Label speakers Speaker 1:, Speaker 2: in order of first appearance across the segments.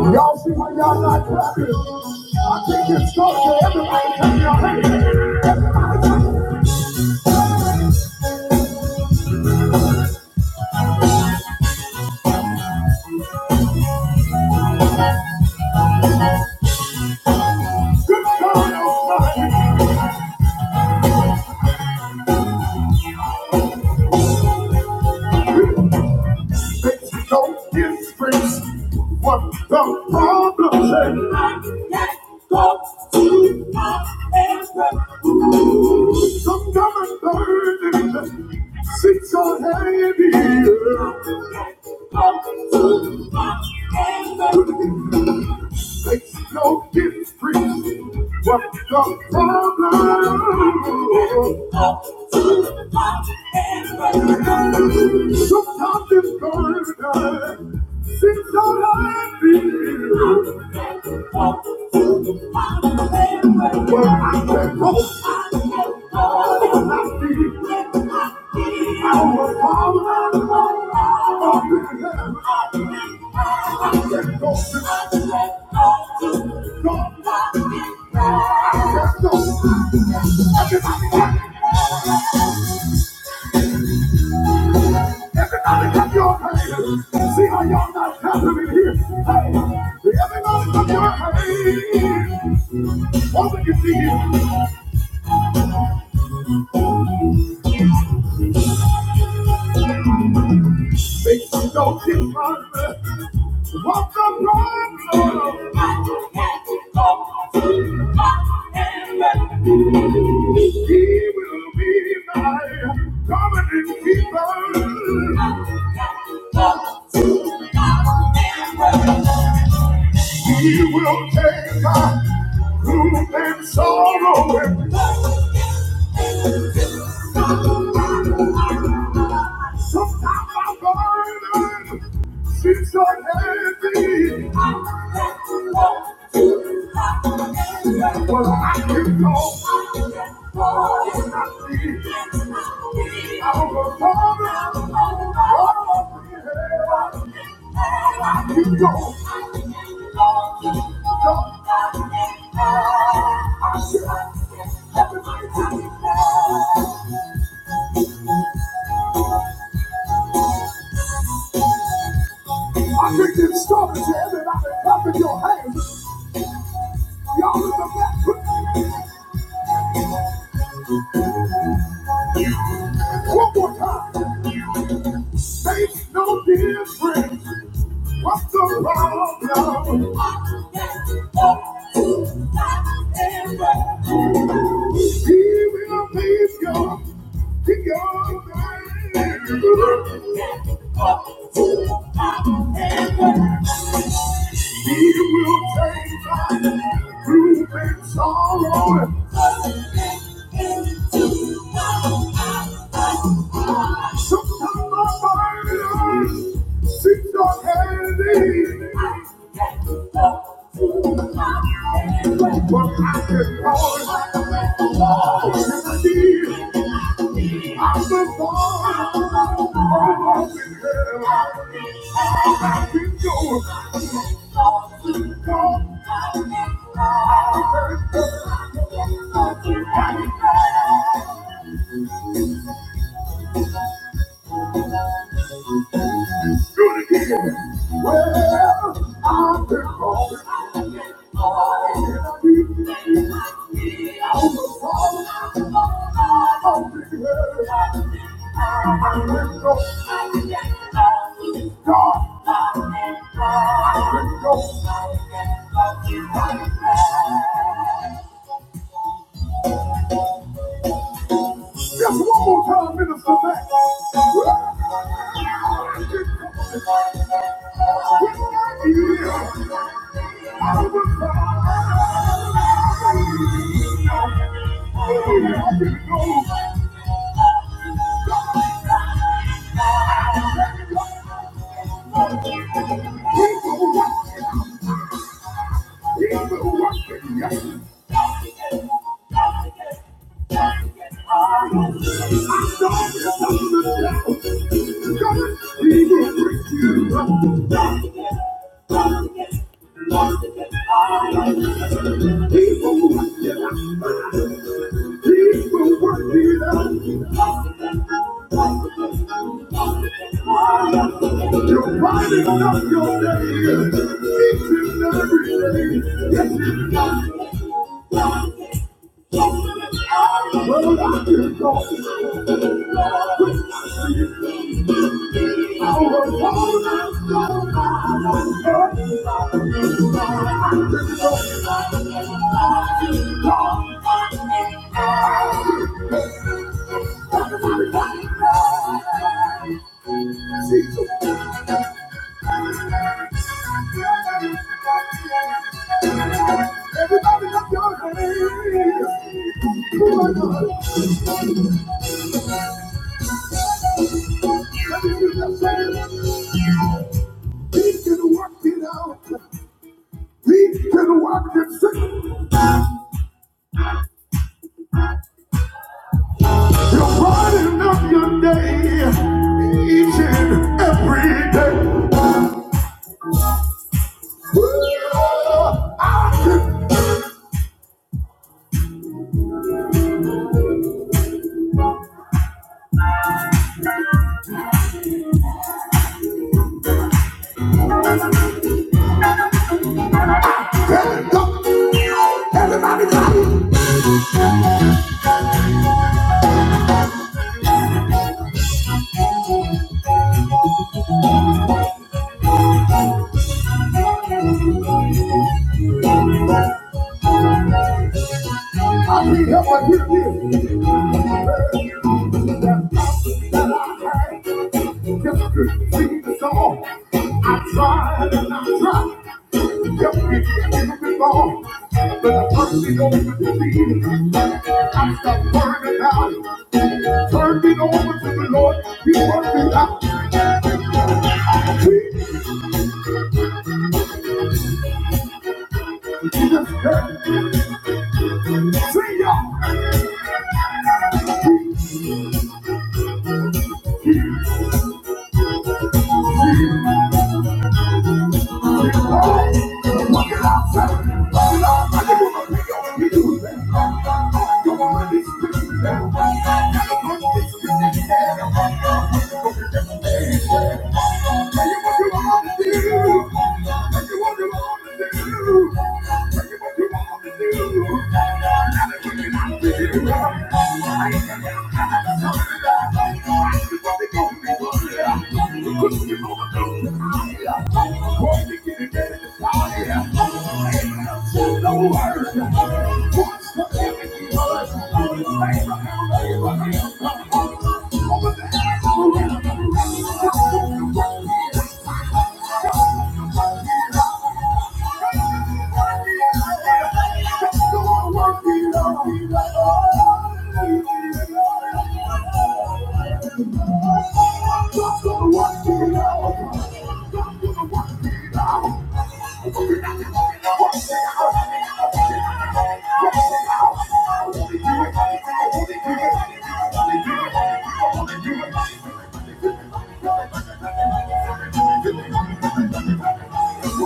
Speaker 1: Y'all see why y'all not clapping? I think it's up to everybody to your hands. Good God Almighty, makes no difference what the problem is. Let go to my answer. Some common burden sits on heavy. Let go to my answer. Six, no kidding, free. What the problem? Up to the top and Sometimes it's gonna die. It's all I need. Well, I can hope. All I need. Our Father. I can go go. Everybody clap your hands. See how y'all not clapping in here. Hey, everybody clap your hands. Open your feet. Make some noise in front. Walk the road, Lord. I can't go to my heaven. He will be my dominant keeper. I can't go to my heaven. He will take our gloom and sorrow and burden. Sometimes I'm burden. Since I'm happy, well, I can go. It's not me. I'm a father. Oh, yeah. I can go. Go. I said, I think it's started to everybody. Clap in your hands. Y'all in the back. One more time. Makes no difference what's the problem. He will make your your mind. He will take us through and sorrow. and Sometimes my body hurts, sits on handy. But I can always see I'm the one. Oh, I've been there. I've been going. Just one more time, Minister Mack. You're finding out your day, each and every day. Yes, Everybody lift Oh can work it out. We can work it. out. You're running up your day each and every day. Well, I can tell up. Everybody, clap. I need help, I hear this. Just to sing the song. I tried and I tried. Just to get it wrong. But the mercy don't believe. I stopped burning out. Turned it over to the Lord. He worked it out. He just said, see ya. Yeah. I just wanna work it out. Just wanna work it out. You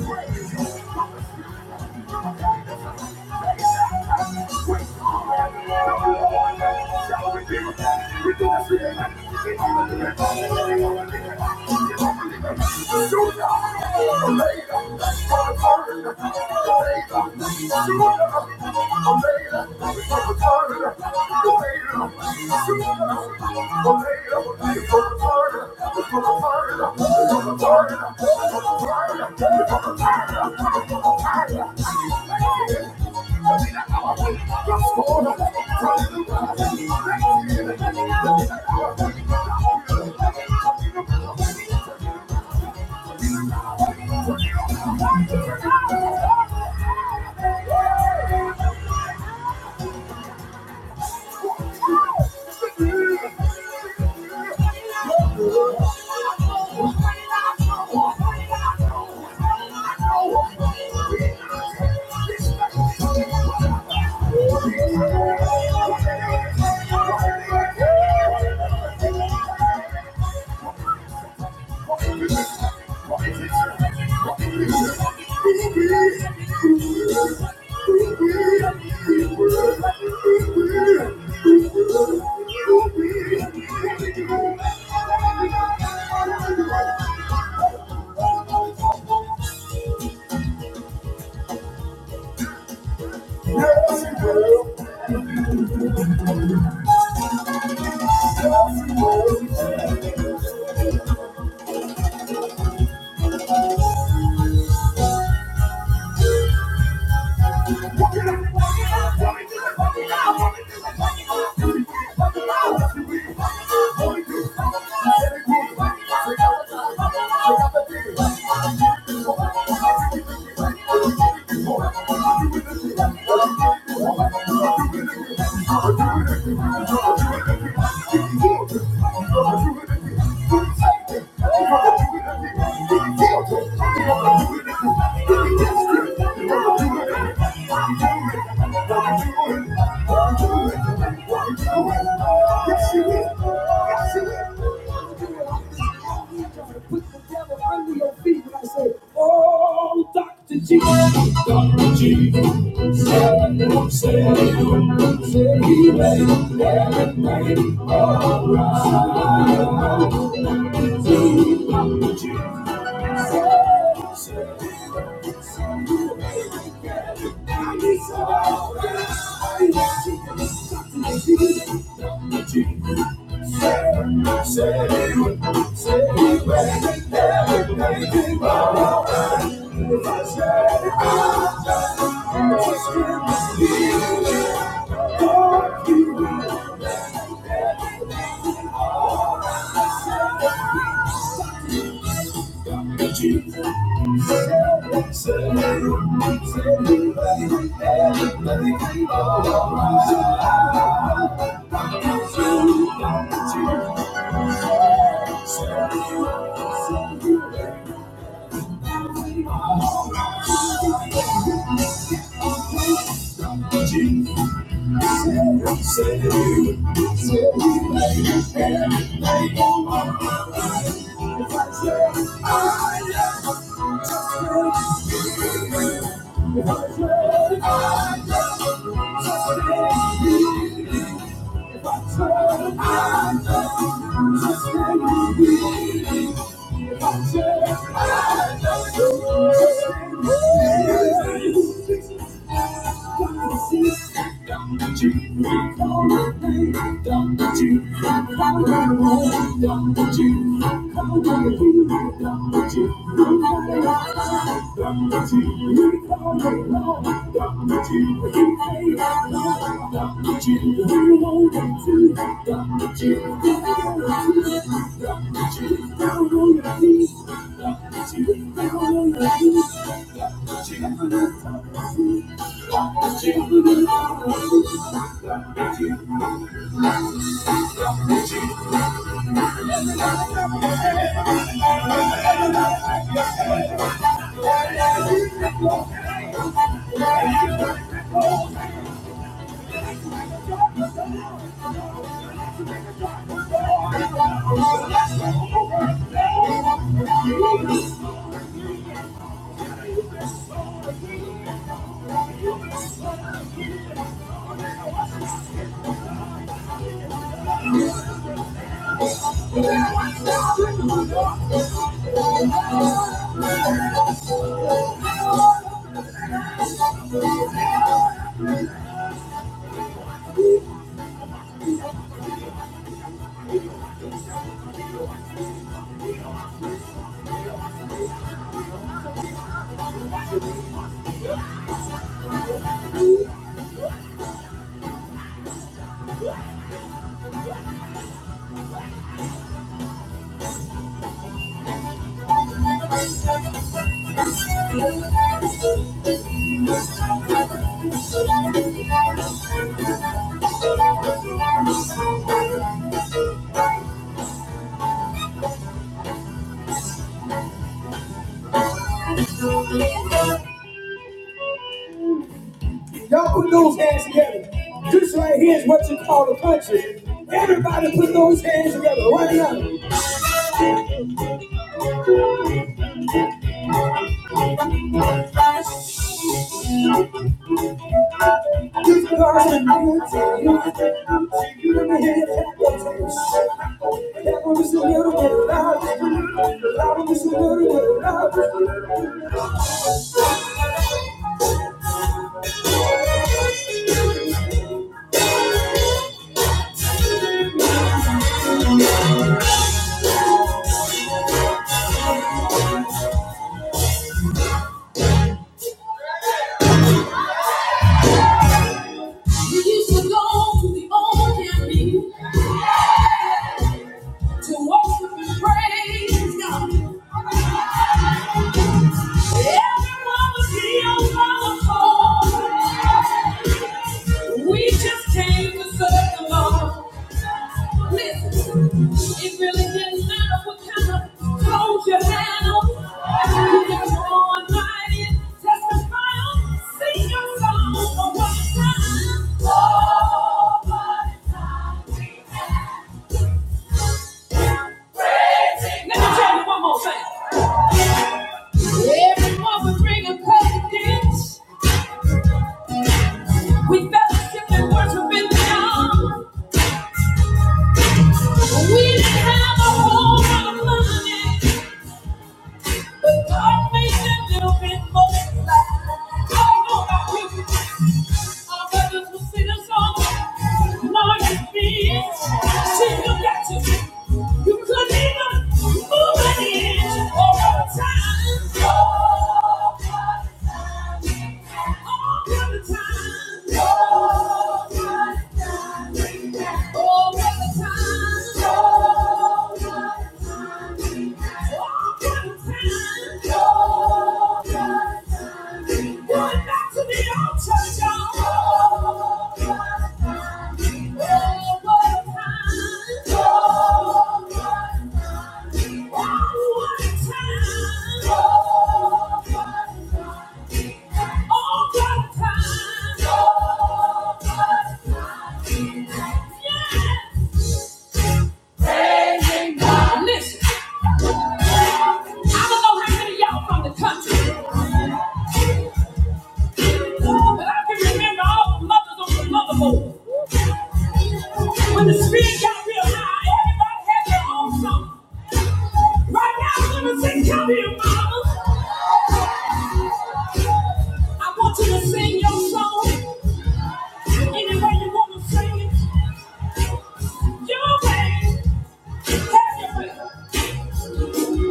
Speaker 1: Omega, Thank you. Thank you. Jesus. Thank you. Y'all put those hands together. This right here is what you call a country. Everybody put those hands together right now. This is our community. You never hear it your toes. That one is a little bit loud. The loud is a little bit loud. You used to go the old and to worship and praise God. Everyone was healed by the Lord. We just came to serve the Lord. Listen, it really didn't matter what kind of clothes you had on. You just on right in, testify on, sing your song for what time. Oh, what time. Let me tell you one more thing. Everyone would bring a dance. We fellowship and worship in the arm. We didn't have a whole lot of money. But God made them a little bit more than life. I don't know about you. Our brothers will sing a song. Lord, you feel. See, you got to. You couldn't even move an inch or a time. All the time. All the time. All the time. All the time. Listen, I don't know how many of y'all from the country. But I can remember all the mothers on the motherboard. When the spirit got real high, everybody had their own song. Right now, I'm gonna sing, come here, mama. I want you to sing your song. Any way you wanna sing it, your way, have your way.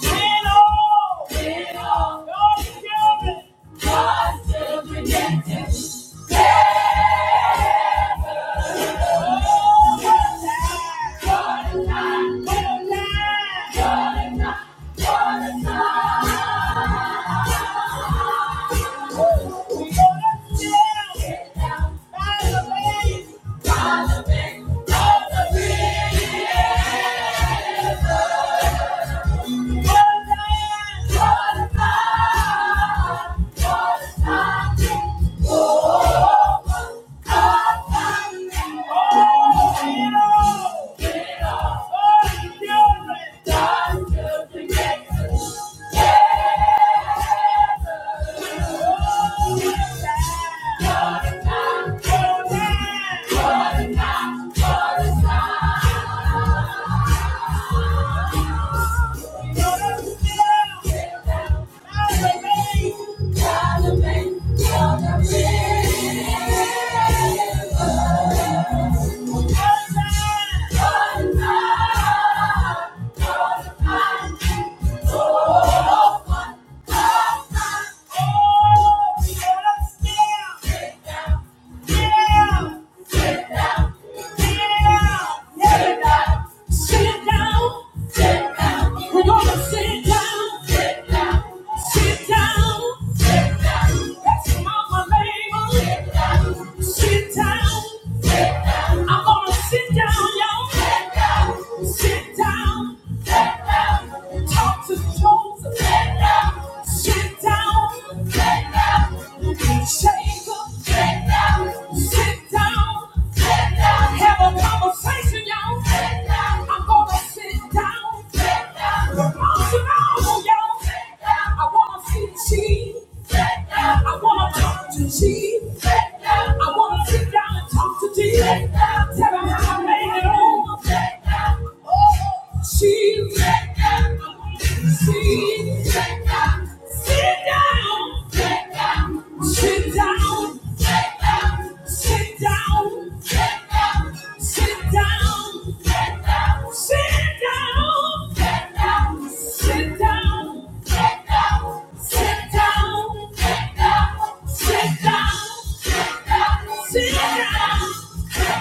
Speaker 1: Hello, hello, God's children, God's children, yes, yes. Hey! Yeah. Yeah. Yeah. Sit down. We're gonna sit down. Sit down. Sit down. Sit down. That's Mama Mabel. Sit down. Sit down. I'm gonna sit down, y'all. Sit down. Sit down. Sit down. Talk to Joseph. Sit down. Sit down. Sit down. Be Sit down. Sit down. Sit down. Have a conversation, y'all. Sit down. I'm gonna sit down. Sit down. Come on, sit down, y'all. Sit down. I wanna see Jesus. I wanna talk to Jesus. I wanna sit down and talk to Jesus. Sit down, sit down, sit down, sit down, sit down, sit down. Yeah!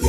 Speaker 1: All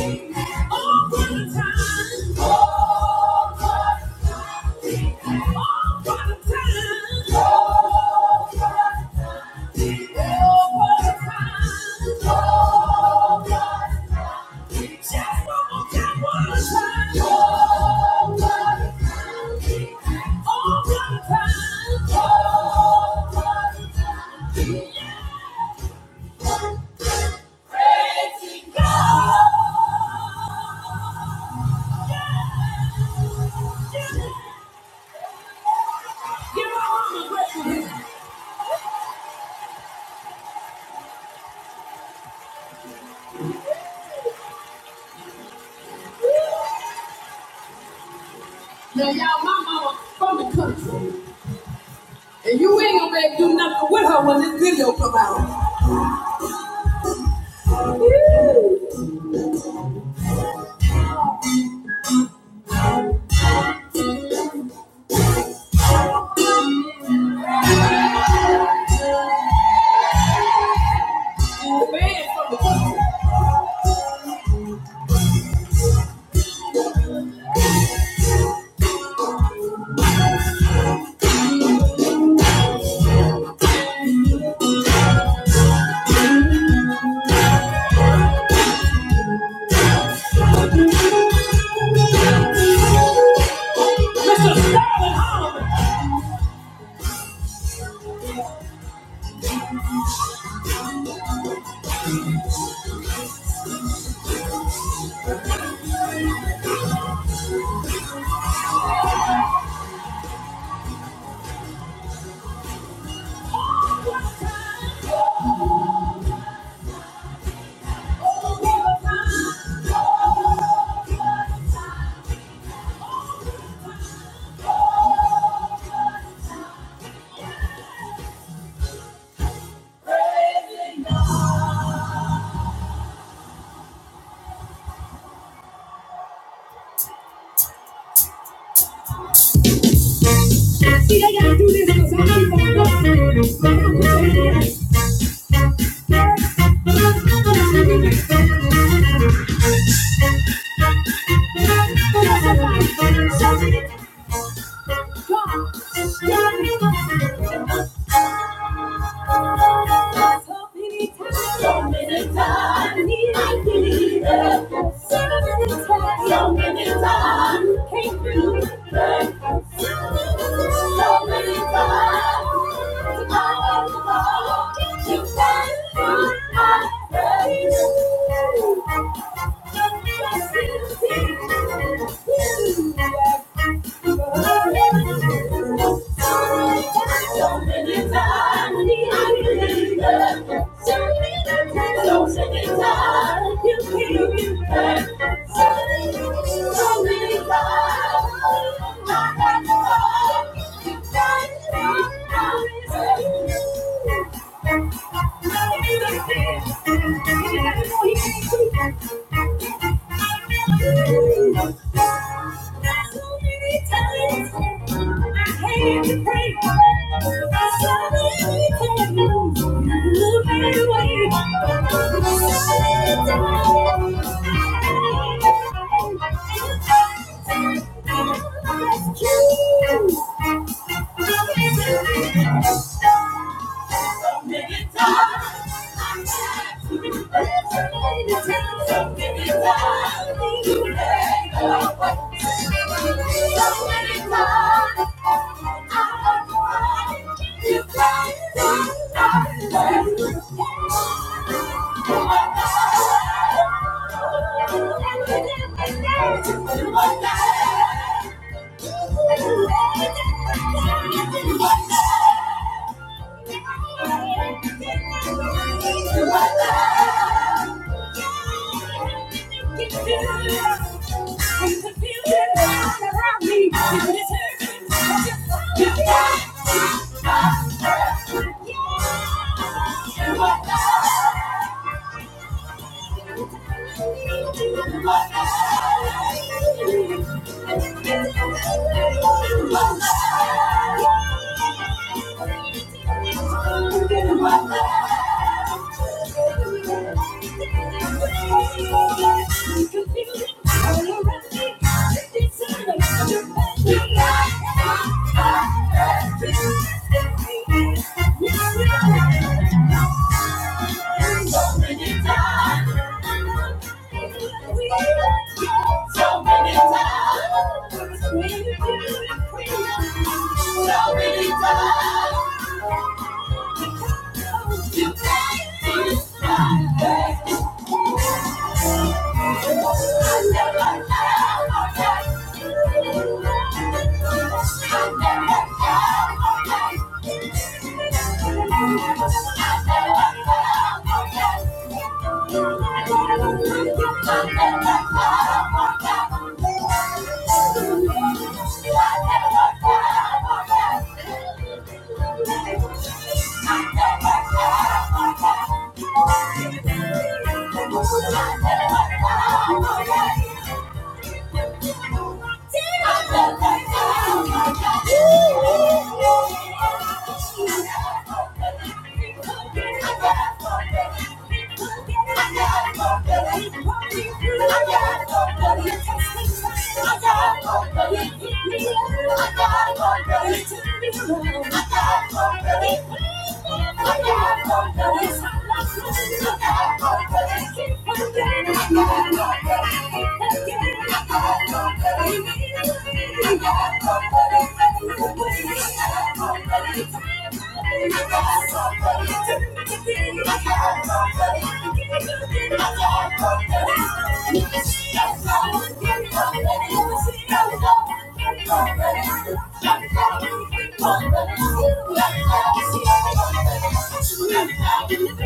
Speaker 1: the time. And you ain't gonna make do nothing with her when this video come out. And the man from the country. See, they gotta do this because I keep on going. Somebody, somebody, God, So many times, so many times, I need I So many times, so many times, you came through. it. So many times, I love you came through my praise. Thank you. Thank you. So many times I tried to be better. So many times you made a way. So many times I have tried, you tried to stop me. You are yeah. Thank you. So many times. So many times. So many times. You made me cry. I never, ever, I never, Thank you. I got confidence. Thank you. Thank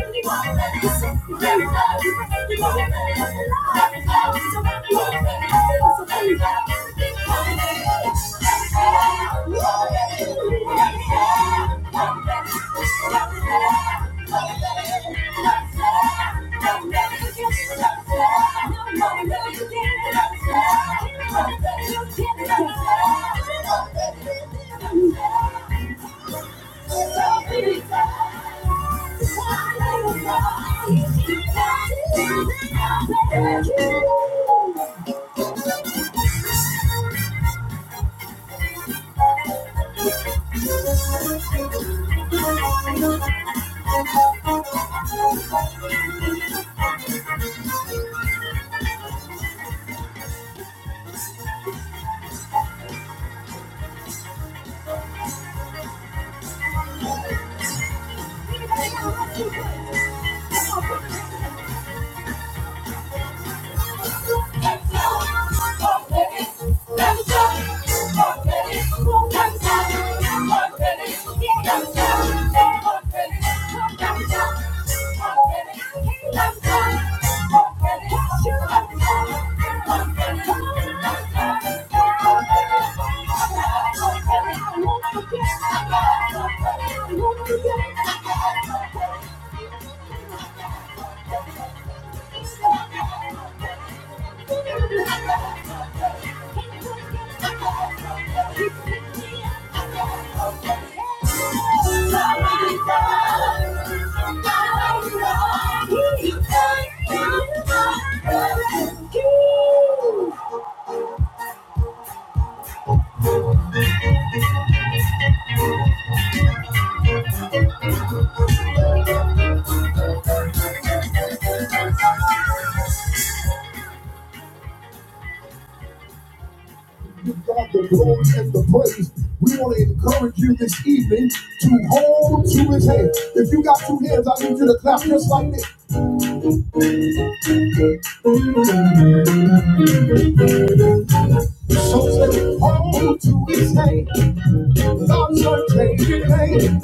Speaker 1: you. Thank you. Thank you. Thank you. You God the glory and the praise. We want to encourage you this evening to hold to his hand. If you got two hands, I need you to clap just like this. So say, hold to his hand. God's unchanging hand.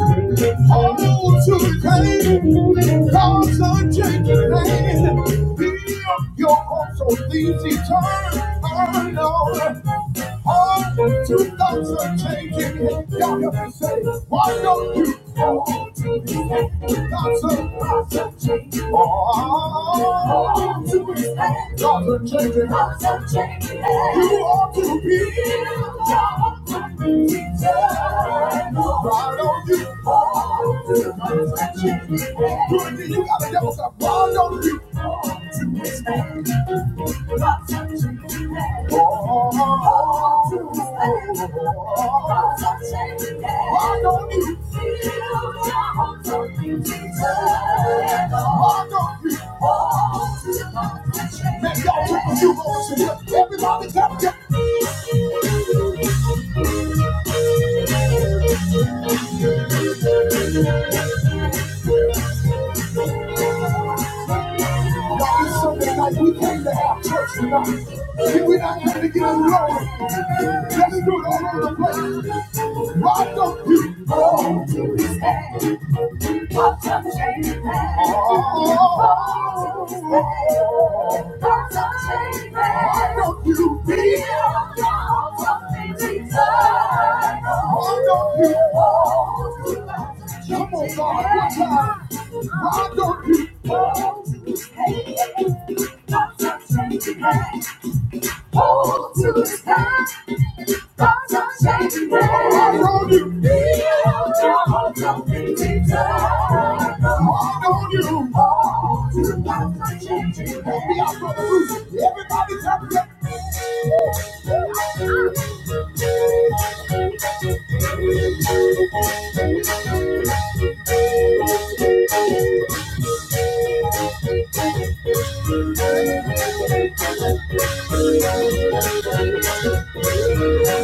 Speaker 1: Hold to his hand. God's unchanging hand. Be of your hopes so things eternal. Hold to two thoughts are changing. you help me say, why don't you hold to his hand? God's a changing. Oh, to expect. God's a changing. God's a changing. You ought to be. You ought to be. determined. Right you. Ought to expect. you got a devil to ride on you. Now y'all took a few moments to get everybody tap, tap, God, it's Sunday night. We came to have church tonight. If we not came to get alone, let's do it all over the place. Why don't you? all? Why don't you? Hold to the past, thoughts are shaking hands. Hold on you. Feel your hope something return. Hold on you. Hold to the past, are shaking hands. We are from the roof. Everybody's up there.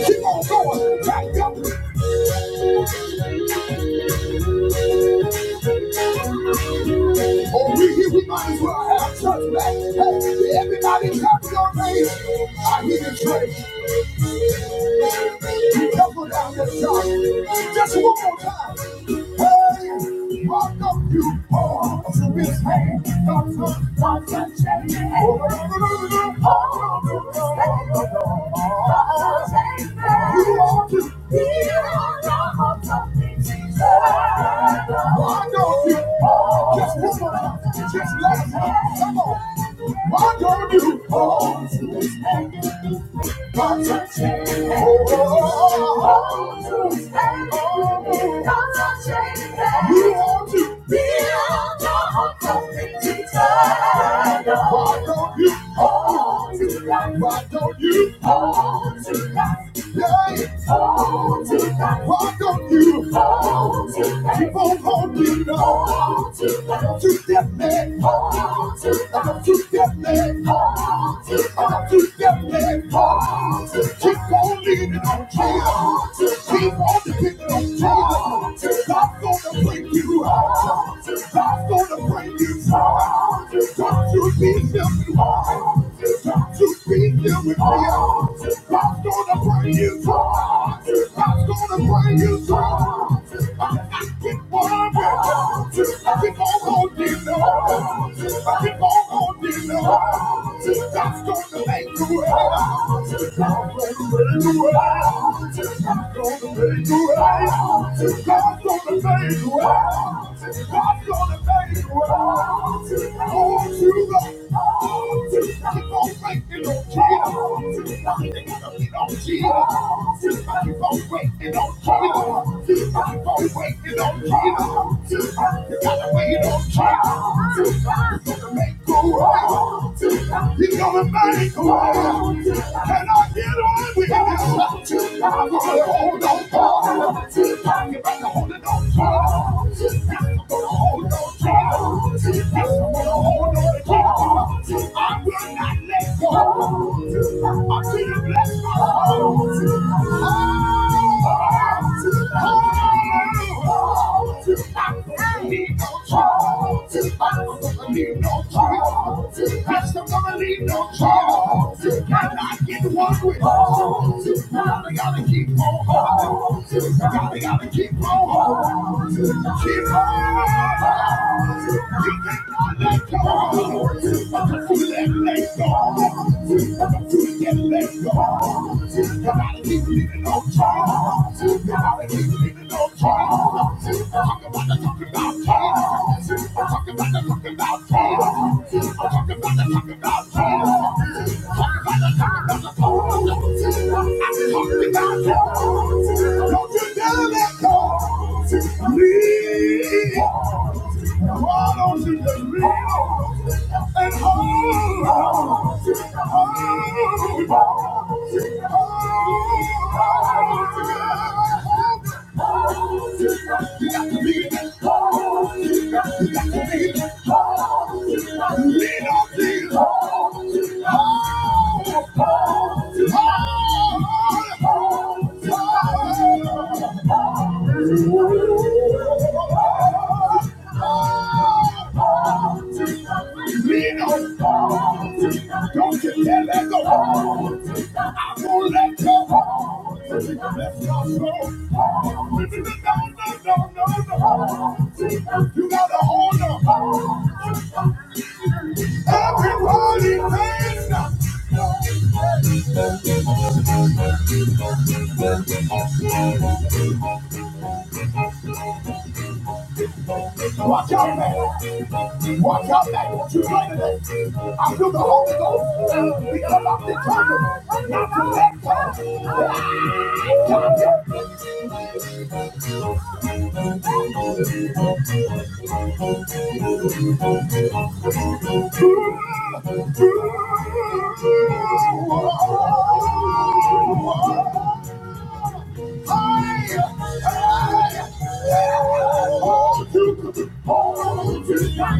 Speaker 1: Keep on going. Back up. Or we here, we might as well have church back. Hey, everybody clap your hands. I hear the church. Double down the side. Just one more time. Hey, rock up you balls to his hand. Why don't you just woman, just let us know? Come on. Why don't you? Why don't you hold to that? Hold to God. Why don't you hold to God? keep on holding on Hold to that man? To that man. To that man. Keep on leaning on Jesus. Keep on depending on Jesus. God's gonna bring you. Hold to God. God's gonna bring you. Hold to God. Don't you be him. Hold to God. Don't you be him with me. God's gonna bring you find you. God's gonna find you. I Keep on going. Keep on going, dear Lord. Keep on going, dear Lord. God's gonna make you right. God's gonna make you right. God's gonna make you right. God's gonna make you right. God's gonna make you right. Oh, you Keep on making you right. You're gonna make a way. And I get on with it. I'm gonna hold on for it. I'm gonna hold it on for it. I'm gonna hold on for it. I'm gonna hold on for it. I will not let go until you let Gotta get one with it. Gotta gotta keep on Gotta gotta keep on Keep on You cannot let go don't you let that go. You gotta hold on. Everybody, man, watch out, man. Watch out, man. What you doing today? I feel the Holy Ghost because I'm determined not to let go.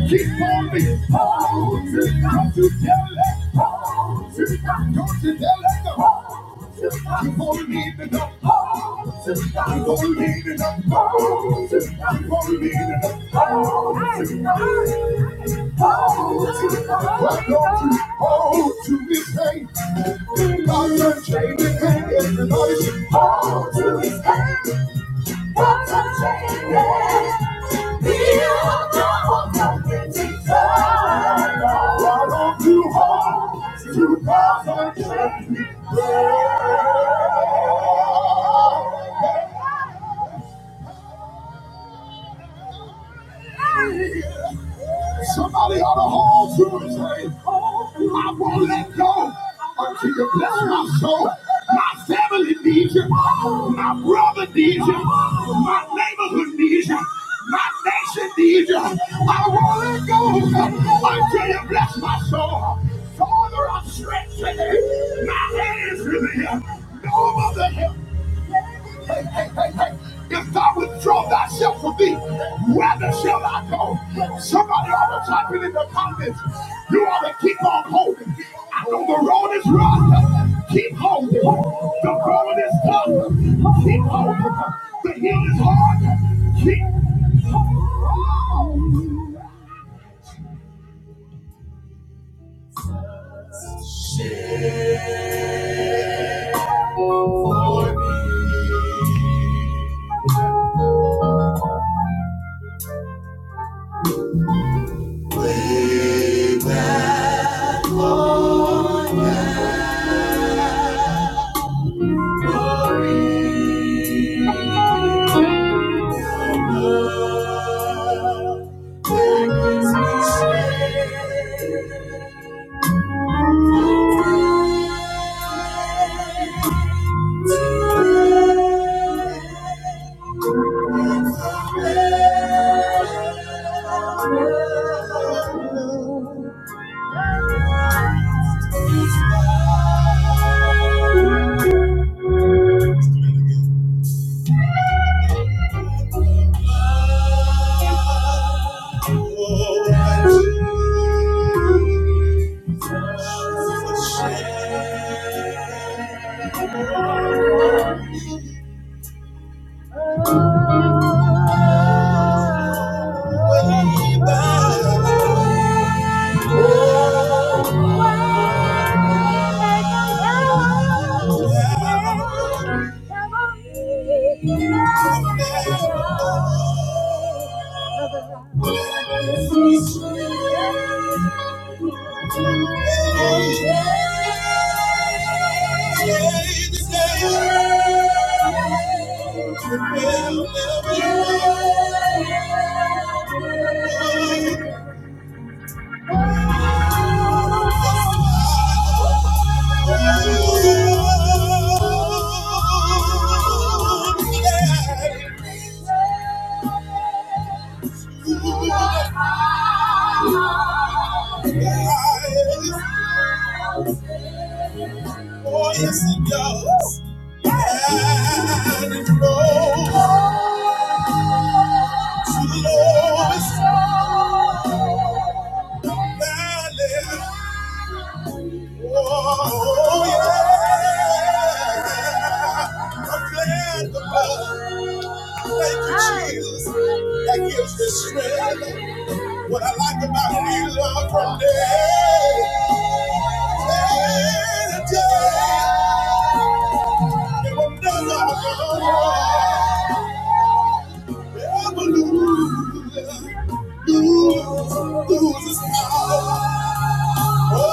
Speaker 1: Keep on me. Hold you, don't tell it. Hold you, don't you tell it. Hold you, you gonna need it up. Hold you, you gonna need it up. Hold you, you gonna need it up. Hold you, hold you. Why don't you hold to this thing? I'm not changing hands. Everybody should hold to this thing. What a change! Build your hope on predictions. Why don't you hold to God's unchanging free. Somebody ought to hold to and say, I won't let go until you bless my soul. My family needs you. My brother needs you. My neighborhood needs you. My nation needs you. I won't let gonna go until you bless my soul. Father, I'm stretching my hands to thee. No other help. Hey, hey, hey, hey. hey. If thou withdraw thyself from thee, whether shall I go? Somebody ought to type it in the comments. You ought to keep on holding. I know the road is rough. Keep holding. The going is tough. Keep holding. The hill is hard. Keep holding. Thank you. Way back. Yeah. Thank you, Jesus. That gives me strength. What I like about you, Lord, from day to day, it will never, never lose. Ooh, ooh, this power. Oh,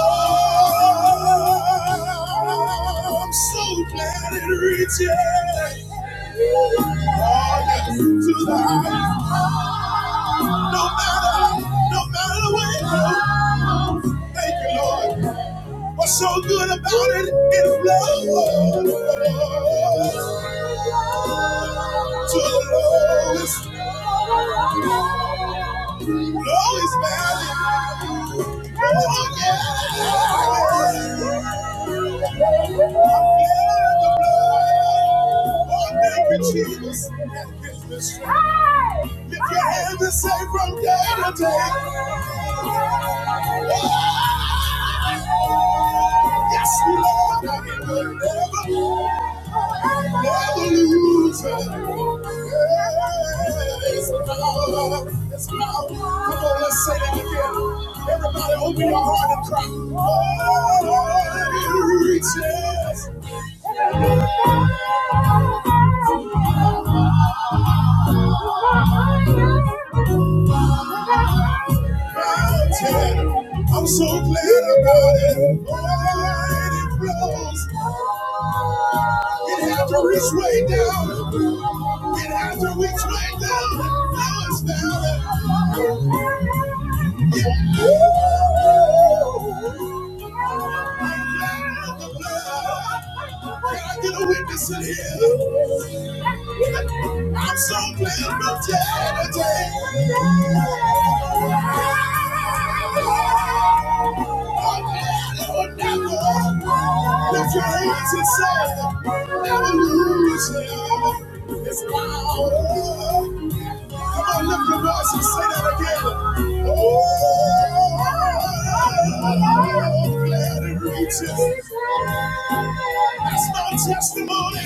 Speaker 1: I'm so glad it reaches all into the high. No matter, no matter the way it goes, what's so good to the lowest, lowest valley. Oh, yeah. Oh, thank you, Jesus. That gives me strength. Lift your hands and say, day from day to day. Yeah. Yes, Lord, I will never, never lose it. it's Lord, it's Lord. Come on, let's say that again. Everybody, open your heart and cry. Oh, it reaches. I'm so glad I got it. Oh, it flows. It had to reach way down. It had to reach way down. Now it's down. Oh, I get a witness in here. I'm so glad about that today. I'm glad I will never lift your hands and say, never lose you. It's power. Come on, lift your voice and say that again. Oh, glad it reaches. That's my testimony.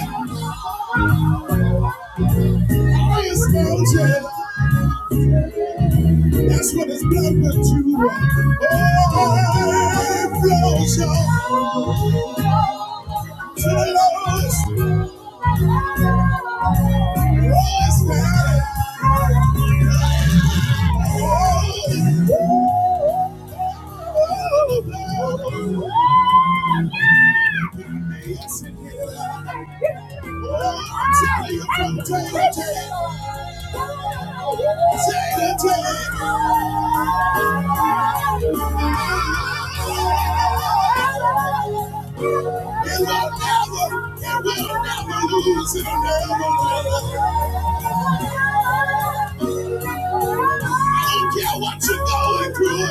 Speaker 1: It flows up to the lowest. Lowest valley. Oh, oh, oh, oh. amazing. Oh, I tell you from day to day, day to day. It will never, it will never lose. it. I don't care what you're going through.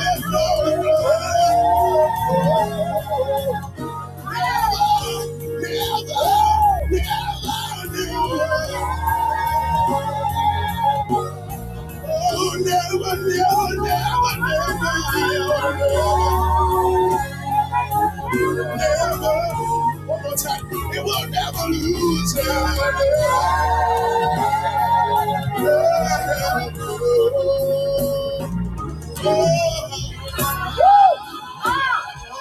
Speaker 1: Never, never, never knew. Oh, never, never, never, never, never. Never. One more time. It will never lose.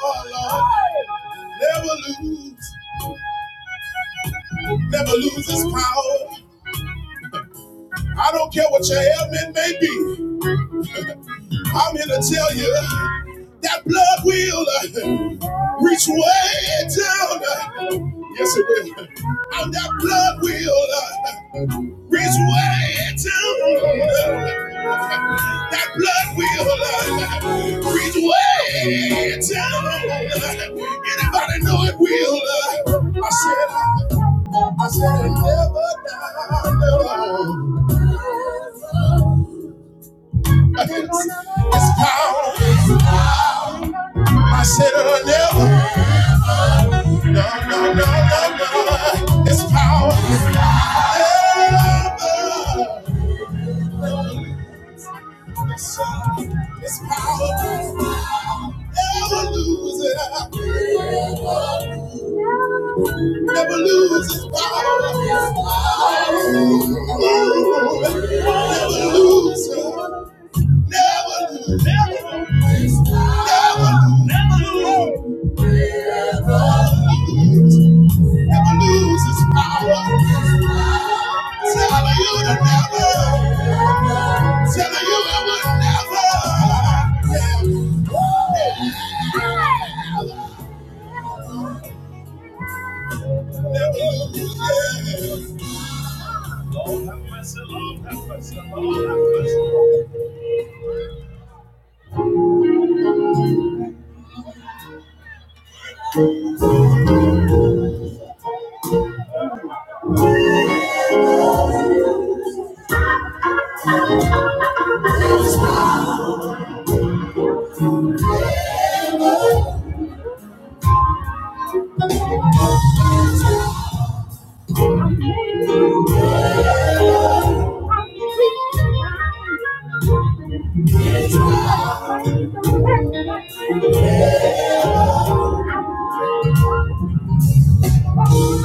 Speaker 1: Oh, Never lose, never lose his power. I don't care what your ailment may be. I'm here to tell you that blood will uh, reach way down. uh, Yes, it will. And that blood will. uh, Reach way to that blood will reach way to anybody know it will. I said, I said it never die. No, it's, it's power. I said it never. No, no, no, no, no. It's power. It's power. Never lose it. Never lose its power. Lord have mercy, Lord have mercy, Lord have mercy. Thank you. Turn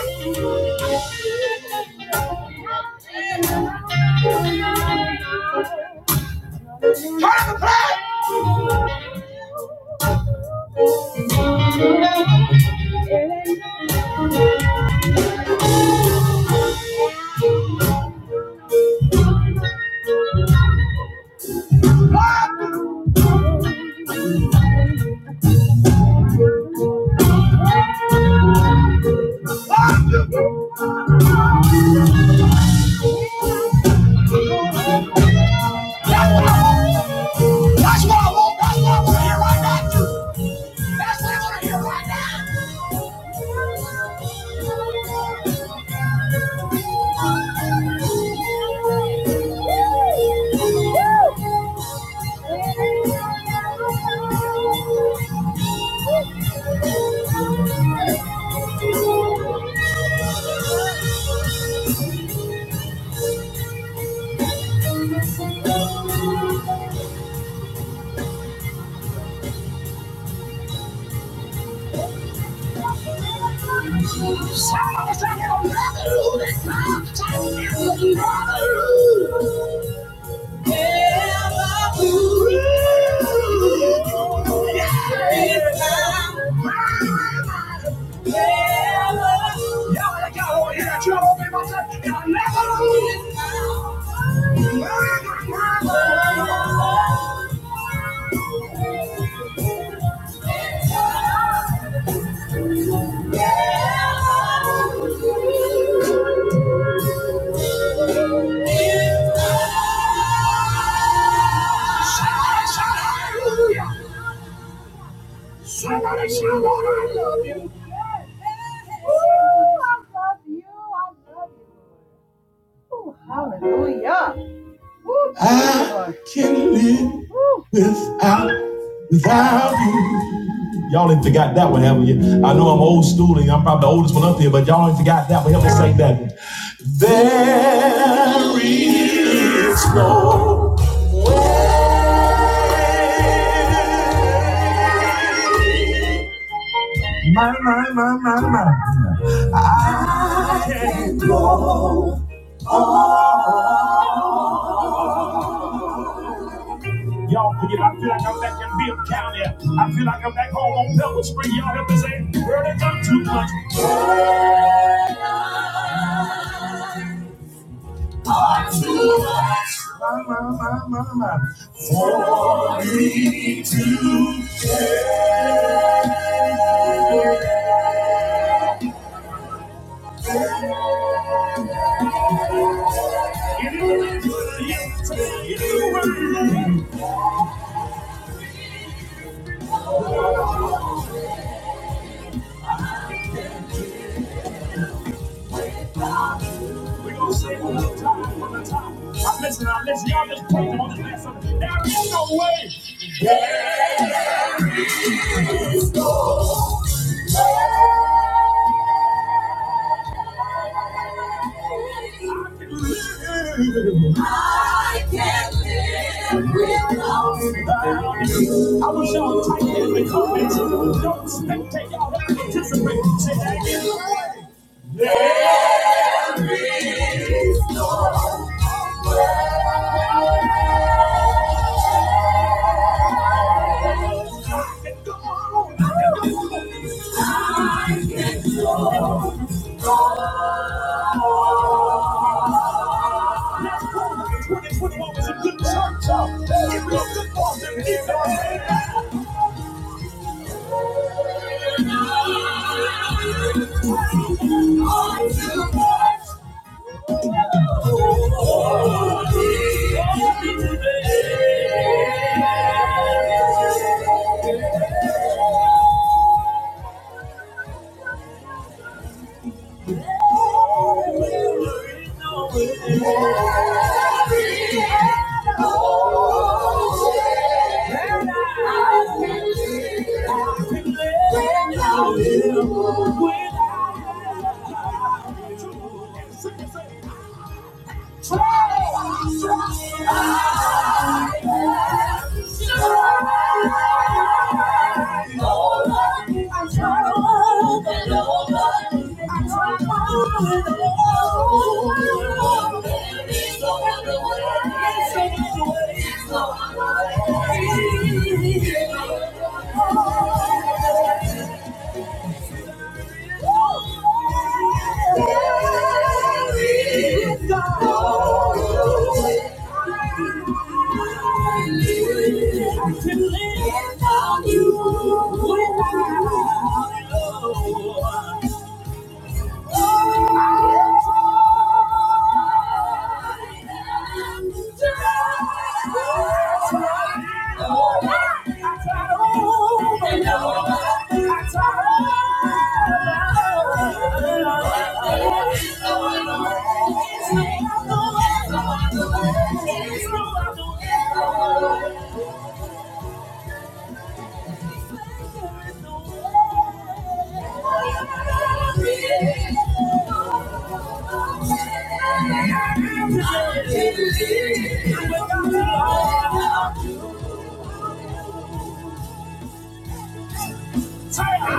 Speaker 1: Turn up the That's what I want. That's what I want to hear right now. That's what I want to hear right now. Shout out, shout out, brother, it's my time, it's my Never do. Hallelujah. Somebody shout out, I love you. Ooh, I love you. I love you. Ooh, hallelujah. Ooh, I, without, without you. Y'all ain't forgot that one, haven't you? I know I'm old school and I'm probably the oldest one up here, but y'all ain't forgot that one. Help me sing that one. There. Y'all forget, I feel like I'm back in Bibb County. I feel like I'm back home on Pebble Spring. Y'all help me say, girl, they got too much. I'm listening, I'm listening, y'all just playing on this last There is no way. I wish y'all would type it in the comments. Don't spectate, y'all have to participate. Say that again. There is no way. you. Thank you. Thank you. Thank you.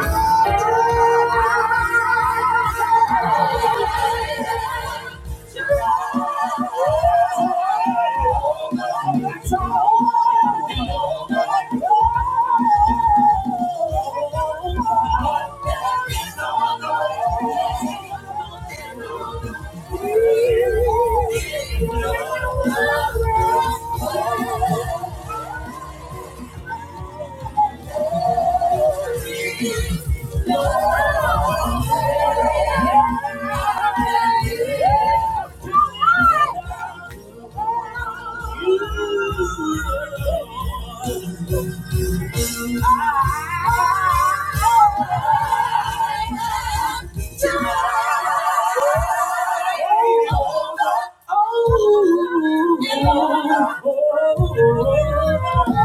Speaker 1: Oh,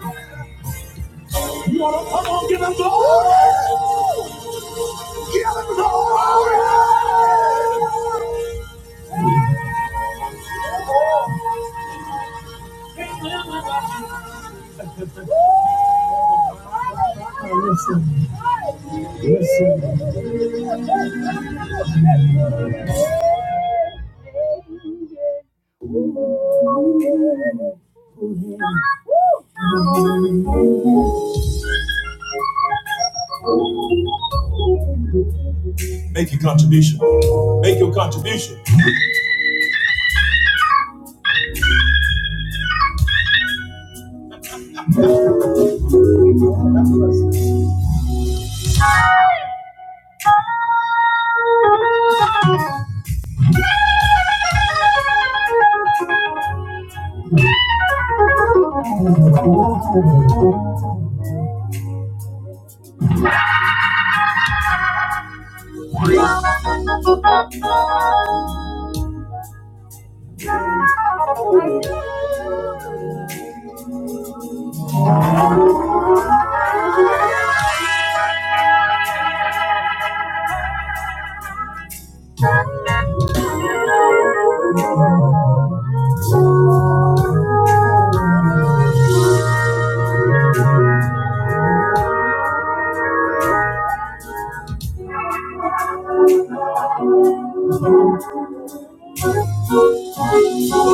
Speaker 1: Thank you. You wanna come on, give him glory! Give him glory! Make your contribution. Make your contribution.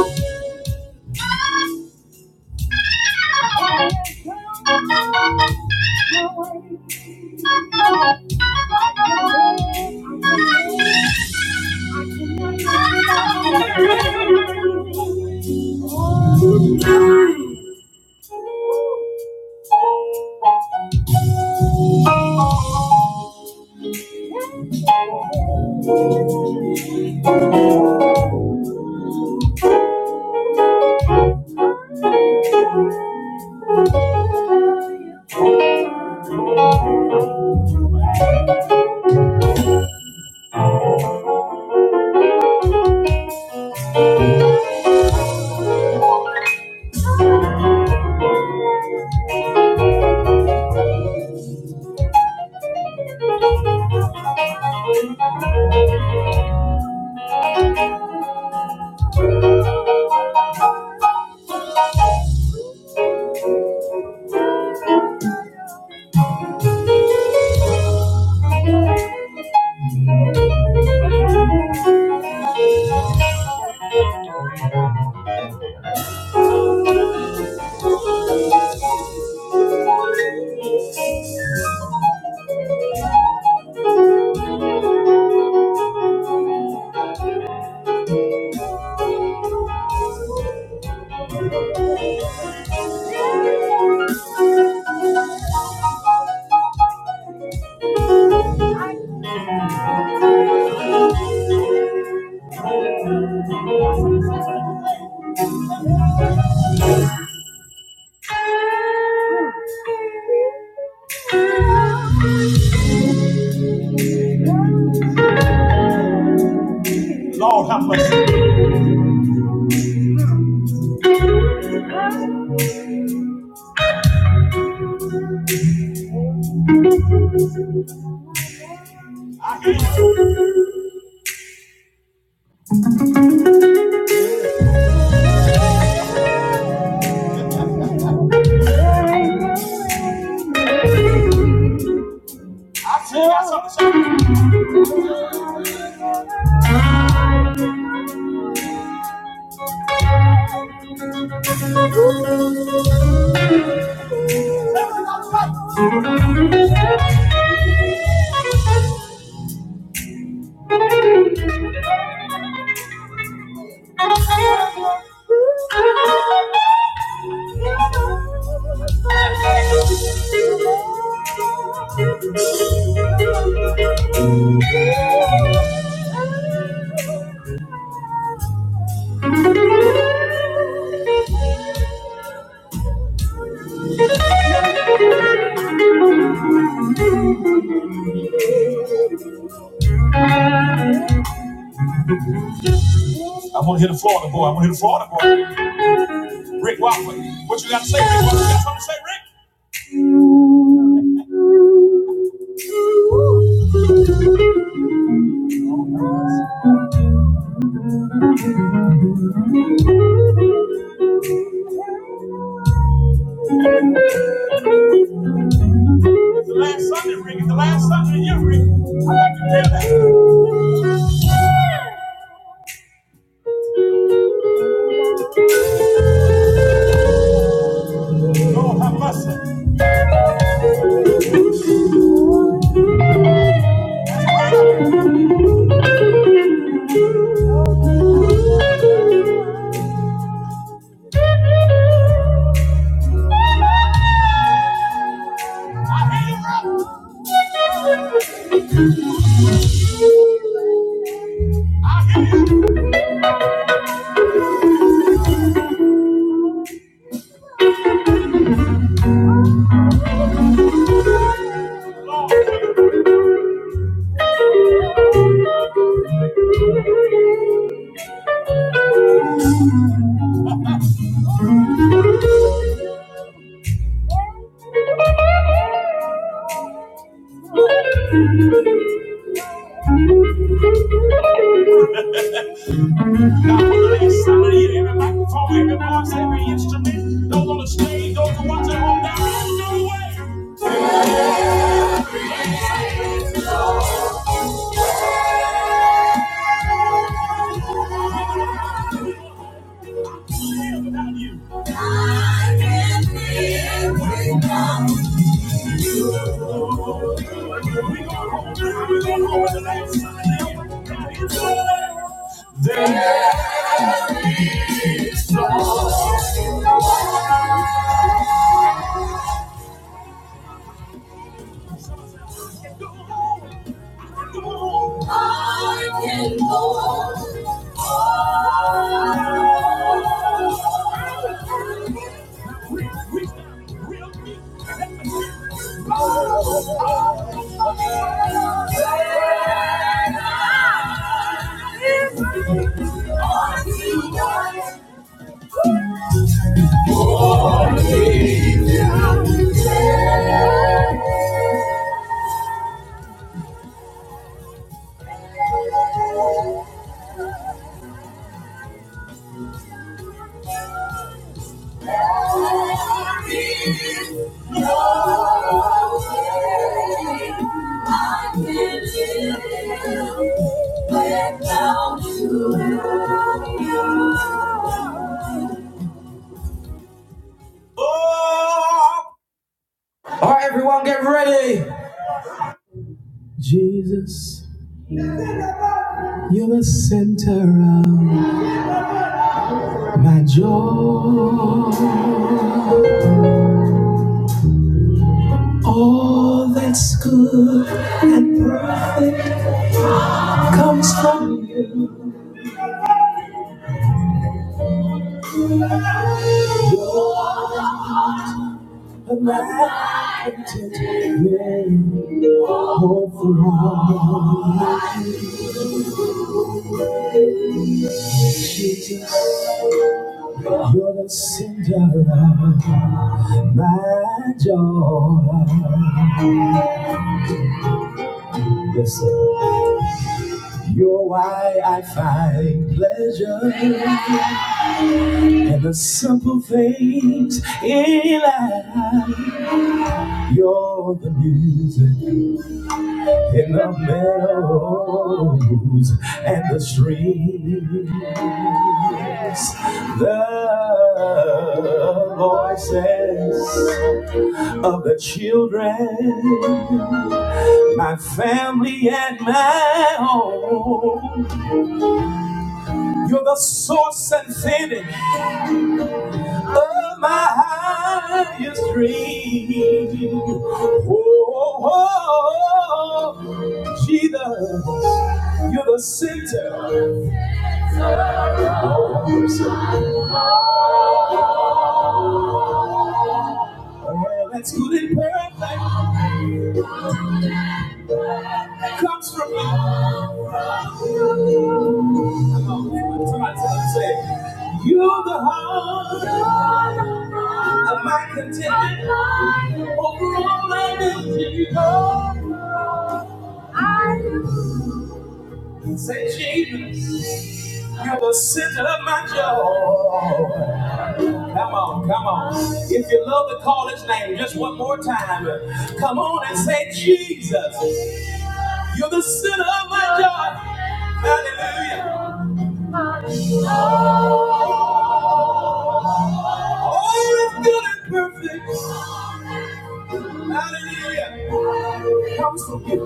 Speaker 1: Thank you. Lord, have mercy. Oh, I want to hear the Florida boy. I want to hear the Florida boy. Rick Walker. What you got to say, Rick? What you got something to say, Rick? It's the last Sunday, Rick. It's the last Sunday of the year, Rick. I like to hear that. Lord, have mercy. God, for the last Sunday of the year, every microphone, every voice, every instrument, those on the stage, those who watch at home, now, I don't know the way without you. I can go on. Jesus, you're the center of my joy. All that's good comes from you. Jesus, you're the center of my joy. Oh, so let's go to Come on. Somebody say, You're the heart of my contentment. Say, Jesus, you're the center of my joy. Come on, come on. If you love the college name, just one more time. Come on and say, Jesus. You're the center of my joy. Hallelujah. All is good and perfect. Hallelujah. Comes from you.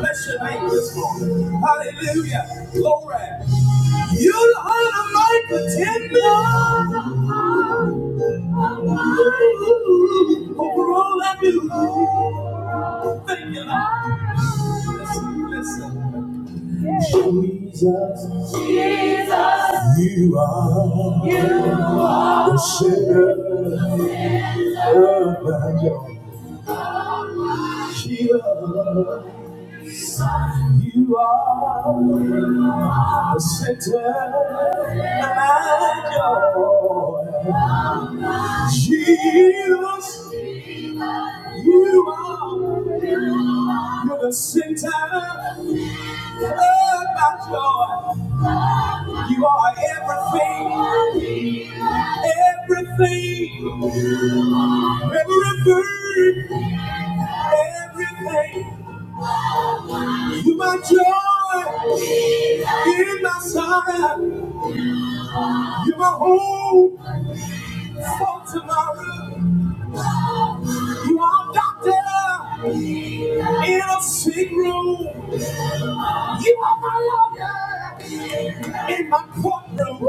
Speaker 1: Bless your name this morning. Hallelujah. Glory. You are my contender. Over all I do. Thank you, Lord. Listen, listen. Jesus, you are the center of my joy. Jesus, you are the center and joy. Jesus, you are you're the center of my joy. You are everything, everything, everything, everything. You are my joy in my side. You are my hope for tomorrow. You are a doctor in a sick room. You are my love in my courtroom.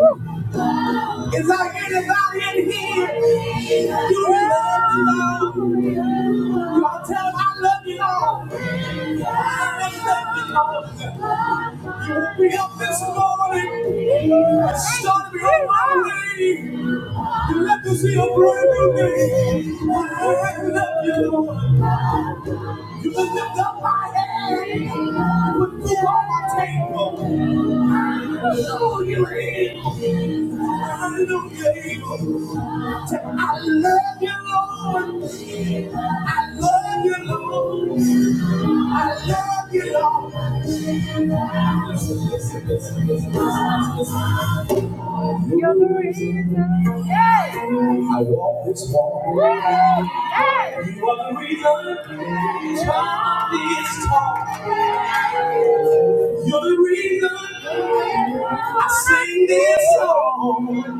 Speaker 1: Is there anybody in here? Do you love the Lord? You all tell him I love you, Lord. I love you, Lord. You woke me up this morning and started me on my way. You let me see a brand new day. I love you, Lord. You will lift up my head with food on my table. I I know know you're able. I know you're Hallelujah. Hallelujah. Love you, Lord. Love you, Lord. Yes. I walk this walk. Yes. You are the reason John is tall. You're the reason I sing this song.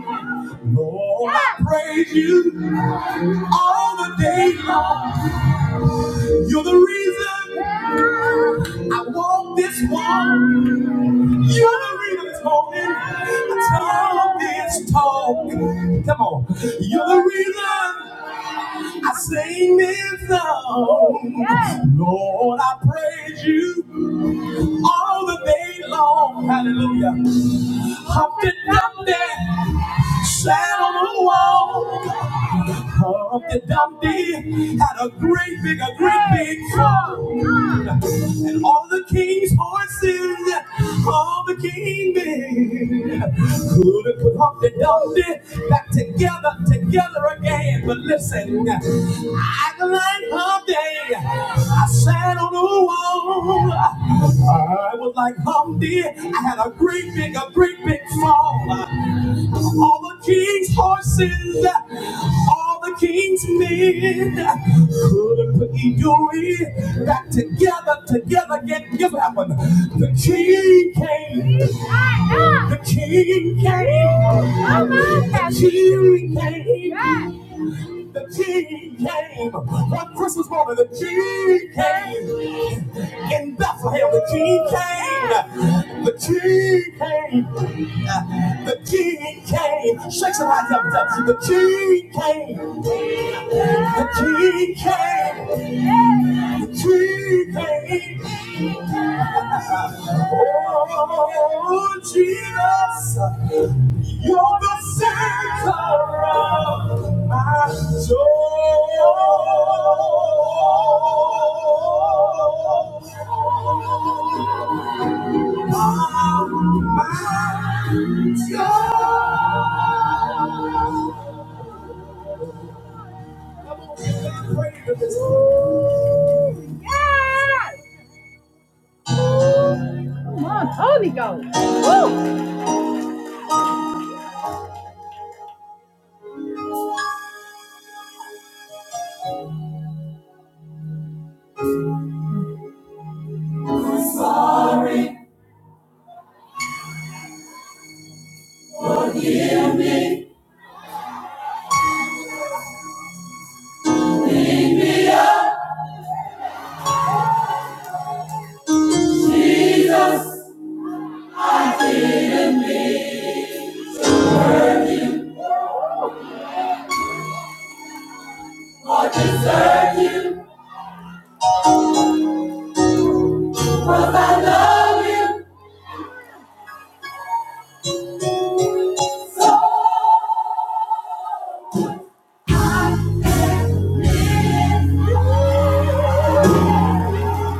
Speaker 1: Lord, I praise you all the day long. You're the reason. I walk this walk. You're the reason this morning. I talk this talk. Come on. You're the reason I sing this song. Yes. Lord, I praise you all the day long. Hallelujah. Humped and dumped, sat on the wall. Humpty Dumpty had a great big, a great big fall. And all the king's horses, all the king men, couldn't put Humpty Dumpty back together, together again. But listen, I can like Humpty. I sat on a wall. I was like Humpty. I had a great big, a great big fall all the king's horses, all the king's men couldn't put your ear back together, together, get give happen. The king came, the king came, the king came. The King came one Christmas morning. The King came in Bethlehem. The King came. The King came. The King came. Shake somebody's up, up. The King came. The King came. The King came. Oh, Jesus, you're the center of.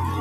Speaker 1: Yeah.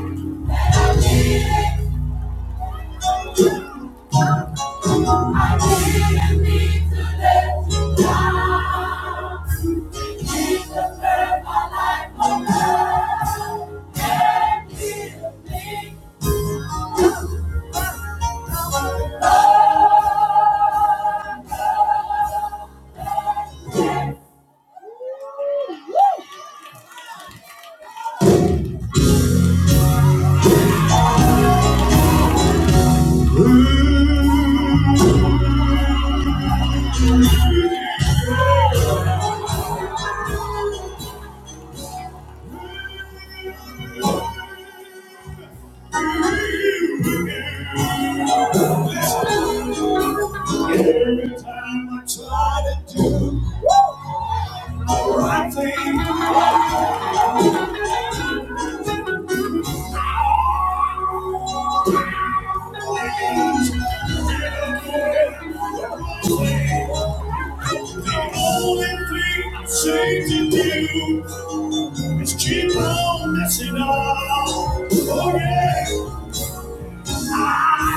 Speaker 1: you to you, it's Keep on messing up. Oh, yeah.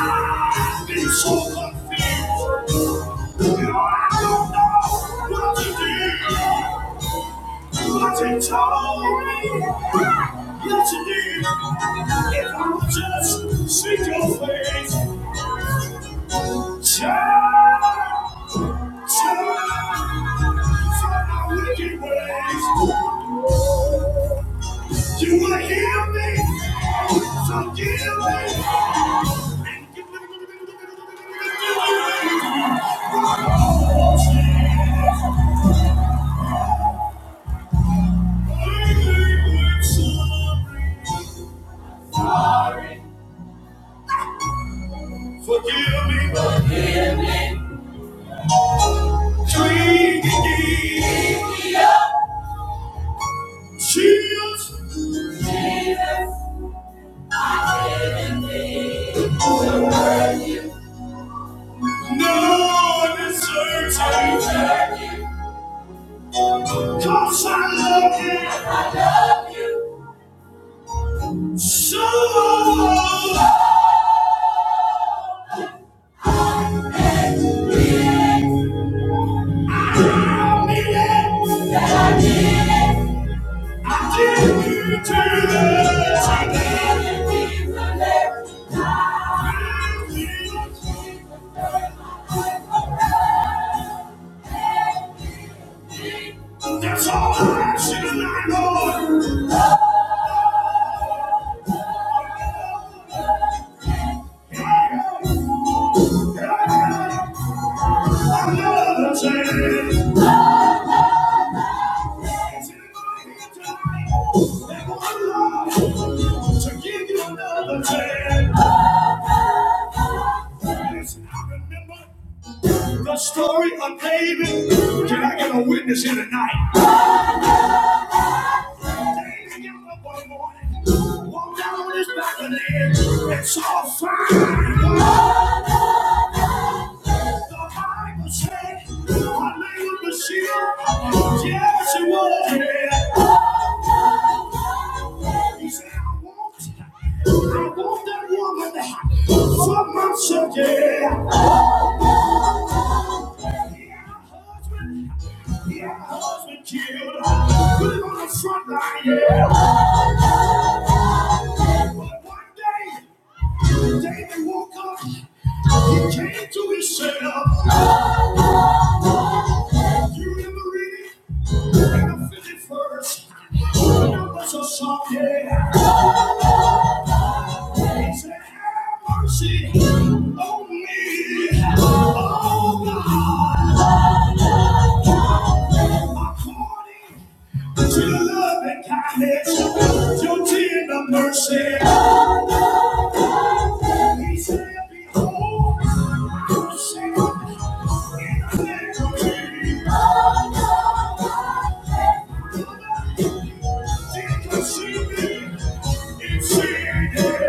Speaker 1: I've been so confused. You know, I don't know what to do, what to tell, me, what to do. If I would just see your face, turn, turn from my wicked ways. You will hear me, forgive me. Forgive no one is certain. Cause I love you so you dear today. Correction I know and one love to give you another chance. I remember the story of David. Can I get a witness here tonight? David got up one morning, walked out on his back and saw fire. So I was sick, my name was Michelle. Yeah, she was yeah. He said, I want, I want that woman for myself, yeah. Yeah, my husband killed, put him on the front line, yeah. But one day, David woke up. He came to his You remember reading in the 51st. Numbers of song, yeah. Mercy on me, according to your love and kindness, your tender mercy. He said, Behold, mercy on your neck of me, did you see me in sin? He said,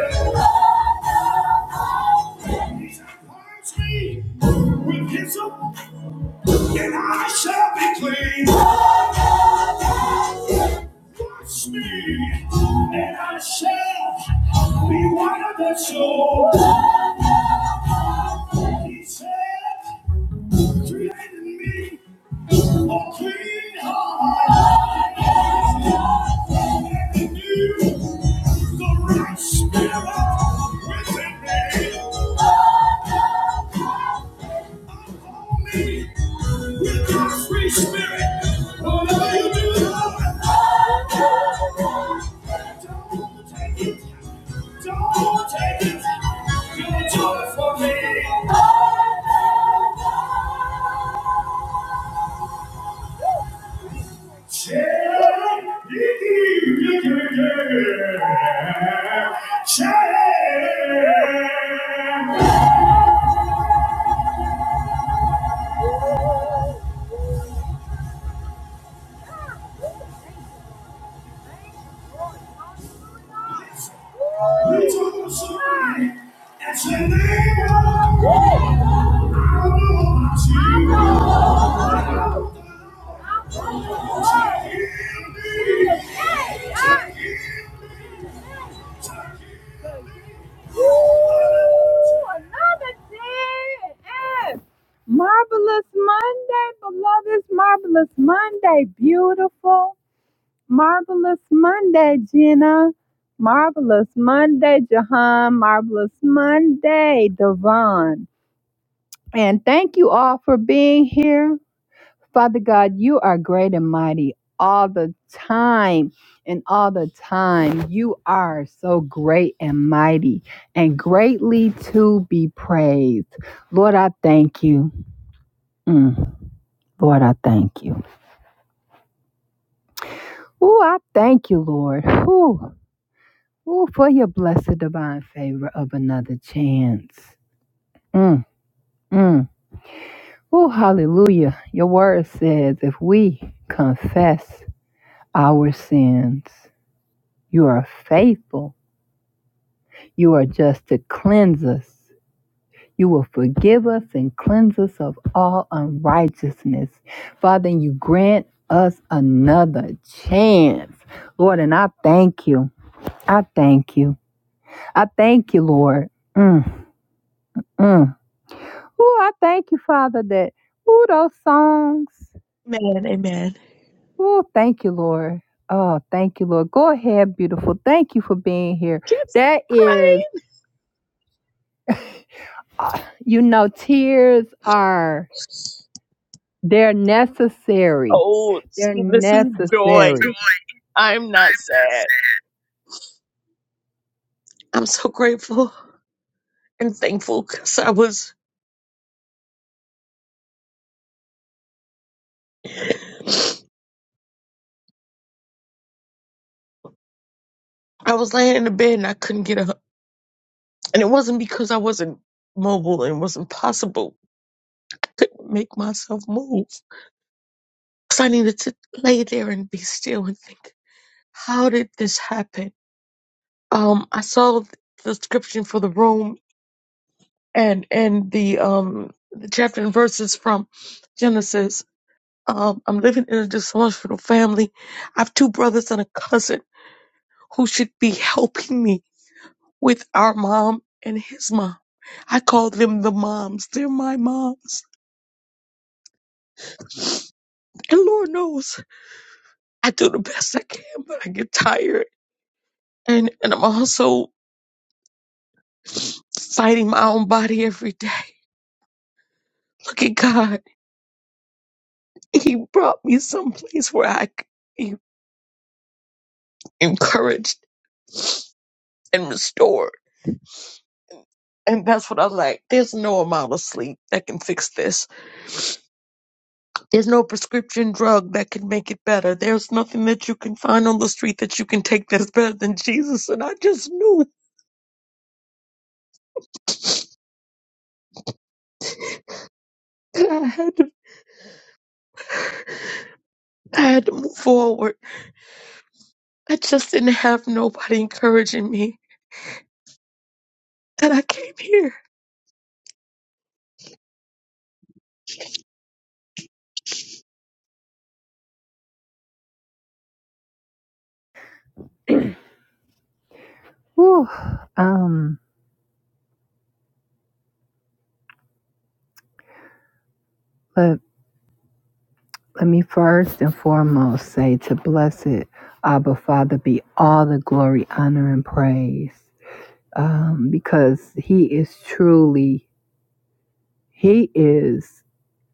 Speaker 1: Cleanse me with hyssop, and I shall be clean. Wash me, and I shall be whiter than snow. He said. Spirit, free spirit, what are you doing? It's the name of another Monday, beloved, marvelous Monday, beautiful, marvelous Monday, Gina, marvelous Monday, Jahan, marvelous Monday, Devon. And thank you all for being here. Father God, you are great and mighty all the time. And all the time, you are so great and mighty and greatly to be praised. Lord, I thank you. Mm, Lord, I thank you. Oh, I thank you, Lord. Ooh, ooh, for your blessed divine favor of another chance. Mm, mm. Oh, hallelujah. Your word says if we confess our sins. You are faithful. You are just to cleanse us. You will forgive us and cleanse us of all unrighteousness. Father, and you grant us another chance. Lord, and I thank you. I thank you. I thank you, Lord. Mm, mm. Oh, I thank you, Father, that, Oh, those songs.
Speaker 2: Amen. Amen.
Speaker 1: Oh, thank you, Lord. Oh, thank you, Lord. Go ahead, beautiful. Thank you for being here.
Speaker 2: Kids
Speaker 1: That
Speaker 2: crying.
Speaker 1: is. uh, you know, tears are they're necessary.
Speaker 2: Oh,
Speaker 1: They're
Speaker 2: see, this is joy.
Speaker 1: necessary.
Speaker 2: I'm not sad. I'm so grateful and thankful because I was I was laying in the bed and I couldn't get up, and it wasn't because I wasn't mobile and it wasn't possible. I couldn't make myself move because I needed to lay there and be still and think, how did this happen? Um, I saw the description for the room and and the um the chapter and verses from Genesis Um, I'm living in a dysfunctional family. I have two brothers and a cousin who should be helping me with our mom and his mom. I call them the moms. They're my moms. And Lord knows I do the best I can, but I get tired. And, and I'm also fighting my own body every day. Look at God. He brought me someplace where I could be encouraged and restored. And that's what I like. There's no amount of sleep that can fix this There's no prescription drug that can make it better. There's nothing that you can find on the street that you can take that's better than Jesus. And I just knew that I had to, I had to move forward. I just didn't have nobody encouraging me. And I came here.
Speaker 1: Whew. Um, but let me first and foremost say to blessed Abba Father be all the glory, honor, and praise. Um, because he is truly he is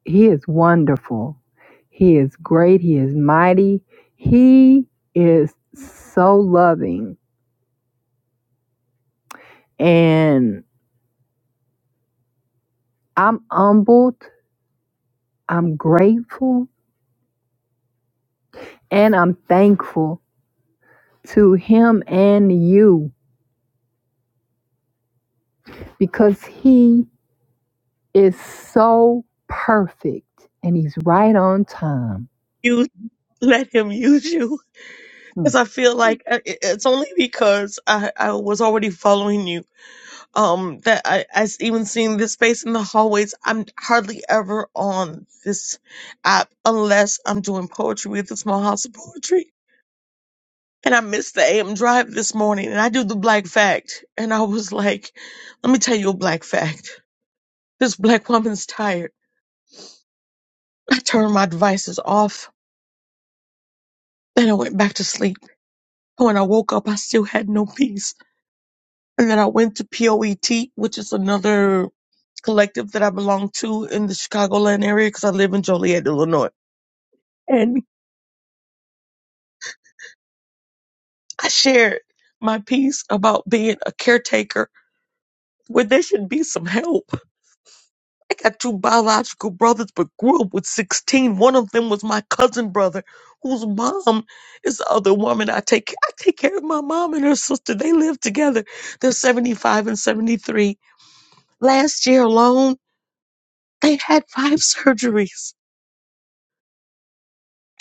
Speaker 1: he is wonderful. He is great, he is mighty, he is so loving and I'm humbled I'm grateful and I'm thankful to him and you because he is so perfect and he's right on time.
Speaker 2: You let him use you.
Speaker 1: Hmm.
Speaker 2: Because I feel like I- it- it's only because I, I was already following you um that I I've even seen this space in the hallways. I'm hardly ever on this app unless I'm doing poetry with the Small House of Poetry. And I missed the AM drive this morning and I do the black fact. And I was like, let me tell you a black fact. This black woman's tired. I turned my devices off. Then I went back to sleep. When I woke up, I still had no peace. And then I went to POET, which is another collective that I belong to in the Chicagoland area because I live in Joliet, Illinois. And I shared my piece about being a caretaker where there should be some help. I got two biological brothers, but grew up with 16. One of them was my cousin brother, whose mom is the other woman I take. I take care of my mom and her sister. They live together. They're 75 and 73. Last year alone, they had five surgeries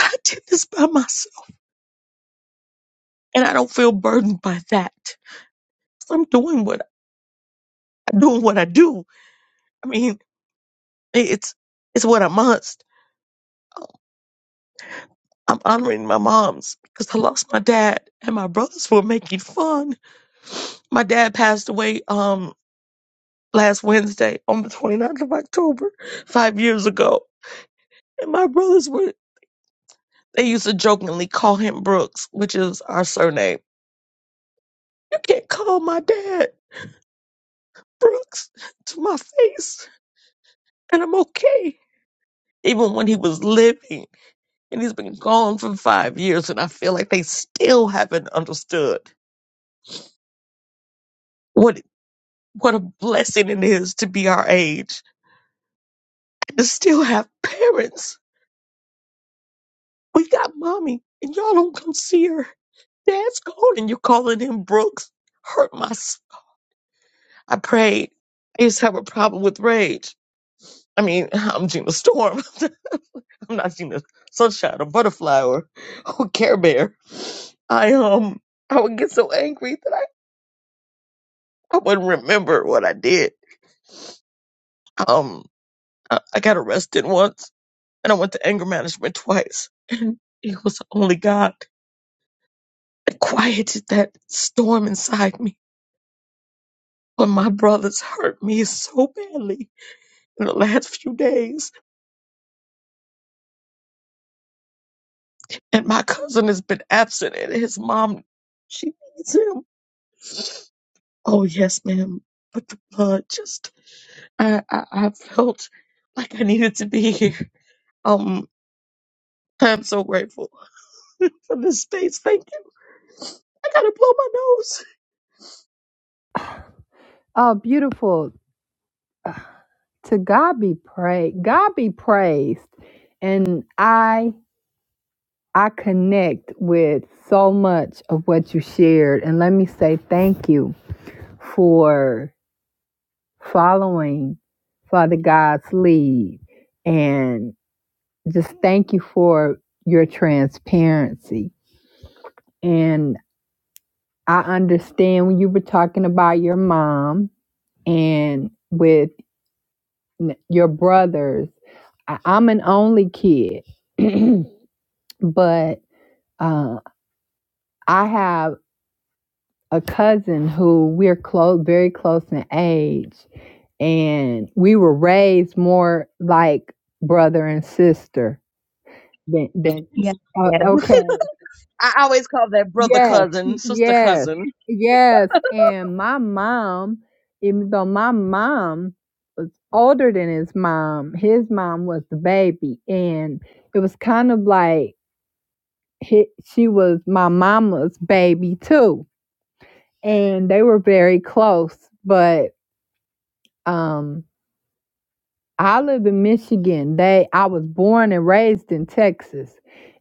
Speaker 2: I did this by myself and I don't feel burdened by that. I'm doing what I'm doing what I do. I mean, it's it's what I must. I'm honoring my moms because I lost my dad and my brothers were making fun. My dad passed away um last Wednesday on the 29th of October, five years ago. And my brothers were they used to jokingly call him Brooks, which is our surname. You can't call my dad Brooks to my face, and I'm okay even when he was living and he's been gone for five years and i feel like they still haven't understood what what a blessing it is to be our age and to still have parents we got mommy and y'all don't come see her dad's gone and you're calling him brooks hurt my s- i prayed i used to have a problem with rage i mean i'm gina storm i'm not gina sunshine or butterfly or, or care bear i um i would get so angry that I. I wouldn't remember what I did. Um, I, I got arrested once, and I went to anger management twice. And it was only God that quieted that storm inside me. But my brothers hurt me so badly in the last few days, and my cousin has been absent, and his mom, she needs him. Oh yes, ma'am. But the blood just I, I I felt like I needed to be here. Um I'm so grateful for this space. Thank I gotta blow my nose.
Speaker 1: Oh, beautiful. to God be praised. God be praised. And I I connect with so much of what you shared. And let me say thank you for following Father God's lead. And just thank you for your transparency. And I understand when you were talking about your mom and with n- your brothers. I- I'm an only kid. but Uh, I have a cousin who we're close, very close in age, and we were raised more like brother and sister than. than oh, okay.
Speaker 2: I always call that brother
Speaker 1: Yes.
Speaker 2: cousin, sister
Speaker 1: Yes.
Speaker 2: cousin.
Speaker 1: Yes. And my mom, even though my mom was older than his mom, his mom was the baby, and it was kind of like he, she was my mama's baby too and they were very close. But um, I live in Michigan. They, I was born and raised in Texas,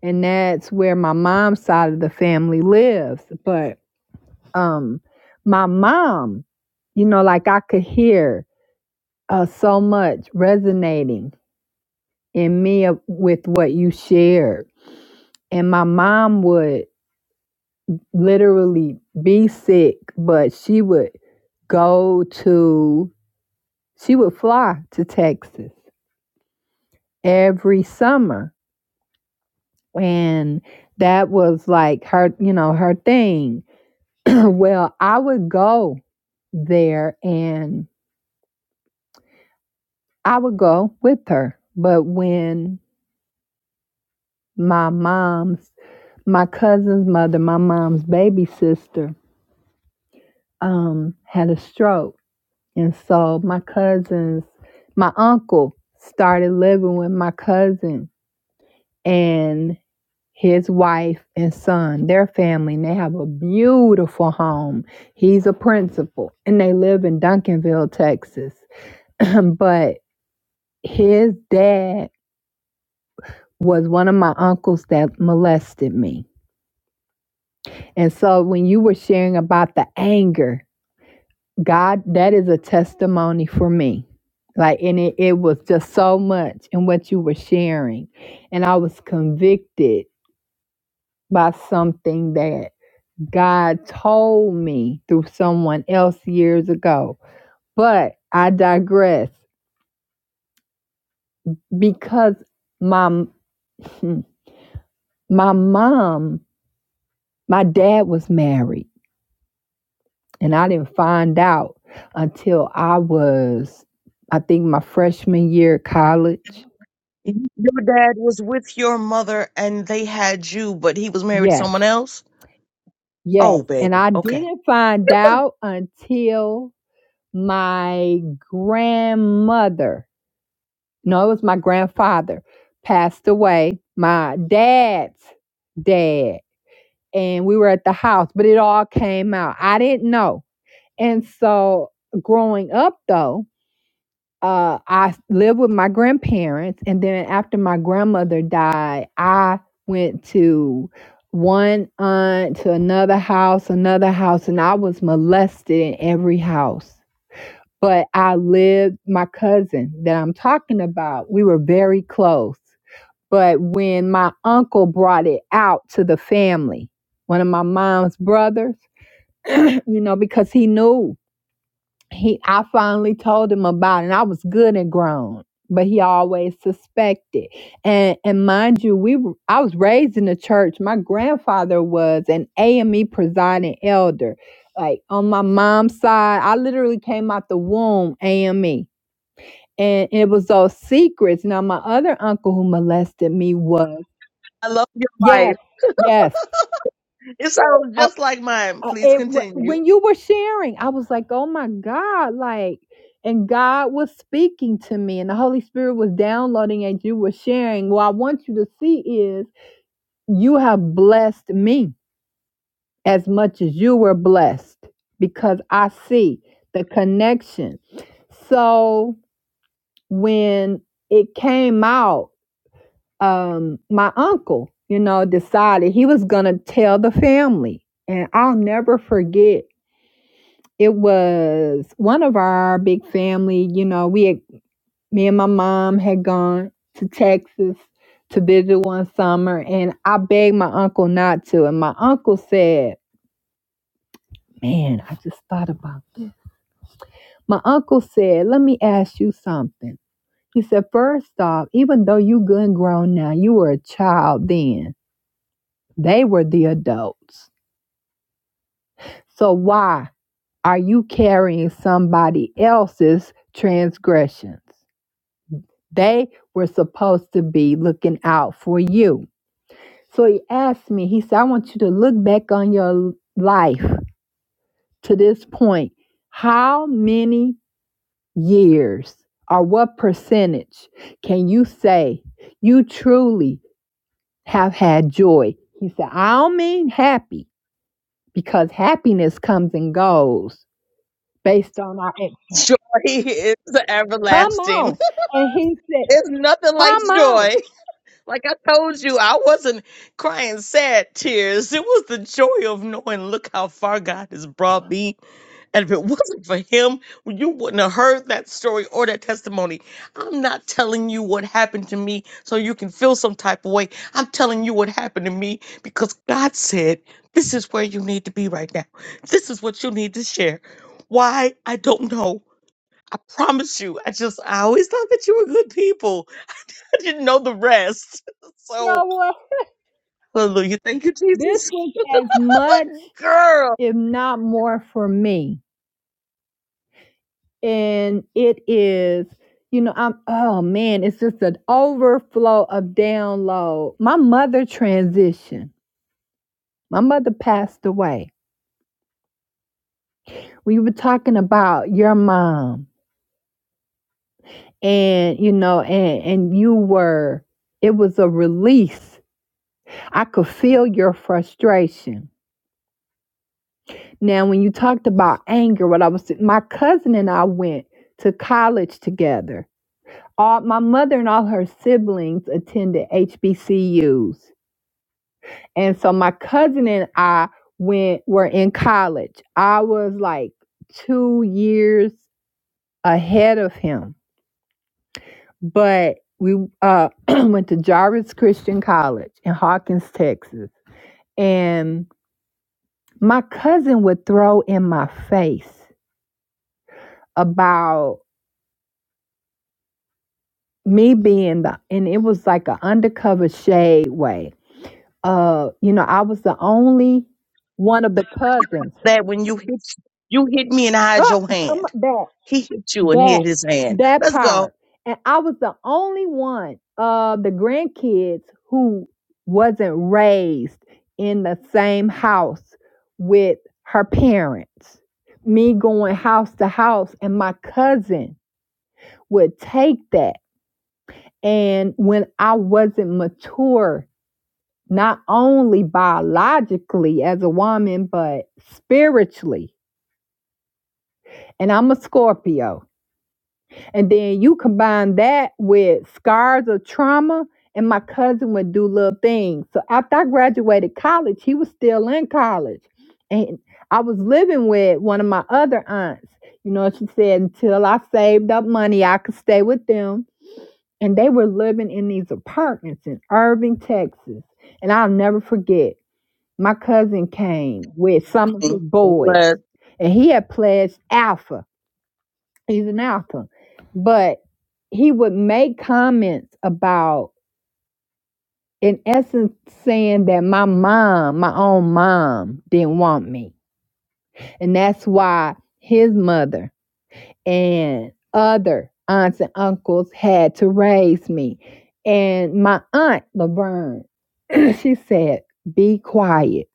Speaker 1: and that's where my mom's side of the family lives. But um, my mom, you know, like I could hear uh, so much resonating in me of- with what you shared, and my mom would literally be sick, but she would go to she would fly to Texas every summer. And that was like her, you know, her thing. well, I would go there and I would go with her. But when my mom's, my cousin's mother, my mom's baby sister, um, had a stroke. And so my cousins, my uncle started living with my cousin. and. his wife and son, their family, and they have a beautiful home. He's a principal and they live in Duncanville, Texas. but his dad was one of my uncles that molested me. And so when you were sharing about the anger, God, that is a testimony for me. Like, and it, it was just so much in what you were sharing. And I was convicted by something that God told me through someone else years ago. But I digress because my my mom, my dad was married and I didn't find out until I was I think my freshman year at college.
Speaker 2: Your dad was with your mother and they had you, but he was married to
Speaker 1: Yes.
Speaker 2: someone else?
Speaker 1: Yes.
Speaker 2: Oh,
Speaker 1: And
Speaker 2: baby.
Speaker 1: I
Speaker 2: Okay.
Speaker 1: didn't find out until my grandmother No, it was my grandfather passed away, my dad's dad, and we were at the house, but it all came out. I didn't know. And so growing up though, uh, I lived with my grandparents, and then after my grandmother died, I went to one aunt to another house, another house, and I was molested in every house. But I lived my cousin that I'm talking about. We were very close but when my uncle brought it out to the family, one of my mom's brothers, you know, because he knew he, I finally told him about it, and I was good and grown, but he always suspected. And and mind you, we were, I was raised in the church. My grandfather was an AME presiding elder. Like on my mom's side, I literally came out the womb AME. And it was those secrets. Now, my other uncle who molested me was
Speaker 2: I love your
Speaker 1: Yes,
Speaker 2: life.
Speaker 1: yes.
Speaker 2: It sounds
Speaker 1: Uh,
Speaker 2: just like mine.
Speaker 1: uh,
Speaker 2: Please
Speaker 1: it w
Speaker 2: continue.
Speaker 1: when you were sharing, I was like, "Oh my God," like, and God was speaking to me, and the Holy Spirit was downloading as you were sharing. What I want you to see is you have blessed me as much as you were blessed because I see the connection. So when it came out, um, my uncle, you know, decided he was gonna tell the family, and I'll never forget It was one of our big family, you know, we had, me and my mom had gone to Texas to visit one summer and I begged my uncle not to and my uncle said, "Man, I just thought about this." My uncle said, "Let me ask you something." He said, first off, even though you good and grown now, you were a child then. They were the adults. So why are you carrying somebody else's transgressions? They were supposed to be looking out for you. So he asked me, he said, I want you to look back on your life to this point. How many years or what percentage can you say you truly have had joy? He said, I don't mean happy because happiness comes and goes based on our. ex.
Speaker 2: Joy is
Speaker 1: Come
Speaker 2: everlasting.
Speaker 1: on. And he said,
Speaker 2: It's nothing like
Speaker 1: Come on.
Speaker 2: joy. Like I told you, I wasn't crying sad tears. It was the joy of knowing, look how far God has brought me. And if it wasn't for Him, you wouldn't have heard that story or that testimony. I'm not telling you what happened to me so you can feel some type of way. I'm telling you what happened to me because God said, this is where you need to be right now. This is what you need to share. Why? I don't know. I promise you. I just, I always thought that you were good people. I didn't know the rest.
Speaker 1: You
Speaker 2: So,
Speaker 1: know what?
Speaker 2: Hallelujah. Thank you,
Speaker 1: This
Speaker 2: Jesus.
Speaker 1: was as much.
Speaker 2: Girl,
Speaker 1: if not more for me. And it is, you know, I'm, oh man, it's just an overflow of download. My mother transitioned, my mother passed away. We were talking about your mom, and, you know, and, and you were, it was a release. I could feel your frustration. Now, when you talked about anger, what I was, my cousin and I went to college together all my mother and all her siblings attended HBCUs. And so my cousin and I went were in college. I was like 2 years ahead of him. But we uh went to Jarvis Christian College in Hawkins, Texas. And my cousin would throw in my face about me being the and it was like an undercover shade way uh, you know, I was the only one of the cousins.
Speaker 2: that when you hit you hit me and hide
Speaker 1: Oh,
Speaker 2: your
Speaker 1: come
Speaker 2: hand.
Speaker 1: on, that
Speaker 2: He hit you and
Speaker 1: that
Speaker 2: hid his hand.
Speaker 1: that
Speaker 2: Let's go.
Speaker 1: part, and I was the only one of the grandkids who wasn't raised in the same house with her parents. Me going house to house, and my cousin would take that. And when I wasn't mature not only biologically as a woman, but spiritually. And I'm a Scorpio. And then you combine that with scars of trauma, and my cousin would do little things. So after I graduated college, he was still in college. And I was living with one of my other aunts. You know, she said, until I saved up money, I could stay with them. And they were living in these apartments in Irving, Texas. And I'll never forget. my cousin came with some of
Speaker 2: Mm,
Speaker 1: his
Speaker 2: that
Speaker 1: boys,
Speaker 2: was-
Speaker 1: and he had pledged alpha. He's an alpha, but he would make comments about, in essence, saying that my mom, my own mom, didn't want me, and that's why his mother and other aunts and uncles had to raise me. And my aunt Laverne, she said, "Be quiet."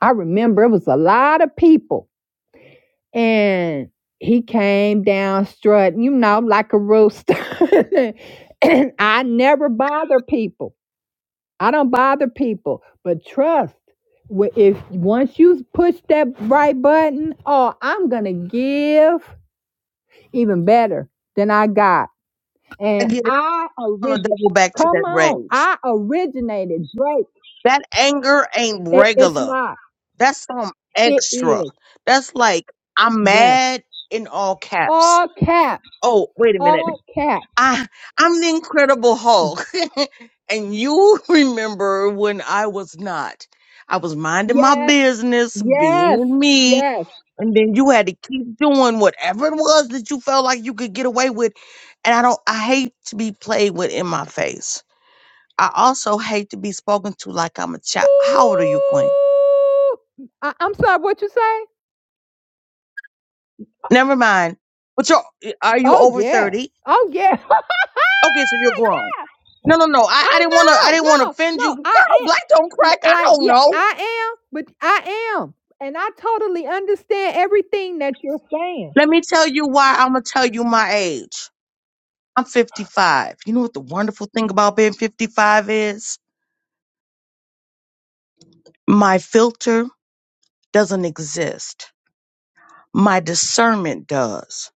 Speaker 1: I remember it was a lot of people and he came down strutting, you know, like a rooster. and I never bother people. I don't bother people, but trust. wh- If once you push that right button, oh, I'm gonna give even better than I got.
Speaker 2: I
Speaker 1: And
Speaker 2: get it.
Speaker 1: I
Speaker 2: I'm gonna
Speaker 1: origin,
Speaker 2: double back to that
Speaker 1: Come on,
Speaker 2: rage.
Speaker 1: I originated Drake.
Speaker 2: That anger ain't
Speaker 1: It, it's
Speaker 2: regular.
Speaker 1: not.
Speaker 2: That's some
Speaker 1: It
Speaker 2: extra.
Speaker 1: is.
Speaker 2: That's like I'm
Speaker 1: Yes.
Speaker 2: mad in all caps.
Speaker 1: All cap.
Speaker 2: Oh, wait a minute.
Speaker 1: All cap.
Speaker 2: I I'm the Incredible Hulk, and you remember when I was not. I was minding my
Speaker 1: Yes.
Speaker 2: business,
Speaker 1: Yes.
Speaker 2: being me,
Speaker 1: Yes.
Speaker 2: and then you had to keep doing whatever it was that you felt like you could get away with. And I don't. I hate to be played with in my face. I also hate to be spoken to like I'm a child. How old are you, Queen?
Speaker 1: I, I'm sorry, what you say?
Speaker 2: Never mind. But you're are you
Speaker 1: Oh
Speaker 2: over
Speaker 1: yeah.
Speaker 2: thirty?
Speaker 1: Oh yeah.
Speaker 2: Okay, so you're grown. No, no, no. I, I didn't want to. I
Speaker 1: Oh no,
Speaker 2: didn't want to
Speaker 1: no,
Speaker 2: offend you,
Speaker 1: no. I
Speaker 2: girl. Black don't
Speaker 1: am
Speaker 2: crack. I
Speaker 1: like
Speaker 2: don't
Speaker 1: yeah,
Speaker 2: know.
Speaker 1: I am, but I am. And I totally understand everything that you're saying.
Speaker 2: Let me tell you why. I'm gonna tell you my age. I'm 55. You know what the wonderful thing about being 55 is? My filter doesn't exist. My discernment does.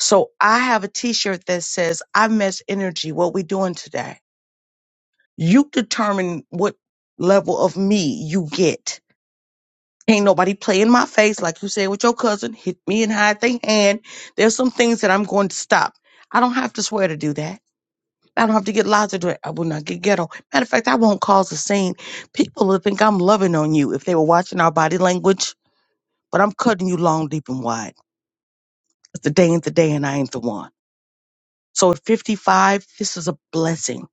Speaker 2: So I have a T-shirt that says, "I mesh energy. What we doing today? You determine what level of me you get." Ain't nobody play my face, like you said with your cousin, hit me and hide their hand. There's some things that I'm going to stop. I don't have to swear to do that. I don't have to get loud to do it. I will not get ghetto. Matter of fact, I won't cause a scene. People would think I'm loving on you if they were watching our body language, but I'm cutting you long, deep, and wide. It's the day ain't the day, and I ain't the one. So at 55, this is a blessing.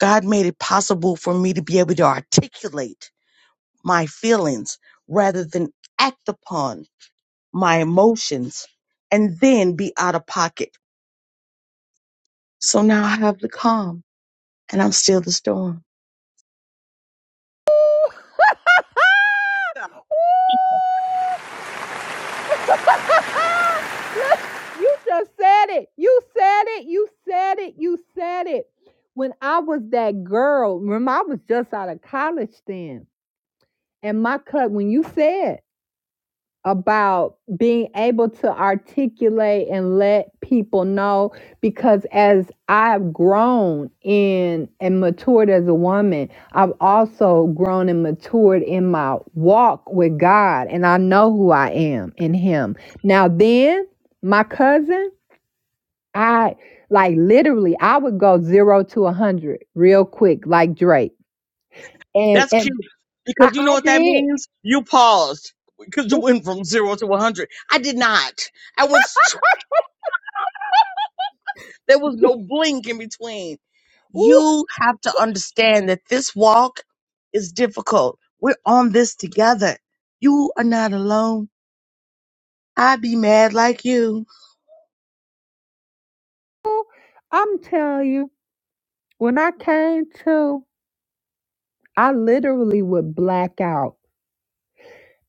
Speaker 2: God made it possible for me to be able to articulate my feelings rather than act upon my emotions and then be out of pocket. So now I have the calm and I'm still the storm. Yeah,
Speaker 1: Ooh, Look, you just said it. You said it. You said it. You said it. When I was that girl, remember I was just out of college then. And my cut when you said about being able to articulate and let people know because as I've grown in and matured as a woman, I've also grown and matured in my walk with God and I know who I am in him. Now then, my cousin, I like literally I would go 0 to a 100 real quick like Drake. And
Speaker 2: that's
Speaker 1: and
Speaker 2: cute
Speaker 1: I,
Speaker 2: because you know
Speaker 1: I
Speaker 2: what that
Speaker 1: did.
Speaker 2: means? You paused because you
Speaker 1: Ooh,
Speaker 2: went from zero to 100. I did not. I went straight. There was no blink in between.
Speaker 1: ooh,
Speaker 2: You have to understand that this walk is difficult. We're on this together. You are not alone. i be mad like you.
Speaker 1: I'm telling you, when I came to I literally would black out.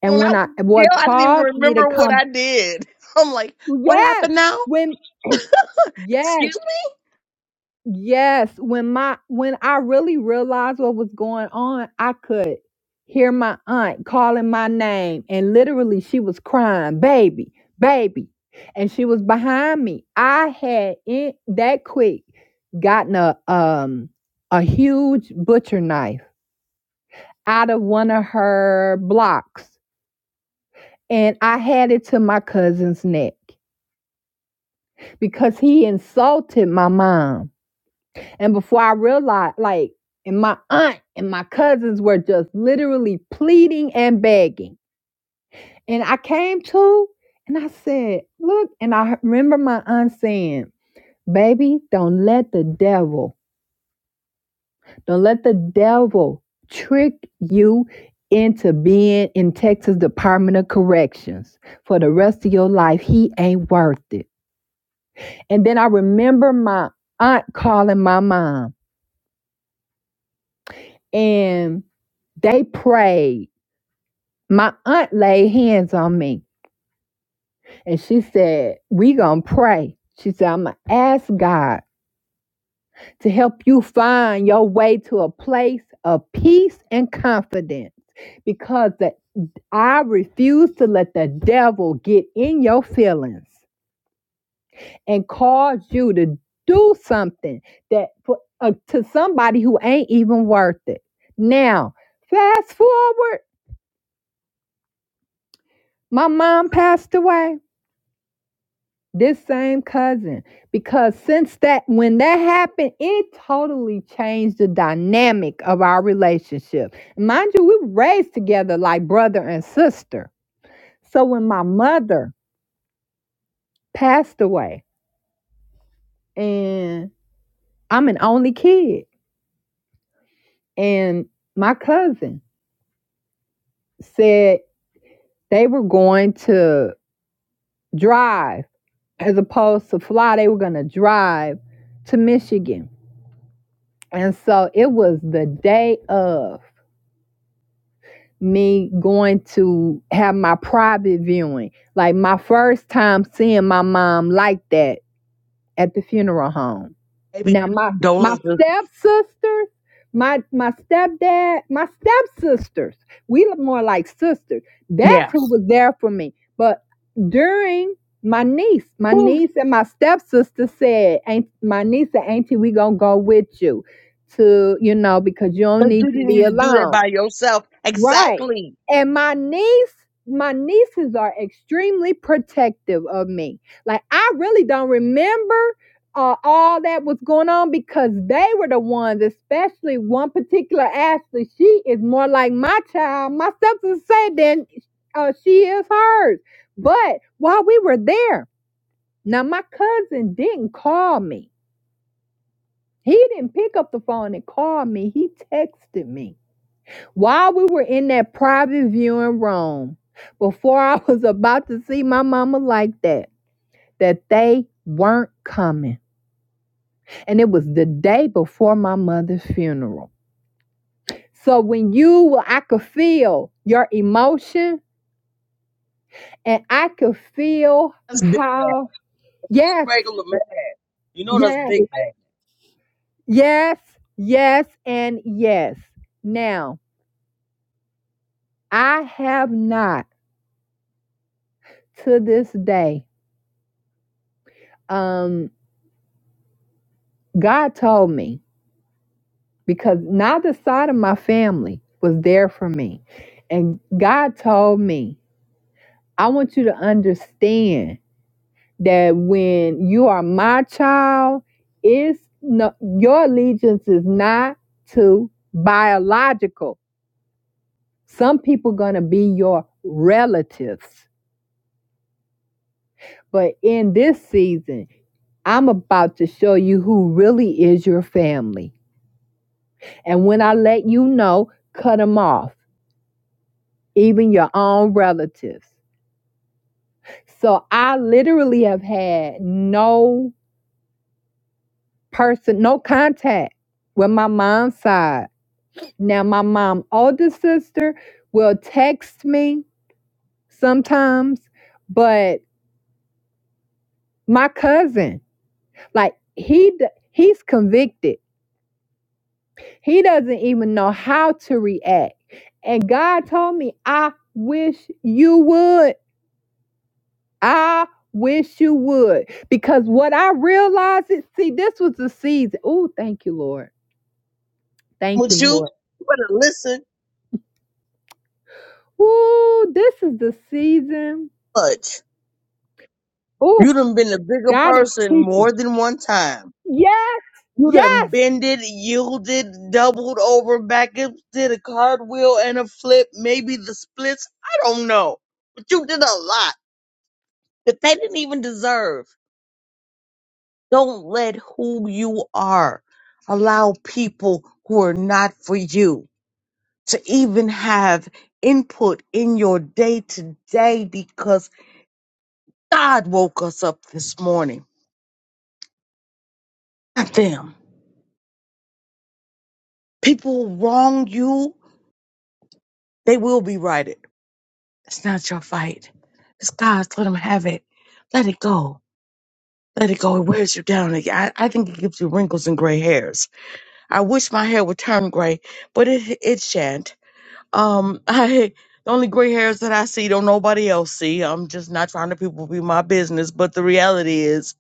Speaker 1: And
Speaker 2: when I
Speaker 1: when
Speaker 2: was
Speaker 1: I,
Speaker 2: in jail,
Speaker 1: what
Speaker 2: I didn't even
Speaker 1: caused me to
Speaker 2: remember what
Speaker 1: come,
Speaker 2: I did. I'm like, what
Speaker 1: yes,
Speaker 2: happened now?
Speaker 1: when, yes,
Speaker 2: Excuse me?
Speaker 1: yes, when my, when I really realized what was going on, I could hear my aunt calling my name. And literally she was crying, baby, baby. And she was behind me. I had in that quick gotten a, um, a huge butcher knife out of one of her blocks and I had it to my cousin's neck because he insulted my mom. And before I realized, like, and my aunt and my cousins were just literally pleading and begging. And I came to and I said, Look, and I remember my aunt saying, Baby, don't let the devil, don't let the devil trick you into being in Texas Department of Corrections for the rest of your life. He ain't worth it. And then I remember my aunt calling my mom and they prayed. My aunt laid hands on me and she said, We gonna pray. She said, I'm gonna ask God to help you find your way to a place of peace and confidence because the, I refuse to let the devil get in your feelings. and cause you to do something that for, uh, to somebody who ain't even worth it. Now, fast forward, my mom passed away. This same cousin, because since that when that happened, it totally changed the dynamic of our relationship. Mind you, we were raised together like brother and sister. So when my mother passed away, and I'm an only kid, and my cousin said They were going to drive as opposed to fly. They were going to drive to Michigan. And so it was the day of me going to have my private viewing, like my first time seeing my mom like that at the funeral home.
Speaker 2: Maybe
Speaker 1: Now my my
Speaker 2: condolences.
Speaker 1: stepsisters, my my stepdad, my stepsisters, we look more like sisters. That's
Speaker 2: Yeah.
Speaker 1: who was there for me. But during my niece, my
Speaker 2: Whew.
Speaker 1: niece and my stepsister said, Aunt, my niece and auntie, we gonna go with you to, you know, because you
Speaker 2: But
Speaker 1: don't need
Speaker 2: you
Speaker 1: to
Speaker 2: didn't
Speaker 1: be
Speaker 2: need to do that
Speaker 1: alone.
Speaker 2: by yourself.
Speaker 1: Right.
Speaker 2: Exactly.
Speaker 1: And my niece, my nieces are extremely protective of me. Like I really don't remember uh, all that was going on because they were the ones, especially one particular Ashley. She is more like my child, my stepson said, than uh, she is hers. But while we were there, now my cousin didn't call me. He didn't pick up the phone and call me. He texted me. While we were in that private viewing room, before I was about to see my mama like that, that they weren't coming. And it was the day before my mother's funeral. So when you, I could feel your emotion and I could feel
Speaker 2: That's big man,
Speaker 1: how, yes,
Speaker 2: Regular man. You know that's
Speaker 1: yes,
Speaker 2: big man.
Speaker 1: yes, yes, and yes. Now, I have not to this day, um, God told me because neither side of my family was there for me. And God told me, I want you to understand that when you are my child, it's no, your allegiance is not to biological. Some people gonna be your relatives. But in this season, I'm about to show you who really is your family. And when I let you know, cut them off, even your own relatives. So I literally have had no person, no contact with my mom's side. Now my mom older sister will text me sometimes, but my cousin, like he d- he's convicted. He doesn't even know how to react. And God told me, I wish you would. I wish you would. Because what I realized is, see, this was the season. Oh, thank you, Lord Thank you,
Speaker 2: With you,
Speaker 1: Lord.
Speaker 2: you better listen
Speaker 1: Ooh, this is the season.
Speaker 2: much.
Speaker 1: Ooh,
Speaker 2: You done been a bigger
Speaker 1: got it.
Speaker 2: person more than one time.
Speaker 1: Yes,
Speaker 2: You done
Speaker 1: yes.
Speaker 2: bended, yielded, doubled over, back up, did a cartwheel and a flip, maybe the splits. I don't know. But you did a lot that they didn't even deserve. Don't let who you are allow people who are not for you to even have input in your day to day because God woke us up this morning. Not them. People who wrong you, they will be righted. It's not your fight. It's God's. Let Him have it. Let it go. Let it go. It wears you down. I, I think it gives you wrinkles and gray hairs. I wish my hair would turn gray, but it, it shan't Um, I the only gray hairs that I see don't nobody else see. I'm just not trying to people be my business, but the reality is,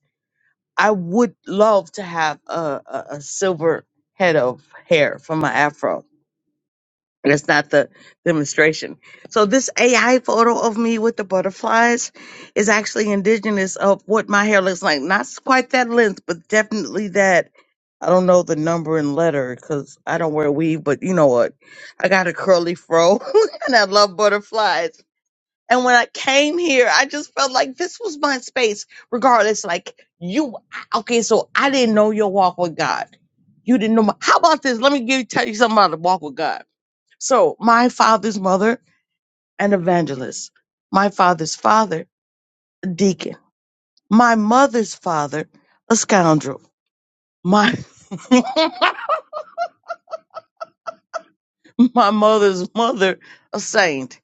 Speaker 2: I would love to have a, a, a silver head of hair for my afro. That's not the demonstration. So this AI photo of me with the butterflies is actually indigenous of what my hair looks like. Not s- quite that length, but definitely that. I don't know the number and letter because I don't wear weave, but you know what? I got a curly fro and I love butterflies. And when I came here, I just felt like this was my space, regardless. Like you, okay, so I didn't know your walk with God. You didn't know my, how about this? Let me give you, tell you something about the walk with God so my father's mother, an evangelist. My father's father, a deacon. My mother's father, a scoundrel. My my mother's mother, a saint.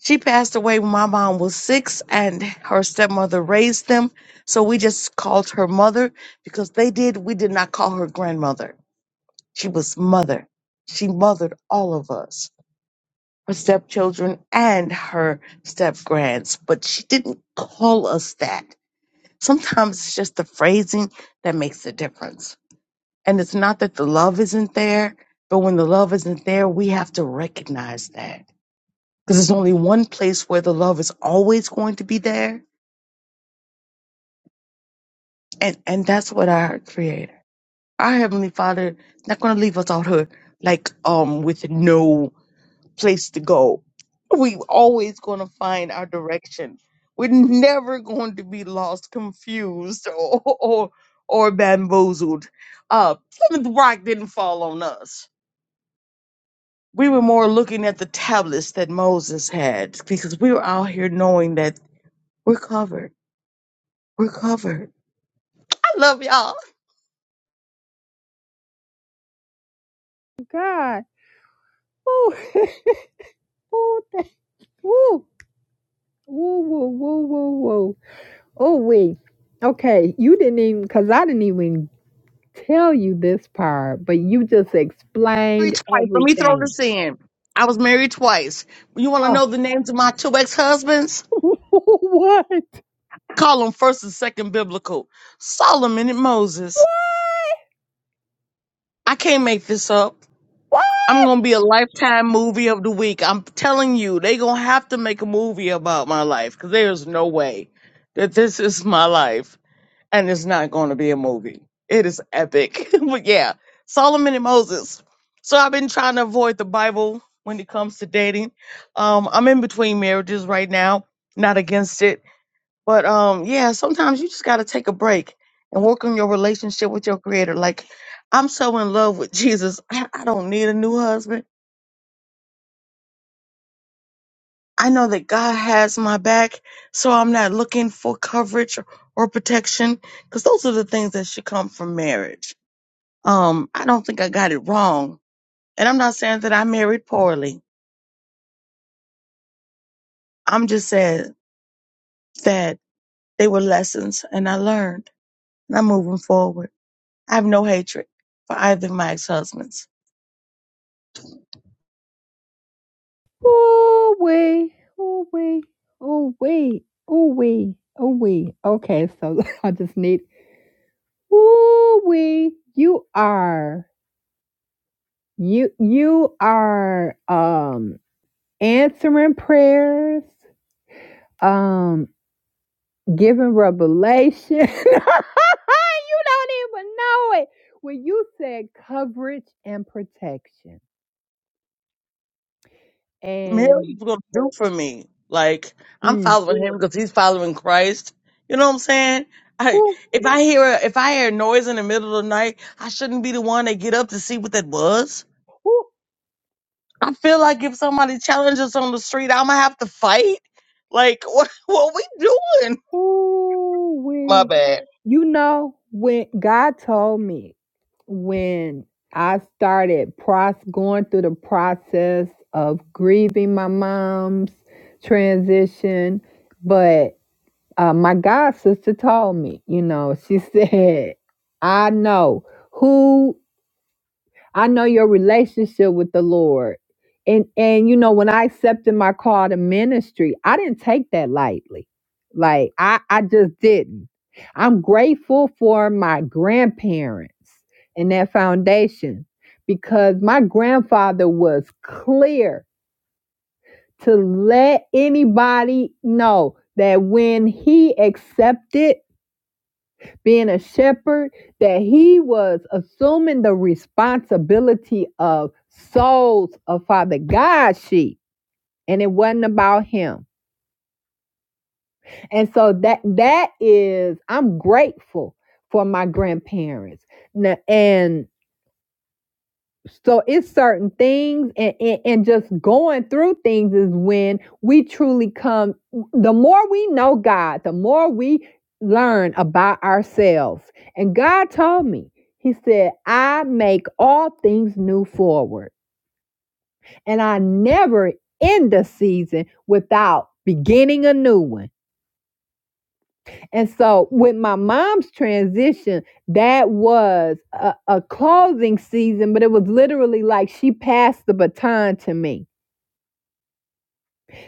Speaker 2: She passed away when my mom was six, and her stepmother raised them. So we just called her mother because they did. We did not call her grandmother. She was mother. She mothered all of us. her stepchildren and her step grands, but she didn't call us that. Sometimes it's just the phrasing that makes the difference. And it's not that the love isn't there, but when the love isn't there, we have to recognize that. Because there's only one place where the love is always going to be there, and, and that's what our Creator. Our Heavenly Father is not going to leave us out here like um with no place to go. We always going to find our direction. We're never going to be lost, confused, or or, or bamboozled. Uh, Plymouth Rock didn't fall on us. We were more looking at the tablets that Moses had because we were out here knowing that we're covered. We're covered. I love y'all.
Speaker 1: God. Ooh, ooh, thank- ooh, ooh, woo, woo, woo, woo. Oh, wait. Okay, you didn't even, because I didn't even tell you this part, but you just
Speaker 2: Married
Speaker 1: explained
Speaker 2: twice. Let me throw
Speaker 1: everything.
Speaker 2: this in. I was married twice. You want to
Speaker 1: Oh,
Speaker 2: know the names of my two ex husbands?
Speaker 1: what?
Speaker 2: call them first and second biblical. Solomon and Moses. I can't make this up.
Speaker 1: What?
Speaker 2: I'm gonna be a lifetime movie of the week. I'm telling you, they gonna have to make a movie about my life because there's no way that this is my life and it's not gonna be a movie. It is epic. but yeah, Solomon and Moses. So I've been trying to avoid the Bible when it comes to dating. Um, I'm in between marriages right now, not against it But um, yeah, sometimes you just got to take a break and work on your relationship with your creator. Like, I'm so in love with Jesus. I, I don't need a new husband. I know that God has my back, so I'm not looking for coverage or protection because those are the things that should come from marriage. Um, I don't think I got it wrong. And I'm not saying that I married poorly. I'm just saying that they were lessons and I learned and I'm moving forward. I have no hatred for either of my ex husbands.
Speaker 1: Oh, wait. Oh, wait. Oh, wait. Oh, wait. Oh, wait. Okay, so I just need Ooh wee, you are you you are um answering prayers, um giving revelation. you don't even know it. When you said coverage and protection and
Speaker 2: Mary's gonna do for me. Like I'm
Speaker 1: mm,
Speaker 2: following him because he's following Christ. You know what I'm saying? I,
Speaker 1: ooh
Speaker 2: if I hear a, if I hear a noise in the middle of the night, I shouldn't be the one that get up to see what that was. I feel like if somebody challenges on the street, I'm gonna have to fight. Like what what we doing?
Speaker 1: ooh
Speaker 2: My
Speaker 1: wee.
Speaker 2: bad.
Speaker 1: You know, when God told me when I started pros going through the process of grieving my mom's transition, but uh, my God sister told me, you know, she said, I know who I know your relationship with the Lord. And and you know, when I accepted my call to ministry, I didn't take that lightly. Like I, I just didn't. I'm grateful for my grandparents and that foundation because my grandfather was clear to let anybody know that when he accepted being a shepherd, that he was assuming the responsibility of souls of Father God's sheep. And it wasn't about him. And so that that is, I'm grateful for my grandparents. And So it's certain things and, and, and just going through things is when we truly come. The more we know God, the more we learn about ourselves. And God told me, He said, I make all things new forward. And I never end a season without beginning a new one. And so, with my mom's transition, that was a, a closing season, but it was literally like she passed the baton to me.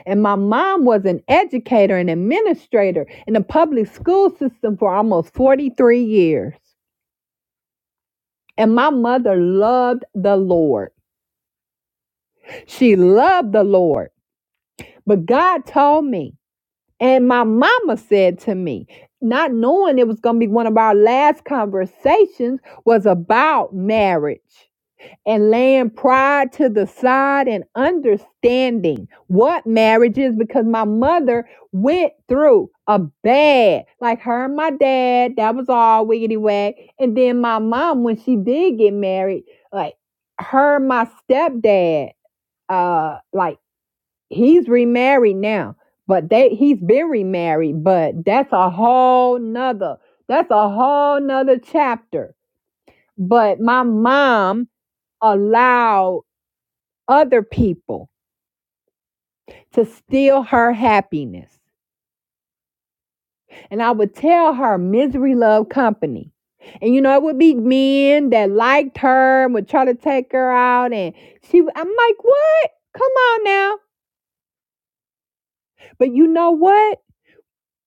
Speaker 1: And my mom was an educator and administrator in the public school system for almost 43 years. And my mother loved the Lord. She loved the Lord. But God told me, and my mama said to me, not knowing it was going to be one of our last conversations was about marriage. and laying pride to the side and understanding what marriage is because my mother went through a bad, like her and my dad, that was all wiggity wag. And then my mom, when she did get married, like her, and my stepdad, uh, like he's remarried now, but they he's been remarried, but that's a whole nother, that's a whole nother chapter. But my mom allowed other people to steal her happiness. And I would tell her misery love company. And you know, it would be men that liked her and would try to take her out. And she, I'm like, what? Come on now. But you know what?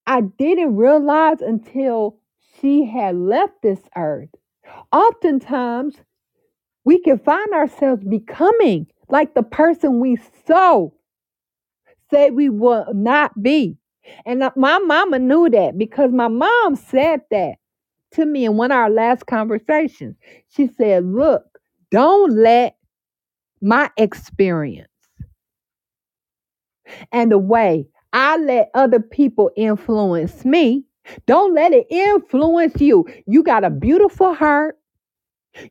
Speaker 1: I didn't realize until she had left this earth. Oftentimes, we can find ourselves becoming like the person we saw say we will not be. And uh, my mama knew that because my mom said that to me in one of our last conversations. She said, Look, don't let my experience and the way I let other people influence me. Don't let it influence you. You got a beautiful heart.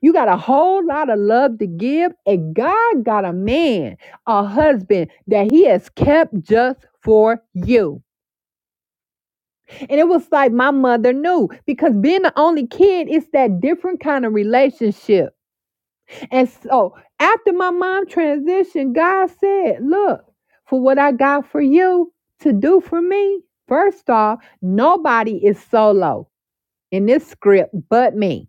Speaker 1: You got a whole lot of love to give. And God got a man, a husband that He has kept just for you. And it was like my mother knew because being the only kid, it's that different kind of relationship. And so after my mom transitioned, God said, Look, for what I got for you to do for me, first off, nobody is solo in this script but me.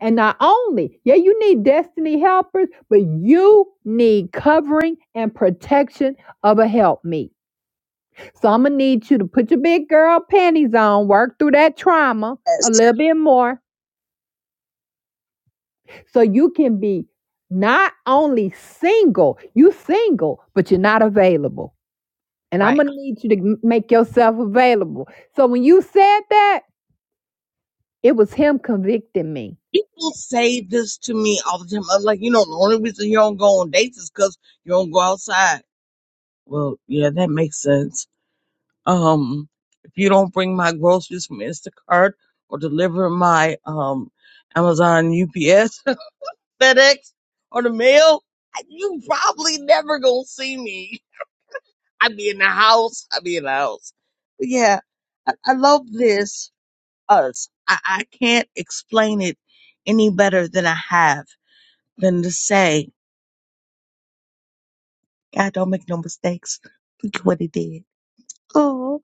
Speaker 1: And not only, yeah, you need destiny helpers, but you need covering and protection of a helpmeet. So I'm gonna need you to put your big girl panties on, work through that trauma
Speaker 2: Yes.
Speaker 1: a little bit more, so you can be not only single, you single, but you're not available. And I'm
Speaker 2: Right.
Speaker 1: gonna need you to make yourself available. So when you said that, it was him convicting me.
Speaker 2: People say this to me all the time. I'm like, you know, the only reason you don't go on dates is because you don't go outside. Well, yeah, that makes sense. Um, if you don't bring my groceries from Instacart or deliver my um Amazon, UPS, FedEx, or the mail, you probably never gonna see me. I be in the house. I be in the house. But yeah, I, I love this us. I, I can't explain it any better than I have than to say, God don't make no mistakes. Look at what he did. Oh,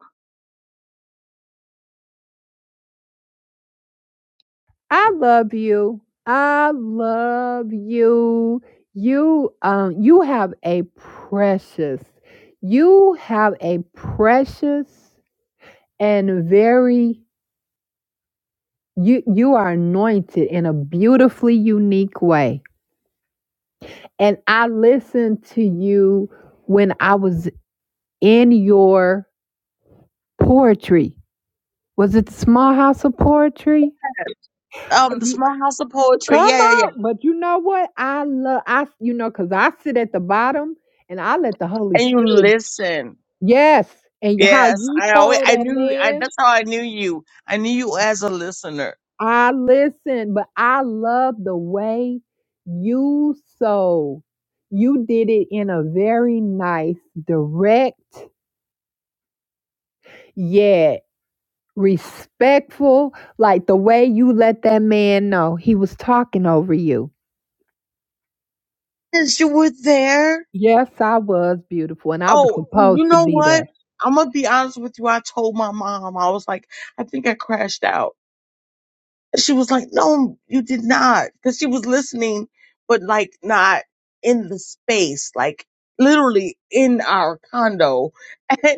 Speaker 1: I love you. I love you. You um you have a precious you have a precious and very you you are anointed in a beautifully unique way. And I listened to you when I was in your poetry. Was it the small house of poetry?
Speaker 2: um, the small house of
Speaker 1: Come
Speaker 2: poetry. Yeah, yeah, yeah.
Speaker 1: on, but you know what? I love I you know because I sit at the bottom and I let the Holy
Speaker 2: And you
Speaker 1: Spirit.
Speaker 2: listen.
Speaker 1: Yes, and how
Speaker 2: Yes,
Speaker 1: you
Speaker 2: I always
Speaker 1: told
Speaker 2: I
Speaker 1: that
Speaker 2: knew I,
Speaker 1: man,
Speaker 2: that's how I knew you. I knew you as a listener.
Speaker 1: I listen, but I love the way you so you did it in a very nice, direct, yet respectful, like the way you let that man know he was talking over you.
Speaker 2: Since you were there.
Speaker 1: Yes, I was beautiful, and I was
Speaker 2: Oh, you
Speaker 1: supposed to
Speaker 2: know
Speaker 1: be there.
Speaker 2: what? I'm gonna be honest with you. I told my mom I was like, I think I crashed out. She was like, No, you did not, because she was listening, but like not in the space, like literally in our condo.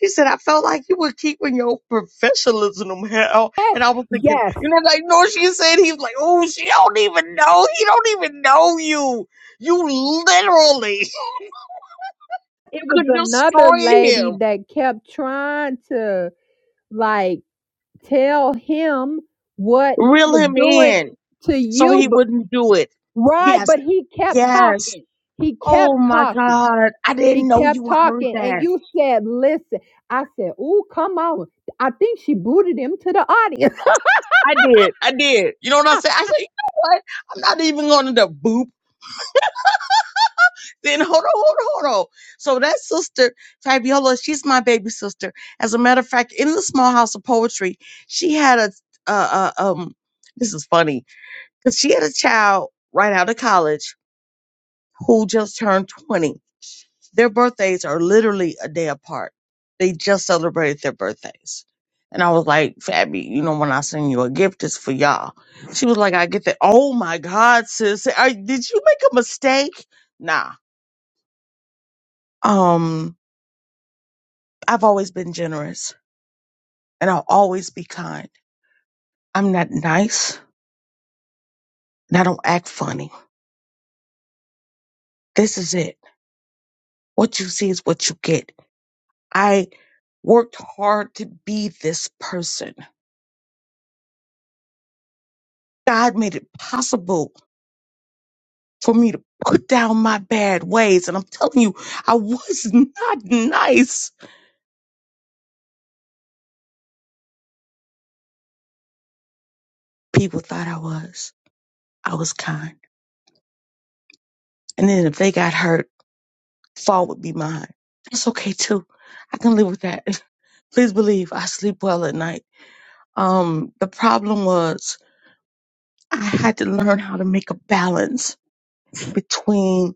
Speaker 2: She said, I felt like you were keeping your professionalism hell.
Speaker 1: Yes,
Speaker 2: And I was thinking,
Speaker 1: yes.
Speaker 2: you know, like, no, she said, he was like, oh, she don't even know. He don't even know you. You literally
Speaker 1: It was
Speaker 2: could
Speaker 1: another
Speaker 2: destroy
Speaker 1: lady
Speaker 2: him,
Speaker 1: that kept trying to like tell him what he
Speaker 2: reel
Speaker 1: was
Speaker 2: him
Speaker 1: doing
Speaker 2: in
Speaker 1: to
Speaker 2: so
Speaker 1: you,
Speaker 2: he
Speaker 1: but,
Speaker 2: wouldn't do it.
Speaker 1: right?
Speaker 2: Yes,
Speaker 1: But he kept
Speaker 2: yes.
Speaker 1: talking. He kept
Speaker 2: Oh my
Speaker 1: talking.
Speaker 2: God. I
Speaker 1: He
Speaker 2: didn't know
Speaker 1: kept
Speaker 2: you heard
Speaker 1: talking, and
Speaker 2: that.
Speaker 1: you said, "Listen." I said, "Ooh, come on!" I think she booted him to the audience.
Speaker 2: I did. I did. You know what I said? I said, you know what? I'm not even going to boop then hold on, hold on, hold on. So that sister, Fabiola, she's my baby sister. As a matter of fact, in the small house of poetry, she had a uh, uh, um. This is funny because she had a child right out of college who just turned twenty. Their birthdays are literally a day apart. They just celebrated their birthdays. And I was like, Fabby, you know, when I send you a gift, it's for y'all. She was like, I get that. Oh my God, sis. Are, did you make a mistake? Nah. Um, I've always been generous and I'll always be kind. I'm not nice and I don't act funny. This is it. What you see is what you get. I worked hard to be this person. God made it possible for me to put down my bad ways. And I'm telling you, I was not nice. People thought I was. I was kind. And then if they got hurt, fault would be mine. That's okay too. I can live with that. Please believe I sleep well at night. Um, the problem was I had to learn how to make a balance between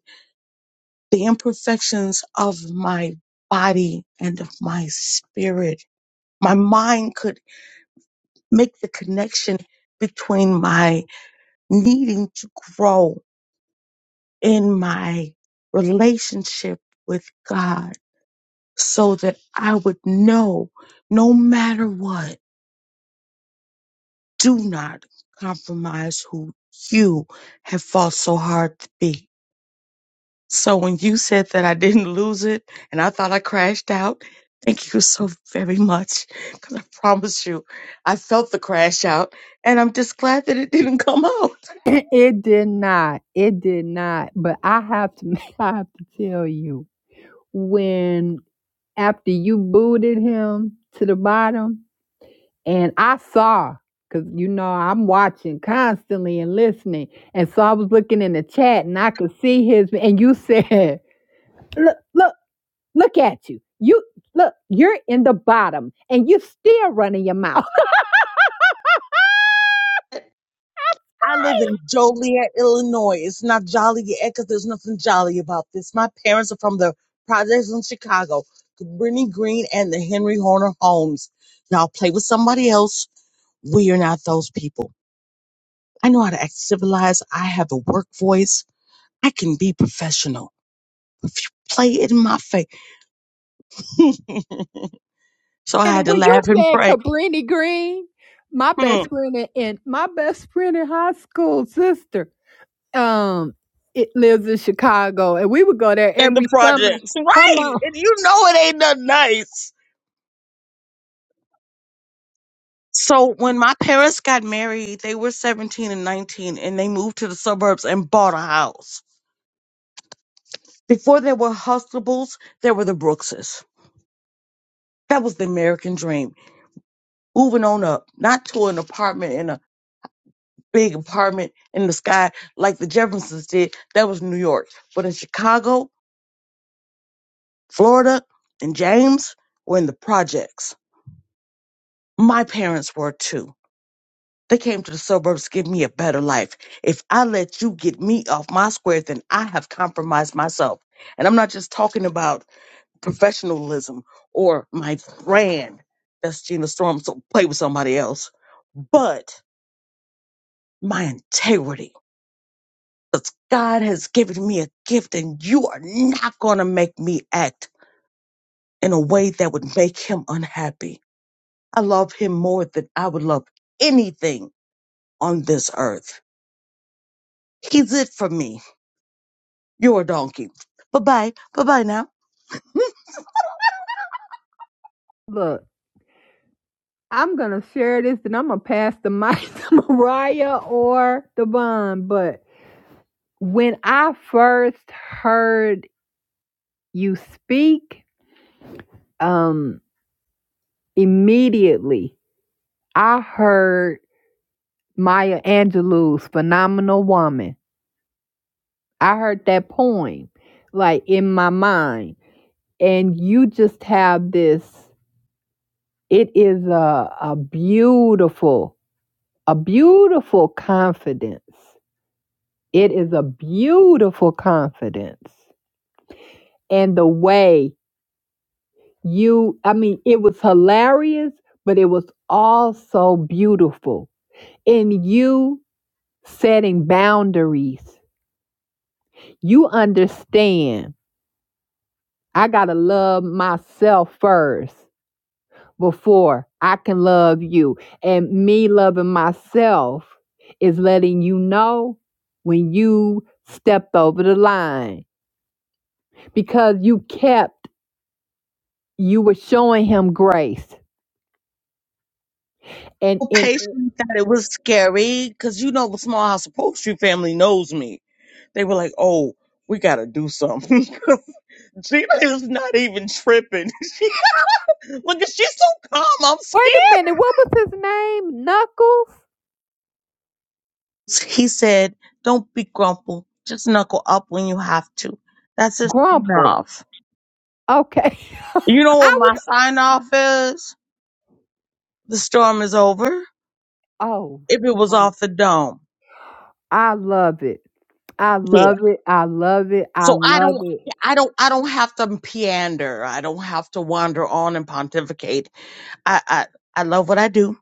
Speaker 2: the imperfections of my body and of my spirit. My mind could make the connection between my needing to grow in my relationship with God so that I would know no matter what, do not compromise who you have fought so hard to be So when you said that I didn't lose it and I thought I crashed out, thank you so very much. Because I promise you, I felt the crash out and I'm just glad that it didn't come out.
Speaker 1: it did not. It did not. But I have to. I have to tell you when after you booted him to the bottom, and I saw, because you know I'm watching constantly and listening, and so I was looking in the chat and I could see his, and you said, "Look, look, look at you! You look, you're in the bottom, and you still running your mouth."
Speaker 2: I live in Joliet, Illinois. It's not Joliet because there's nothing jolly about this. My parents are from the projects in Chicago, Brittany Green and the Henry Horner Homes. Y'all play with somebody else. We are not those people. I know how to act civilized. I have a work voice. I can be professional. play it in my face. so I
Speaker 1: And
Speaker 2: had to
Speaker 1: when you
Speaker 2: laugh and
Speaker 1: said
Speaker 2: pray
Speaker 1: Cabrini Green, my
Speaker 2: hmm,
Speaker 1: best friend in in- my best friend in high school, sister. Um, it lives in Chicago, and we would go there
Speaker 2: in the
Speaker 1: every summer.
Speaker 2: projects. Right.
Speaker 1: Come on,
Speaker 2: And you know it ain't nothing nice. So when my parents got married, they were 17 and 19 and they moved to the suburbs and bought a house. Before there were Hustables, there were the Brookses. That was the American dream. Moving on up, not to an apartment in a big apartment in the sky like the Jeffersons did. That was New York. But in Chicago, Florida and James were in the projects. My parents were too. They came to the suburbs to give me a better life. If I let you get me off my square, then I have compromised myself. And I'm not just talking about professionalism or my brand. That's Gina Storm, so play with somebody else. But my integrity. Because God has given me a gift, and you are not going to make me act in a way that would make him unhappy. I love him more than I would love anything on this earth. He's it for me. You're a donkey. Bye bye. Bye bye now.
Speaker 1: look. I'm gonna share this, and I'm gonna pass the mic to Mariah or the Devon. But when I first heard you speak, um, immediately I heard Maya Angelou's "Phenomenal Woman." I heard that poem, like in my mind, and you just have this It is a, a beautiful, a beautiful confidence. It is a beautiful confidence. And the way you, I mean, it was hilarious, but it was also beautiful. In you setting boundaries, you understand I got to love myself first. before I can love you. And me loving myself is letting you know when you stepped over the line because you kept, you were showing him grace. And
Speaker 2: so
Speaker 1: in,
Speaker 2: patient that it was scary because you know the small house upholstery family knows me. They were like, "Oh, we gotta do something." Gina is not even tripping. She, look, she's so calm. I'm
Speaker 1: wait a
Speaker 2: scared.
Speaker 1: minute, what was his name? Knuckles?
Speaker 2: He said, "Don't be grumple. Just knuckle up when you have to. That's just
Speaker 1: Grumple.
Speaker 2: enough."
Speaker 1: Okay.
Speaker 2: You know what
Speaker 1: I
Speaker 2: my
Speaker 1: was,
Speaker 2: sign off is? The storm is over.
Speaker 1: oh,
Speaker 2: If it was off the dome.
Speaker 1: I love it. I
Speaker 2: Yeah.
Speaker 1: love it. I love it. I
Speaker 2: So I
Speaker 1: love
Speaker 2: don't
Speaker 1: it.
Speaker 2: I don't I don't have to pander. I don't have to wander on and pontificate. I I, I love what I do.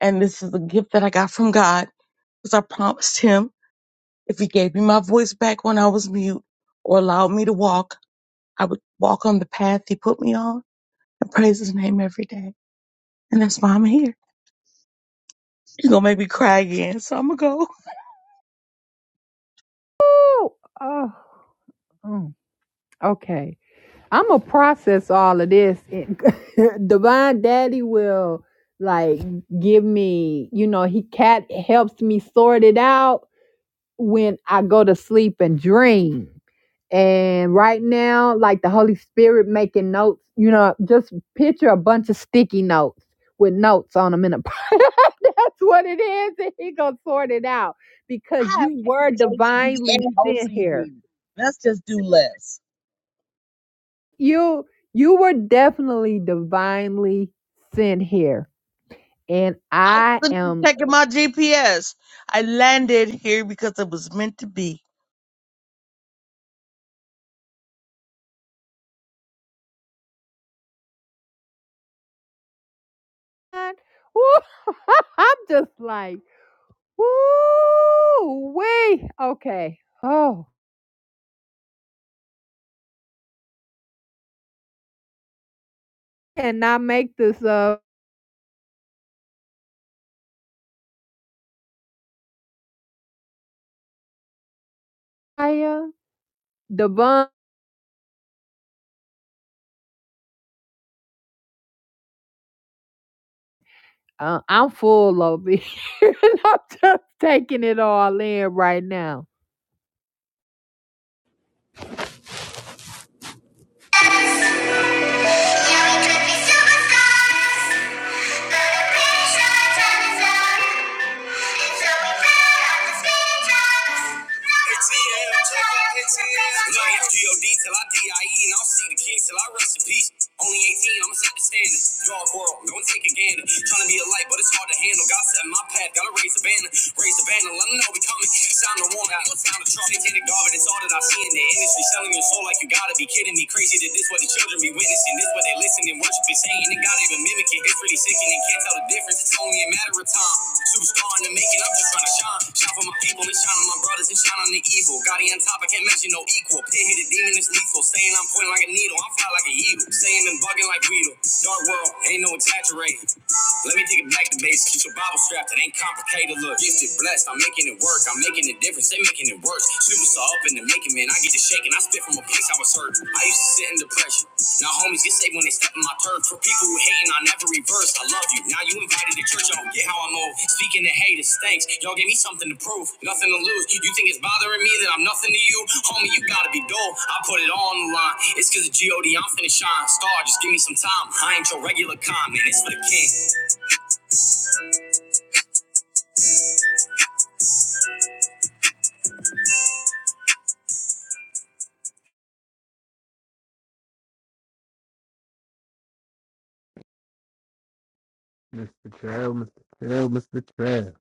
Speaker 2: And this is a gift that I got from God because I promised him if he gave me my voice back when I was mute or allowed me to walk, I would walk on the path he put me on and praise his name every day. And that's why I'm here. He's gonna make me cry again, so I'm gonna go.
Speaker 1: Oh, oh, mm, okay. I'm gonna process all of this. and Divine Daddy will like give me, you know, he cat helps me sort it out when I go to sleep and dream. And right now, like the Holy Spirit making notes, you know, just picture a bunch of sticky notes with notes on them in a that's what it is, and he gonna sort it out because
Speaker 2: I have
Speaker 1: you were
Speaker 2: ADHD
Speaker 1: divinely
Speaker 2: and
Speaker 1: sent here.
Speaker 2: OCD. Let's just do less.
Speaker 1: You you were definitely divinely sent here. And
Speaker 2: I
Speaker 1: I
Speaker 2: wasn't even
Speaker 1: am
Speaker 2: checking my GPS. I landed here because it was meant to be.
Speaker 1: Woo, I'm just like, woo wee. Okay. Oh. Cannot make this up. Aya, the bun, uh, I'm full of it. I'm just taking it all in right now.
Speaker 3: Look, It's G-O-D till I D-I-E and I'll see the king till I rest in peace. Only 18, I'ma set the standard. Dog world, don't take a gander. Tryna be a light, but it's hard to handle. God set my path, gotta raise the banner. Raise the banner, let 'em know we coming. Sound the warning out. Satanic garbage, it's all that I see in the industry. Selling your soul like you gotta be kidding me. Crazy that this what the children be witnessing. This what they listen and worship and saying. And God even mimic it. It's really sickening. Can't tell the difference. It's only a matter of time. Superstar in the making. I'm just trying to shine. Shine for my people and shine on my brothers and shine on the evil. Gotti on top. I can't mention no equal. Pit hit a demon is lethal. Saying I'm pointing like a needle. I'm fly like a eagle. Saying and bugging like Weedle. Dark world. Ain't no exaggerate. Let me take it back to basics. Get your Bible strapped. It ain't complicated. Look, gifted, blessed. I'm making it work. I'm making a difference. They making it worse. Super saw up in the making, man. I get to shaking. I spit from a place I was hurt. I used to sit in depression. Now homies get saved when they step in my turf. For people who hating, I never reverse. I love you. Now you invited to church. I don't get how I move. Speaking to haters, thanks. Y'all gave me something to prove. Nothing to lose. You think it's bothering me that I'm nothing to you? Homie, you gotta be dull. I put it all on the line. It's cause of G.O.D. I'm finna shine. Star, just give me some time. I ain't your regular con, man. It's for the king.
Speaker 4: Mr. Trail, Mr. Trail, Mr. Trail.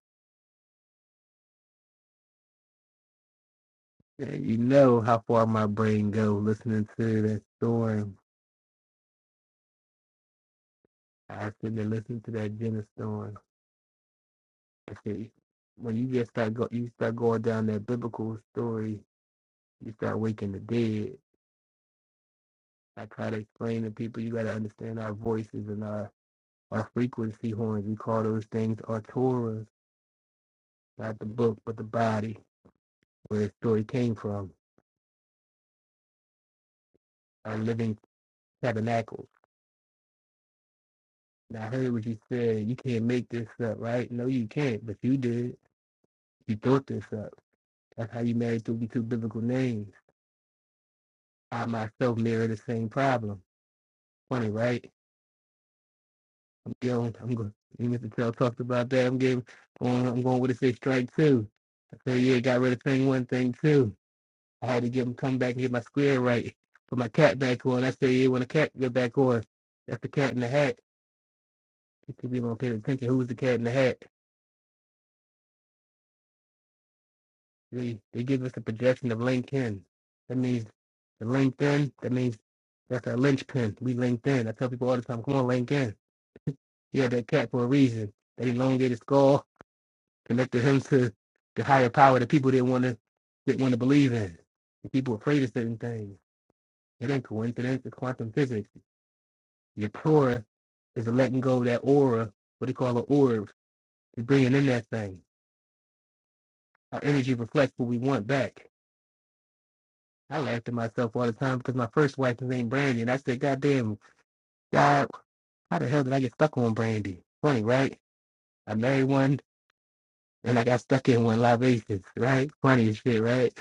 Speaker 4: And you know how far my brain goes listening to that storm. I sit there listening to that Jenna storm. I see. When you just start go, you start going down that biblical story. You start waking the dead. I try to explain to people you got to understand our voices and our our frequency horns. We call those things our Torahs, not the book, but the body where the story came from. Our living tabernacle And I heard what you said. You can't make this up, right? No, you can't, but you did. You thought this up. That's how you married through these two biblical names. I myself mirror the same problem. Funny, right? I'm going. I'm going. You Mr. Tell talked about that. I'm getting. Going, I'm going with a say strike two. I said, yeah, got rid of thing one, thing two. I had to give him come back and get my square right. Put my cat back on. I said, yeah, when the cat get back on, that's the cat in the hat. You should be going pay attention. Who's the cat in the hat? They, they give us a projection of LinkedIn. That means the LinkedIn, that means that's our linchpin. We LinkedIn. I tell people all the time, come on, LinkedIn. He had that cat for a reason. That elongated skull connected him to the higher power that people didn't want to didn't want to believe in. And people afraid of certain things. It ain't coincidence, it's quantum physics. Your prora is the letting go of that aura, what they call an orb, It's bringing in that thing. Our energy reflects what we want back. I laughed at myself all the time because my first wife was named Brandy, and I said, God damn, God, how the hell did I get stuck on Brandy? Funny, right? I married one, and I got stuck in one libations, right? Funny as shit, right?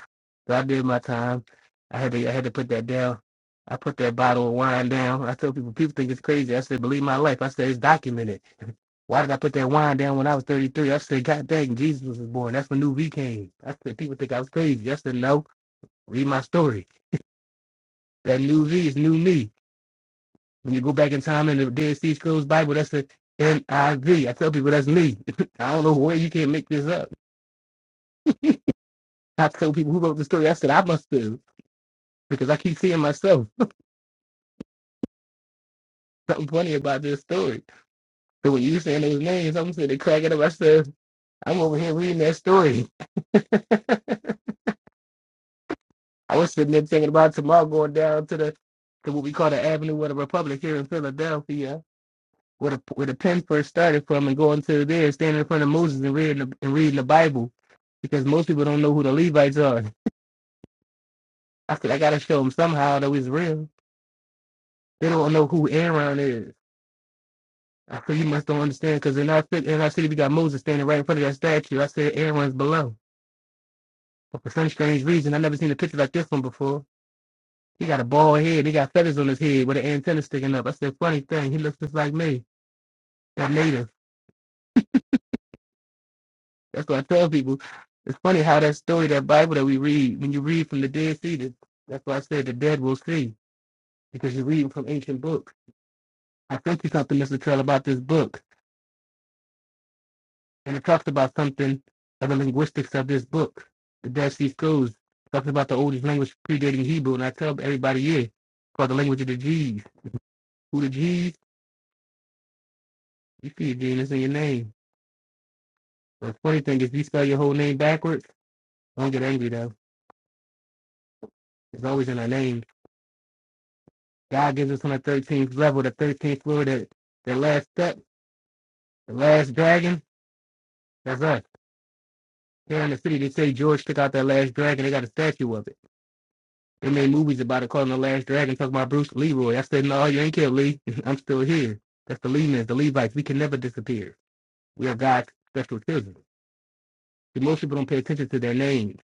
Speaker 4: So I did my time. I had to, I had to put that down. I put that bottle of wine down. I tell people, people think it's crazy. I said, believe my life. I said, it's documented. Why did I put that wine down when I was 33? I said, God dang, Jesus was born. That's when New V came. I said, people think I was crazy. I said, no, read my story. That New V is new me. When you go back in time in the Dead Sea Scrolls Bible, that's the NIV. I V. I tell people that's me. I don't know where you can't make this up. I tell people who wrote the story. I said I must have because I keep seeing myself. Something funny about this story. So when you saying those names, I'm sitting there cracking up. I said, I'm over here reading that story. I was sitting there thinking about tomorrow going down to the to what we call the Avenue of the Republic here in Philadelphia where the, where the pen first started from and going to there, standing in front of Moses and reading the, and reading the Bible, because most people don't know who the Levites are. I said I gotta show them somehow that was real. They don't know who Aaron is. I said you must don't understand because in our fit- in our city we got Moses standing right in front of that statue. I said Aaron's below. But for some strange reason, I never seen a picture like this one before. He got a bald head. He got feathers on his head with an antenna sticking up. I said funny thing. He looks just like me. That native. That's what I tell people. It's funny how that story, that Bible that we read, when you read from the Dead Sea, that- that's why I said the dead will see, because you're reading from ancient books. I sent you something, Mr. Trail, about this book, and it talks about something of the linguistics of this book, the Dead Sea Scrolls, It talks about the oldest language predating Hebrew, and I tell everybody here, it's called the language of the G's. Who the G's? You see a G, and it's in your name. The funny thing is, if you spell your whole name backwards, don't get angry, though. It's always in our name. God gives us on the 13th level, the 13th floor, the, the last step, the last dragon. That's us. Here in the city, they say George took out that last dragon. They got a statue of it. They made movies about it, calling the last dragon, talking about Bruce Leroy. I said, no, you ain't killed Lee. I'm still here. That's the Lee men, the Levites. We can never disappear. We are God's special children. See, most people don't pay attention to their names.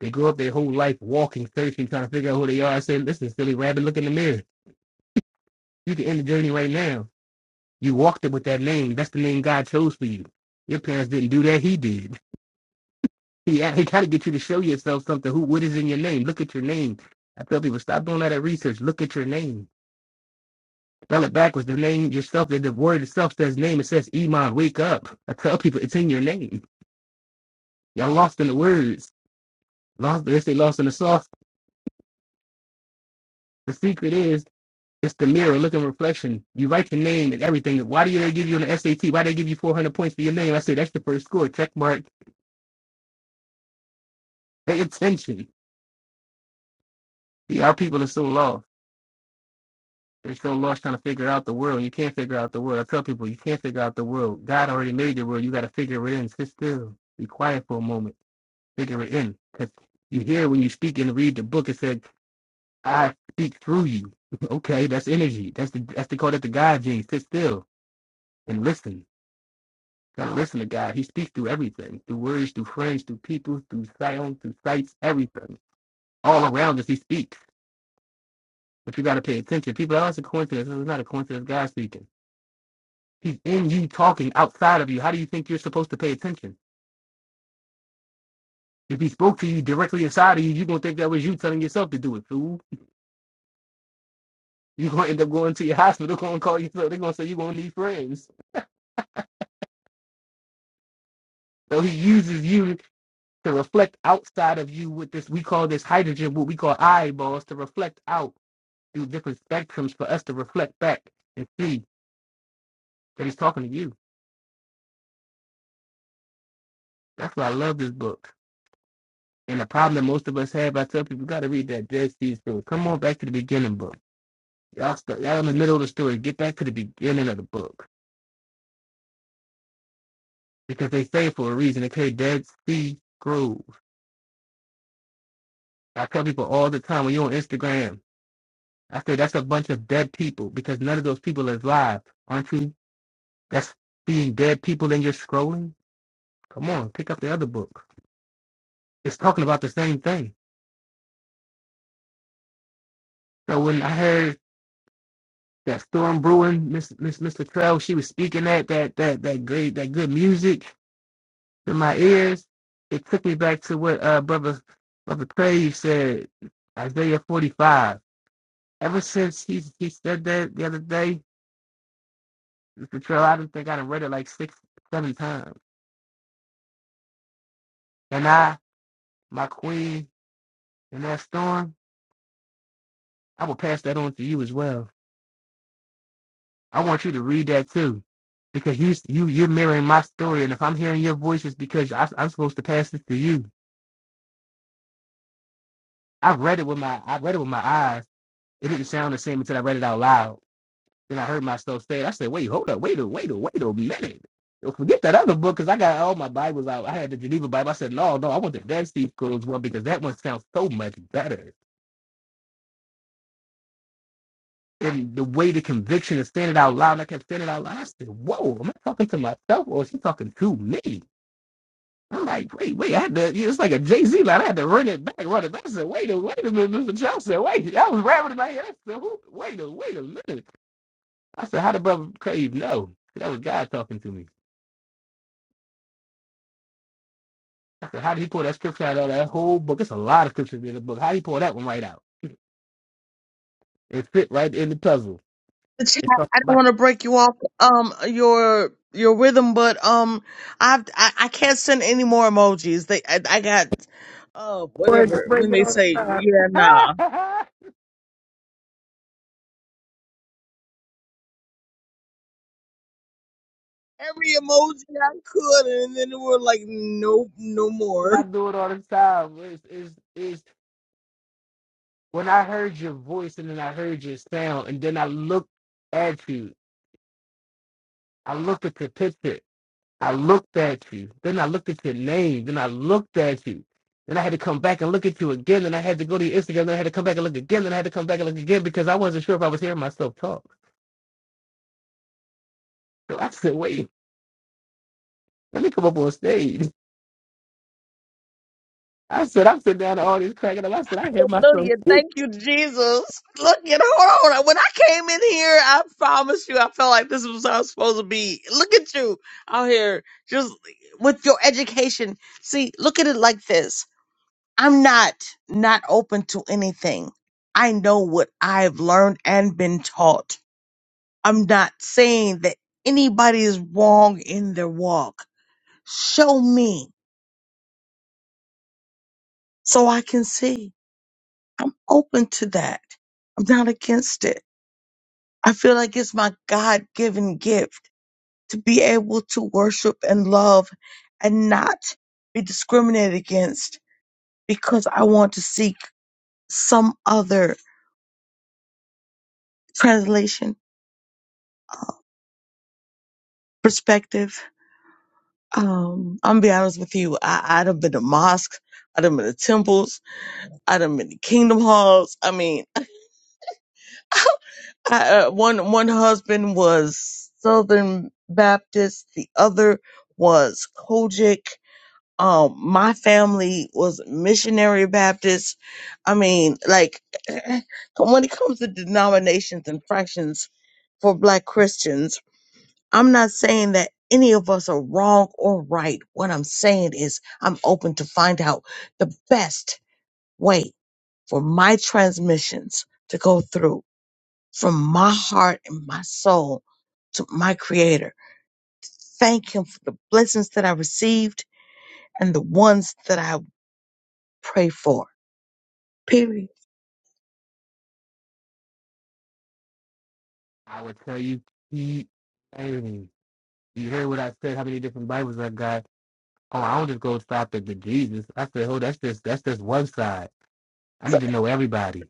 Speaker 4: They grow up their whole life walking, searching, trying to figure out who they are. I said, listen, silly rabbit, look in the mirror. You can end the journey right now. You walked it with that lane. That's the lane God chose for you. Your parents didn't do that. He did. He, he got to get you to show yourself something. Who? What is in your name? Look at your name. I tell people, stop doing all that research. Look at your name. Spell it backwards. The name yourself. The word itself says name. It says Iman. Wake up. I tell people, it's in your name. Y'all lost in the words. Lost. They say lost in the sauce. The secret is it's the mirror, look and reflection. You write your name and everything. Why do they give you an SAT? Why do they give you 400 points for your name? I say that's the first score. Check mark. Pay attention. See, our people are so lost. They're so lost trying to figure out the world. You can't figure out the world. I tell people, you can't figure out the world. God already made the world. You got to figure it in. Sit still. Be quiet for a moment. Figure it in. Because you hear when you speak and read the book, it said, I speak through you. okay, that's energy. That's the that's they call that the God gene. Sit still and listen. Gotta listen to God. He speaks through everything, through words, through friends, through people, through sound, through sights, everything. All around us, He speaks. But you gotta pay attention. People, oh, it's a coincidence. It's not a coincidence. God speaking. He's in you talking outside of you. How do you think you're supposed to pay attention? If he spoke to you directly inside of you, you're gonna think that was you telling yourself to do it, fool. You're gonna end up going to your hospital, gonna call yourself, they're gonna say you're gonna need friends. So he uses you to reflect outside of you with this we call this hydrogen, what we call eyeballs, to reflect out through different spectrums for us to reflect back and see that he's talking to you. That's why I love this book. And the problem that most of us have, I tell people, you gotta read that Dead Sea Scrolls. Come on back to the beginning book Y'all, st- y'all in the middle of the story. Get back to the beginning of the book because they say for a reason. They say Dead Sea Grove. I tell people all the time when you're on Instagram, I say that's a bunch of dead people because none of those people is live, aren't you? That's being dead people and you're scrolling. Come on, pick up the other book. It's talking about the same thing. So when I heard that storm brewing, Miss Miss Mr. Trell, she was speaking that that that that great that good music. to my ears, it took me back to what uh, brother brother Crave said, Isaiah 45. Ever since he he said that the other day, Mr. Trill, I do not think I done read it like six, seven times. And I, my queen, and that storm, I will pass that on to you as well. I want you to read that too, because you you you're mirroring my story, and if I'm hearing your voice, it's because I, I'm supposed to pass it to you. I read it with my I read it with my eyes. It didn't sound the same until I read it out loud Then I heard myself say, it. I said, wait, hold up, wait a wait a wait a minute. Yo, Forget that other book because I got all my Bibles out. I had the Geneva Bible. I said, no, no, I want the Dead Steve Cool's one because that one sounds so much better. And the way the conviction is standing out loud, and I kept saying it out loud. I said, whoa, am I talking to myself or is he talking to me? I'm like, wait, wait, I had to, yeah, it's like a Jay Z line. I had to run it back, run it back. I said, wait a wait a minute, Mr. Johnson. Wait, I was rapping in my head. I said, who, wait a wait a minute. I said, how did brother Crave know? That was God talking to me. So how did he pull that scripture out of that whole book? It's a lot of scriptures in the book. How did he pull that one right out? It fit right in the puzzle.
Speaker 2: The chat,
Speaker 4: It's talking
Speaker 2: I don't
Speaker 4: about
Speaker 2: want to break you off um your your rhythm, but um I've, I I can't send any more emojis. They I, I got uh
Speaker 4: Lord, you
Speaker 2: whatever when
Speaker 4: bring it
Speaker 2: they
Speaker 4: all the
Speaker 2: say
Speaker 4: time.
Speaker 2: yeah nah every emoji I could and then they were like nope no
Speaker 4: and
Speaker 2: more.
Speaker 4: I do it all the time. Is is it's when I heard your voice and then I heard your sound and then I looked at you. I looked at your picture. I looked at you. Then I looked at your name. Then I looked at you. Then I had to come back and look at you again. Then I had to go to your Instagram. Then I had to come back and look again. Then I had to come back and look again because I wasn't sure if I was hearing myself talk. So I said, wait, let me come up on stage. I said, I'm sitting down the audience cracking up. I said, I hear myself
Speaker 2: Hallelujah.
Speaker 4: speak.
Speaker 2: Thank you, Jesus. Look at hold on. When I came in here, I promised you I felt like this was how I was supposed to be. Look at you out here just with your education. See, look at it like this. I'm not not open to anything. I know what I've learned and been taught. I'm not saying that anybody is wrong in their walk. Show me so I can see. I'm open to that. I'm not against it I feel like it's my God given gift to be able to worship and love and not be discriminated against because I want to seek some other translation perspective. Um, I'm gonna be honest with you. I, i done been to mosques. i done been to temples. i done been to kingdom halls. I mean, I, uh, one one husband was Southern Baptist, the other was Kojic. Um, my family was missionary Baptist. I mean, like, when it comes to denominations and fractions for black Christians, I'm not saying that any of us are wrong or right. What I'm saying is I'm open to find out the best way for my transmissions to go through from my heart and my soul to my creator. Thank him for the blessings that I received and the ones that I pray for. Period.
Speaker 4: I would tell you, keep saying, you hear what I said, how many different Bibles I got. Oh, I don't just go stop at the Jesus. I said, oh, that's just that's just one side. I
Speaker 2: So,
Speaker 4: need to know everybody.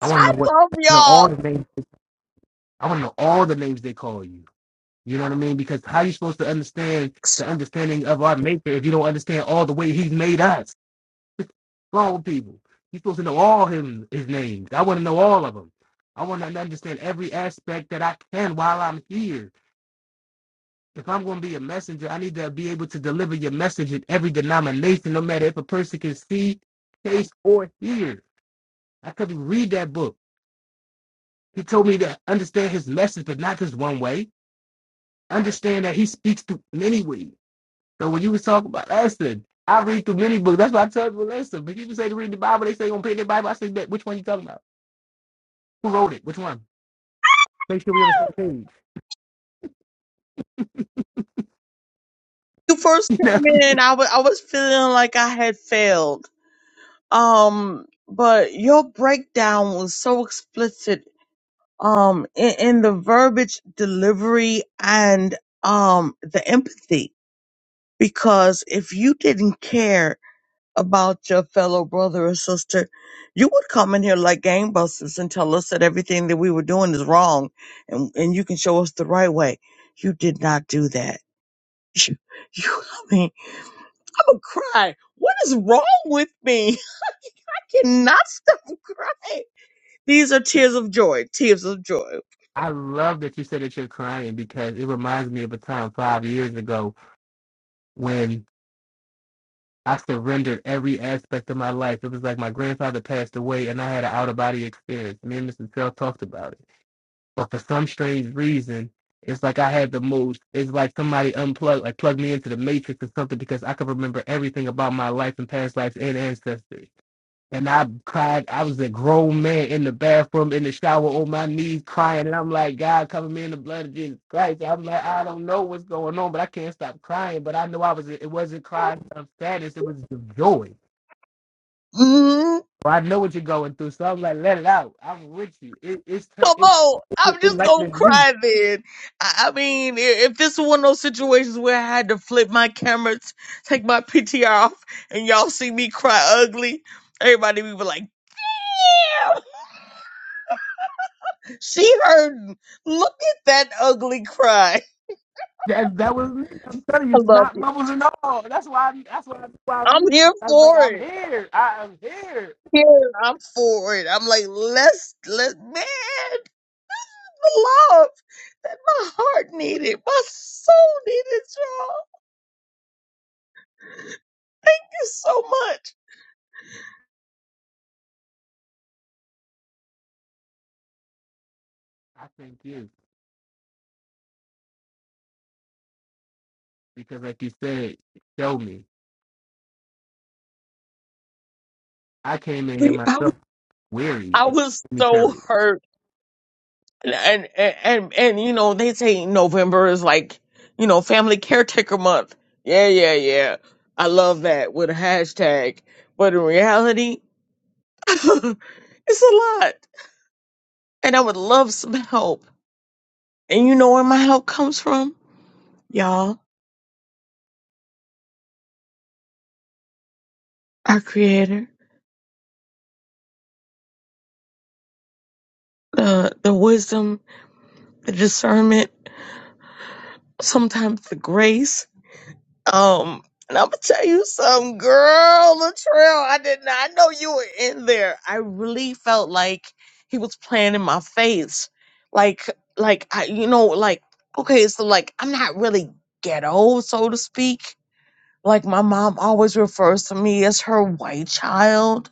Speaker 4: I want
Speaker 2: I
Speaker 4: to know what
Speaker 2: love
Speaker 4: know all
Speaker 2: y'all.
Speaker 4: the names. I want to know all the names they call you. You know what I mean? Because how you supposed to understand the understanding of our Maker if you don't understand all the way He's made us? grown people. You're supposed to know all him his names. I want to know all of them. I want to understand every aspect that I can while I'm here. If I'm going to be a messenger, I need to be able to deliver your message in every denomination, no matter if a person can see, taste, or hear. I couldn't read that book. He told me to understand his message, but not just one way. Understand that he speaks through many ways. So when you was talking about Esther, I read through many books. That's why I tell you, listen, but people say to read the Bible, they say gonna pay their Bible. I say, which one you talking about? Who wrote it? Which one? Make sure we on the same page.
Speaker 2: you first
Speaker 4: You know, what
Speaker 2: came
Speaker 4: I mean?
Speaker 2: in, I was I was feeling like I had failed. Um, but your breakdown was so explicit. Um, in, in the verbiage delivery and um the empathy, because if you didn't care about your fellow brother or sister, you would come in here like gangbusters and tell us that everything that we were doing is wrong, and and you can show us the right way. You did not do that You, you I mean, I'm gonna cry. What is wrong with me? I cannot stop crying. These are tears of joy, tears of joy.
Speaker 4: I love that you said that you're crying because it reminds me of a time five years ago when I surrendered every aspect of my life. It was like my grandfather passed away and I had an out of body experience. Me and Mrs. Bell talked about it. But for some strange reason, it's like I had the most. It's like somebody unplugged, like plugged me into the matrix or something, because I could remember everything about my life and past lives and ancestry. And I cried. I was a grown man in the bathroom, in the shower, on my knees, crying. And I'm like, God, cover me in the blood of Jesus Christ. I'm like, I don't know what's going on, but I can't stop crying. But I know I was. It wasn't crying of sadness. It was joy.
Speaker 2: Mm,
Speaker 4: So I know what you're going through. So I'm like, let it out. I'm with you. It, it's turn.
Speaker 2: come
Speaker 4: It,
Speaker 2: on,
Speaker 4: it,
Speaker 2: I'm just gonna
Speaker 4: me.
Speaker 2: cry then. I, I mean, i- if this is one of those situations where I had to flip my camera, t- take my PTR off, and y'all see me cry ugly, everybody would be like, "Damn, she heard. Look at that ugly cry."
Speaker 4: That that was me. I'm telling you,
Speaker 2: I
Speaker 4: it's
Speaker 2: love
Speaker 4: not
Speaker 2: you.
Speaker 4: bubbles and all. That's why. I, that's why. That's why I
Speaker 2: I'm
Speaker 4: read.
Speaker 2: here
Speaker 4: I was like,
Speaker 2: for
Speaker 4: I'm
Speaker 2: it.
Speaker 4: here. I am here.
Speaker 2: Yeah, I'm for it. I'm like, let's let man, the love that my heart needed, my soul needed, y'all. It's so much.
Speaker 4: I thank you because, like you said, show me. I came in here
Speaker 2: Like, I was,
Speaker 4: myself weary. It
Speaker 2: I
Speaker 4: gave
Speaker 2: was
Speaker 4: me
Speaker 2: so
Speaker 4: courage.
Speaker 2: hurt, and and and and, and, you know they say November is like you know family caretaker month. Yeah, yeah, yeah. I love that with a hashtag, but in reality, it's a lot, and I would love some help. And you know where my help comes from, y'all. our creator the the wisdom the discernment sometimes the grace um and i'm gonna tell you something girl latrell i did not I know you were in there i really felt like he was playing in my face like like i you know like okay so like i'm not really ghetto so to speak like my mom always refers to me as her white child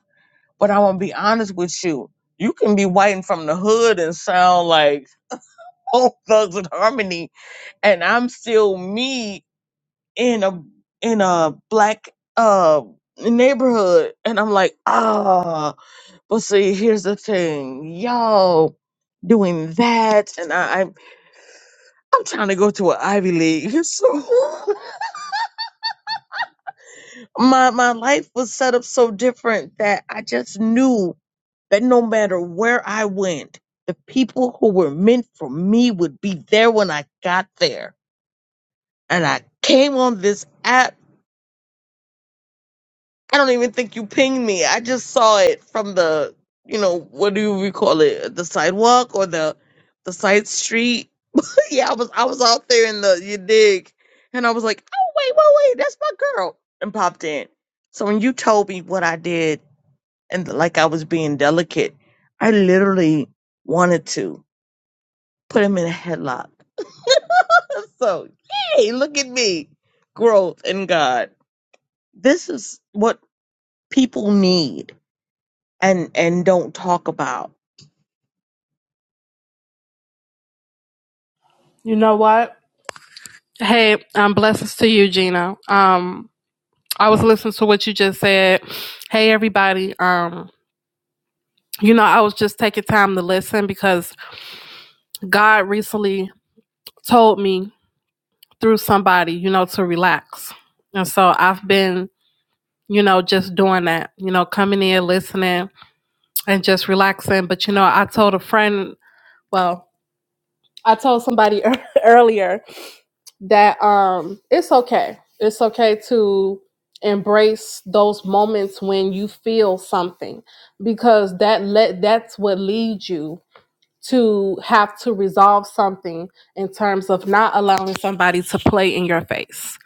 Speaker 2: but i want to be honest with you you can be white and from the hood and sound like both thugs in harmony and i'm still me in a in a black uh neighborhood and i'm like ah but see here's the thing y'all doing that and I, I i'm trying to go to an ivy league so my my life was set up so different that i just knew that no matter where i went the people who were meant for me would be there when i got there and I came on this app I don't even think you pinged me. I just saw it from the, you know, what do we call it? The sidewalk or the the side street? yeah, I was I was out there in the you dig, and I was like, oh wait, wait, wait, that's my girl, and popped in. So when you told me what I did and like I was being delicate, I literally wanted to put him in a headlock. so yay, look at me, growth in God. This is what people need and and don't talk about.
Speaker 5: You know what? Hey, um, blessings to you, Gina. Um, I was listening to what you just said. Hey, everybody. Um, you know, I was just taking time to listen because God recently told me through somebody, you know, to relax. And so I've been, you know, just doing that, you know, coming in, listening, and just relaxing. But, you know, I told a friend, well, I told somebody earlier that um it's okay. It's okay to embrace those moments when you feel something because that let that's what leads you to have to resolve something in terms of not allowing somebody to play in your face.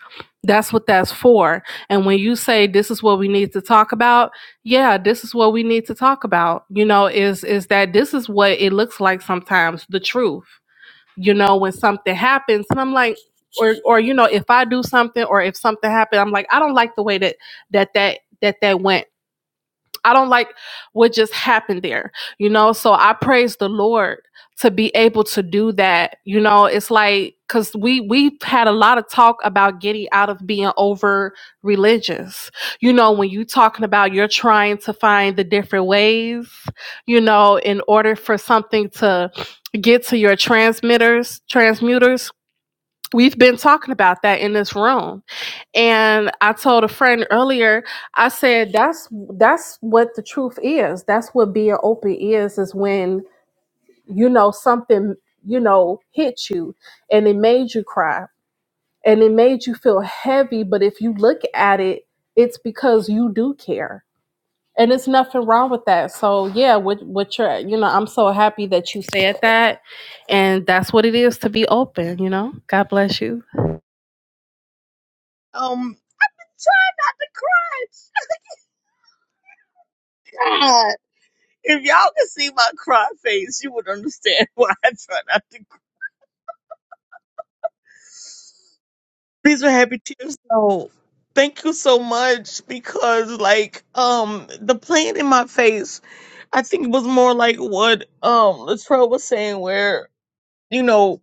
Speaker 5: That's what that's for. And when you say this is what we need to talk about, yeah, this is what we need to talk about. You know, is is that this is what it looks like sometimes, the truth you know, when something happens. And I'm like, or or you know, if I do something or if something happened, I'm like, I don't like the way that that that that that went I don't like what just happened there, you know? So I praise the Lord to be able to do that. You know, it's like cuz we we've had a lot of talk about getting out of being over religious. You know, when you talking about you're trying to find the different ways, you know, in order for something to get to your transmitters, transmuters. We've been talking about that in this room and I told a friend earlier, I said that's that's what the truth is. That's what being open is is when you know something, you know, hit you and it made you cry and it made you feel heavy, but if you look at it, it's because you do care and it's nothing wrong with that. So yeah, what what you're you know, I'm so happy that you said that, and that's what it is to be open. You know, God bless you.
Speaker 2: Um, try not to cry. God, if y'all could see my cry face, you would understand why I try not to. Cry. These are happy tears. So thank you so much because like um the pain in my face, I think it was more like what um Latrell was saying where. you know,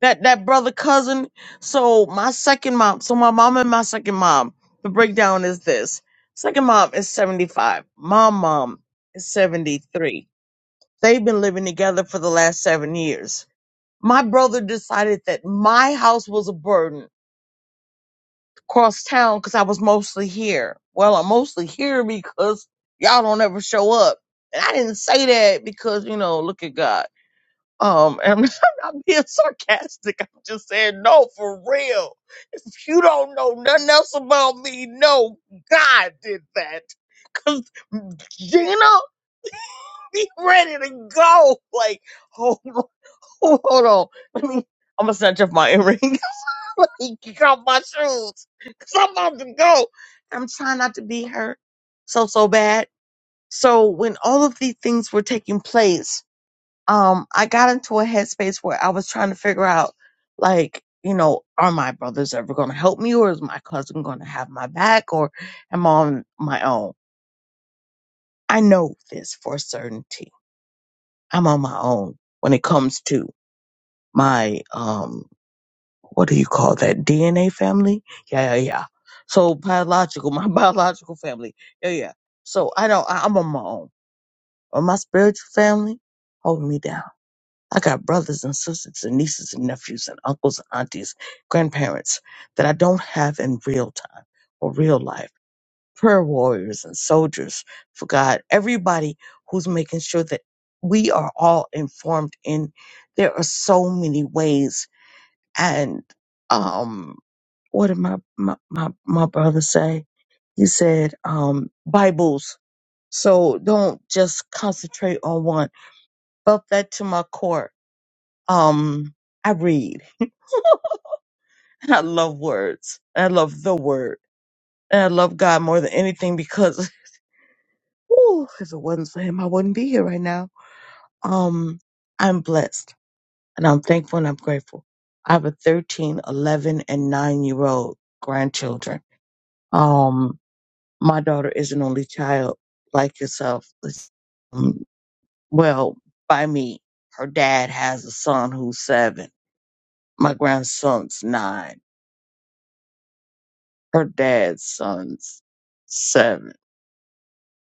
Speaker 2: that that brother cousin. So my second mom, so my mom and my second mom, the breakdown is this. Second mom is 75. My mom is 73. They've been living together for the last 7 years. My brother decided that my house was a burden across town cuz I was mostly here. Well, I'm mostly here because y'all don't ever show up. And I didn't say that because, you know, look at God. Um, and I'm I'm not being sarcastic. I'm just saying, no, for real. If you don't know nothing else about me, no, God did that. Cause Gina, be ready to go. Like, hold on, hold on. Let me. I'm gonna snatch up my earring. like, got my shoes. Cause I'm about to go. I'm trying not to be hurt so so bad. So when all of these things were taking place um I got into a headspace where I was trying to figure out like, you know, are my brothers ever gonna help me or is my cousin gonna have my back or am I on my own? I know this for certainty. I'm on my own when it comes to my um what do you call that? DNA family? Yeah, yeah, yeah. So biological, my biological family. Yeah, yeah. So I don't I, I'm on my own. But my spiritual family holding me down I got brothers and sisters and nieces and nephews and uncles and aunties, grandparents that I don't have in real time or real life. Prayer warriors and soldiers for God. Everybody who's making sure that we are all informed in there are so many ways. And um what did my my my, my brother say? He said, um, Bibles. So don't just concentrate on one. Felt that to my core um, I read. I love words. I love the word. And I love God more than anything because whew, if it wasn't for him, I wouldn't be here right now. Um, I'm blessed and I'm thankful and I'm grateful. I have a 13, 11, and 9 year old grandchildren. Um, my daughter is an only child like yourself. It's, um, well, by me, her dad has a son who's seven. My grandson's nine her dad's son's seven.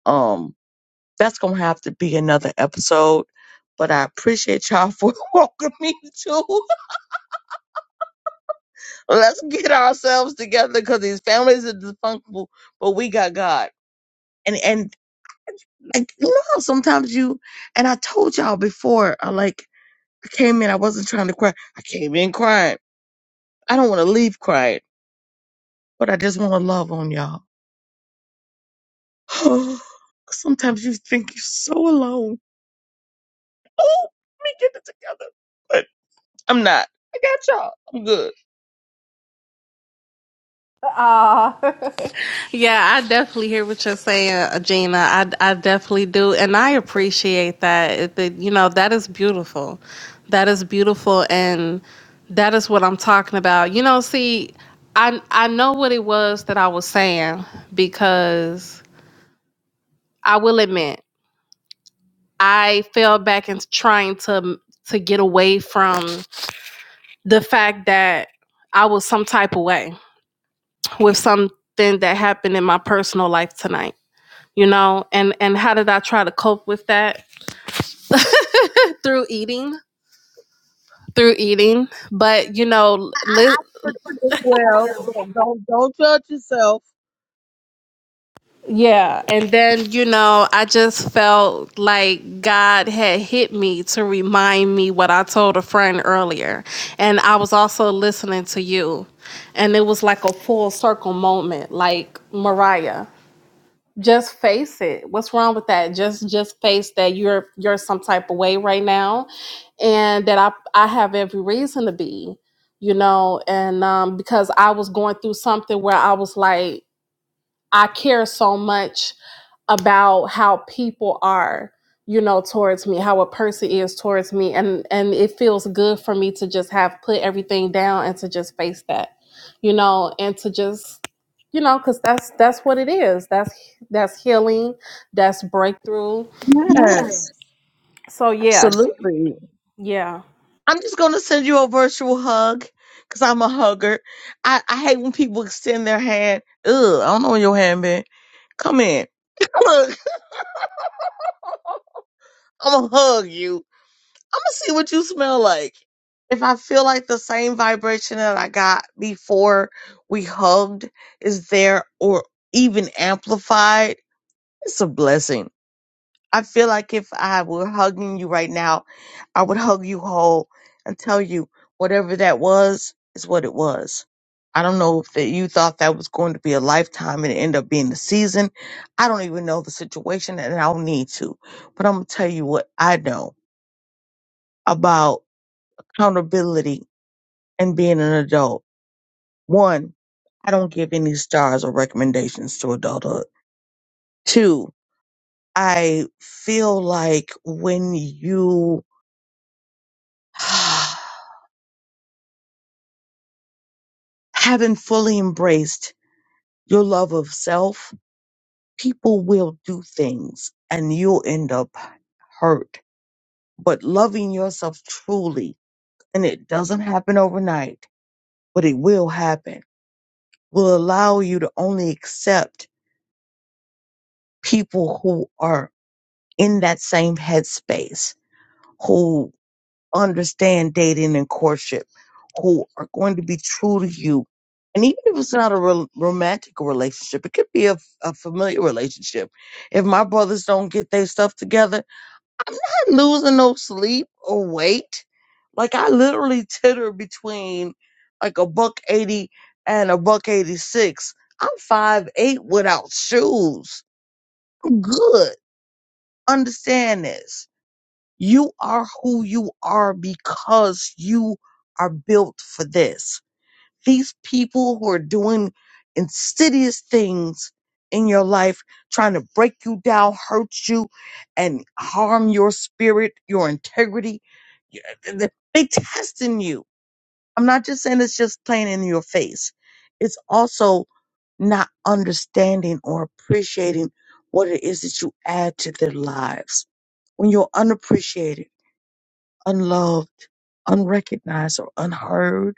Speaker 2: Um, that's gonna have to be another episode. But I appreciate y'all for welcoming me too. Let's get ourselves together because these families are dysfunctional, but we got God. And and like you know how sometimes you and I told y'all before, I like I came in, I wasn't trying to cry. I came in crying. I don't want to leave crying, but I just want to love on y'all. Sometimes you think you're so alone Oh, let me get it together. But I'm not. I got y'all. I'm good.
Speaker 5: Ah. Yeah, I definitely hear what you're saying, uh, Gina. I, I definitely do. And I appreciate that. It- that, You know, that is beautiful. That is beautiful. And that is what I'm talking about. You know, see, I, I know what it was that I was saying because I will admit, I fell back into trying to to get away from the fact that I was some type of way with something that happened in my personal life tonight you know and and how did i try to cope with that through eating through eating but you know li-
Speaker 2: Well, don't don't don't judge yourself.
Speaker 5: yeah and then you know i just felt like god had hit me to remind me what i told a friend earlier and i was also listening to you and it was like a full circle moment like mariah just face it what's wrong with that just just face that you're you're some type of way right now and that i i have every reason to be you know and um because i was going through something where i was like I care so much about how people are, you know, towards me, how a person is towards me. And and it feels good for me to just have put everything down and to just face that, you know, and to just you know because that's that's what it is that's that's healing that's breakthrough
Speaker 2: Yes,
Speaker 5: so yeah
Speaker 2: absolutely.
Speaker 5: yeah
Speaker 2: I'm just gonna send you a virtual hug because I'm a hugger. I, I hate when people extend their hand. Ugh, I don't know where your hand been. Come in. Look, I'm gonna hug you. I'm gonna see what you smell like. If I feel like the same vibration that I got before we hugged is there or even amplified, it's a blessing. I feel like if I were hugging you right now, I would hug you whole and tell you whatever that was is what it was. I don't know if that you thought that was going to be a lifetime and it ended up being a season. I don't even know the situation and I don't need to. But I'm gonna tell you what I know about accountability and being an adult. One, I don't give any stars or recommendations to adulthood. Two, I feel like when you haven't fully embraced your love of self, people will do things and you'll end up hurt. But loving yourself truly, and it doesn't happen overnight, but it will happen, will allow you to only accept people who are in that same headspace who understand dating and courtship, who are going to be true to you. And even if it's not a rel- romantic relationship, it could be a, a familiar relationship. If my brothers don't get their stuff together, I'm not losing no sleep or weight. Like I literally titter between like a buck 80 and a buck 86. I'm five eight without shoes. I'm good. Understand this. You are who you are because you are built for this. These people who are doing insidious things in your life, trying to break you down, hurt you, and harm your spirit, your integrity, y- th- they testing you. I'm not just saying it's just plain in your face. It's also not understanding or appreciating what it is that you add to their lives when you're unappreciated unloved, unrecognized, or unheard.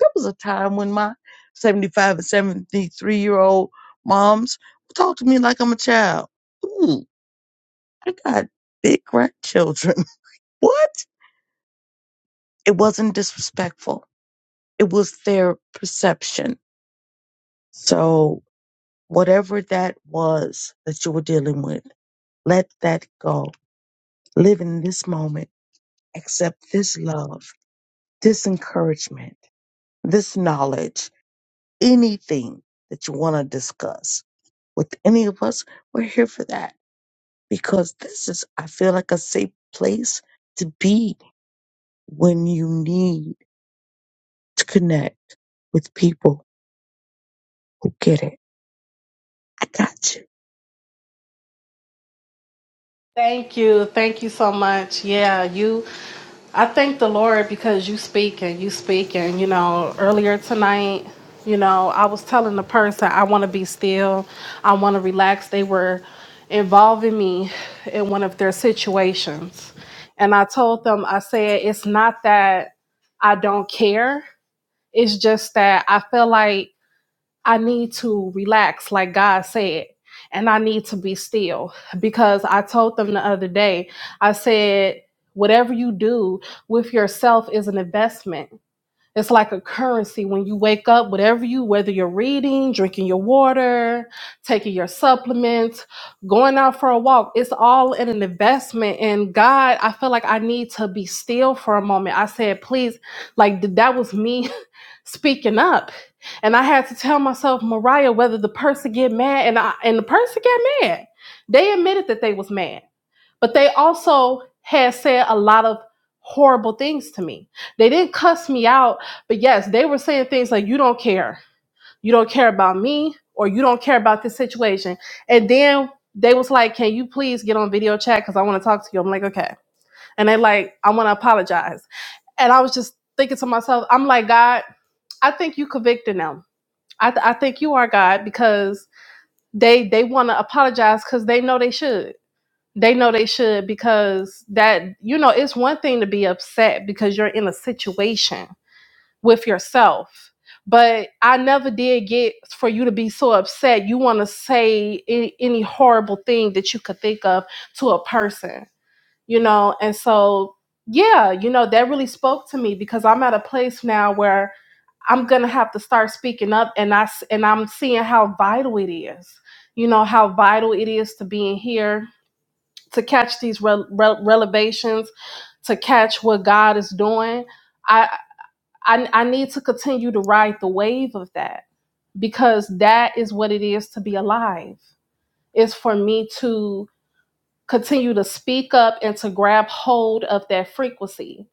Speaker 2: There was a time when my 75 and 73 year old moms talked to me like I'm a child. Ooh, I got big grandchildren. what? It wasn't disrespectful, it was their perception. So, whatever that was that you were dealing with, let that go. Live in this moment, accept this love, this encouragement, this knowledge anything that you want to discuss with any of us, we're here for that because this is, I feel like, a safe place to be when you need to connect with people who get it. I got you.
Speaker 5: Thank you. Thank you so much. Yeah, you I thank the Lord because you speak and you speak and you know, earlier tonight, you know, I was telling the person I want to be still. I want to relax. They were involving me in one of their situations. And I told them I said it's not that I don't care. It's just that I feel like I need to relax, like God said, and I need to be still. Because I told them the other day, I said, whatever you do with yourself is an investment. It's like a currency when you wake up, whatever you, whether you're reading, drinking your water, taking your supplements, going out for a walk, it's all in an investment. And God, I feel like I need to be still for a moment. I said, please, like th- that was me speaking up and i had to tell myself mariah whether the person get mad and I, and the person get mad they admitted that they was mad but they also had said a lot of horrible things to me they didn't cuss me out but yes they were saying things like you don't care you don't care about me or you don't care about this situation and then they was like can you please get on video chat because i want to talk to you i'm like okay and they like i want to apologize and i was just thinking to myself i'm like god i think you convicted them I, th- I think you are God because they they want to apologize because they know they should. They know they should because that you know it's one thing to be upset because you're in a situation with yourself. But I never did get for you to be so upset. You want to say any, any horrible thing that you could think of to a person, you know. And so, yeah, you know that really spoke to me because I'm at a place now where I'm gonna have to start speaking up, and I and I'm seeing how vital it is. You know how vital it is to being here to catch these re- re- relevations, to catch what God is doing. I, I I need to continue to ride the wave of that because that is what it is to be alive. Is for me to continue to speak up and to grab hold of that frequency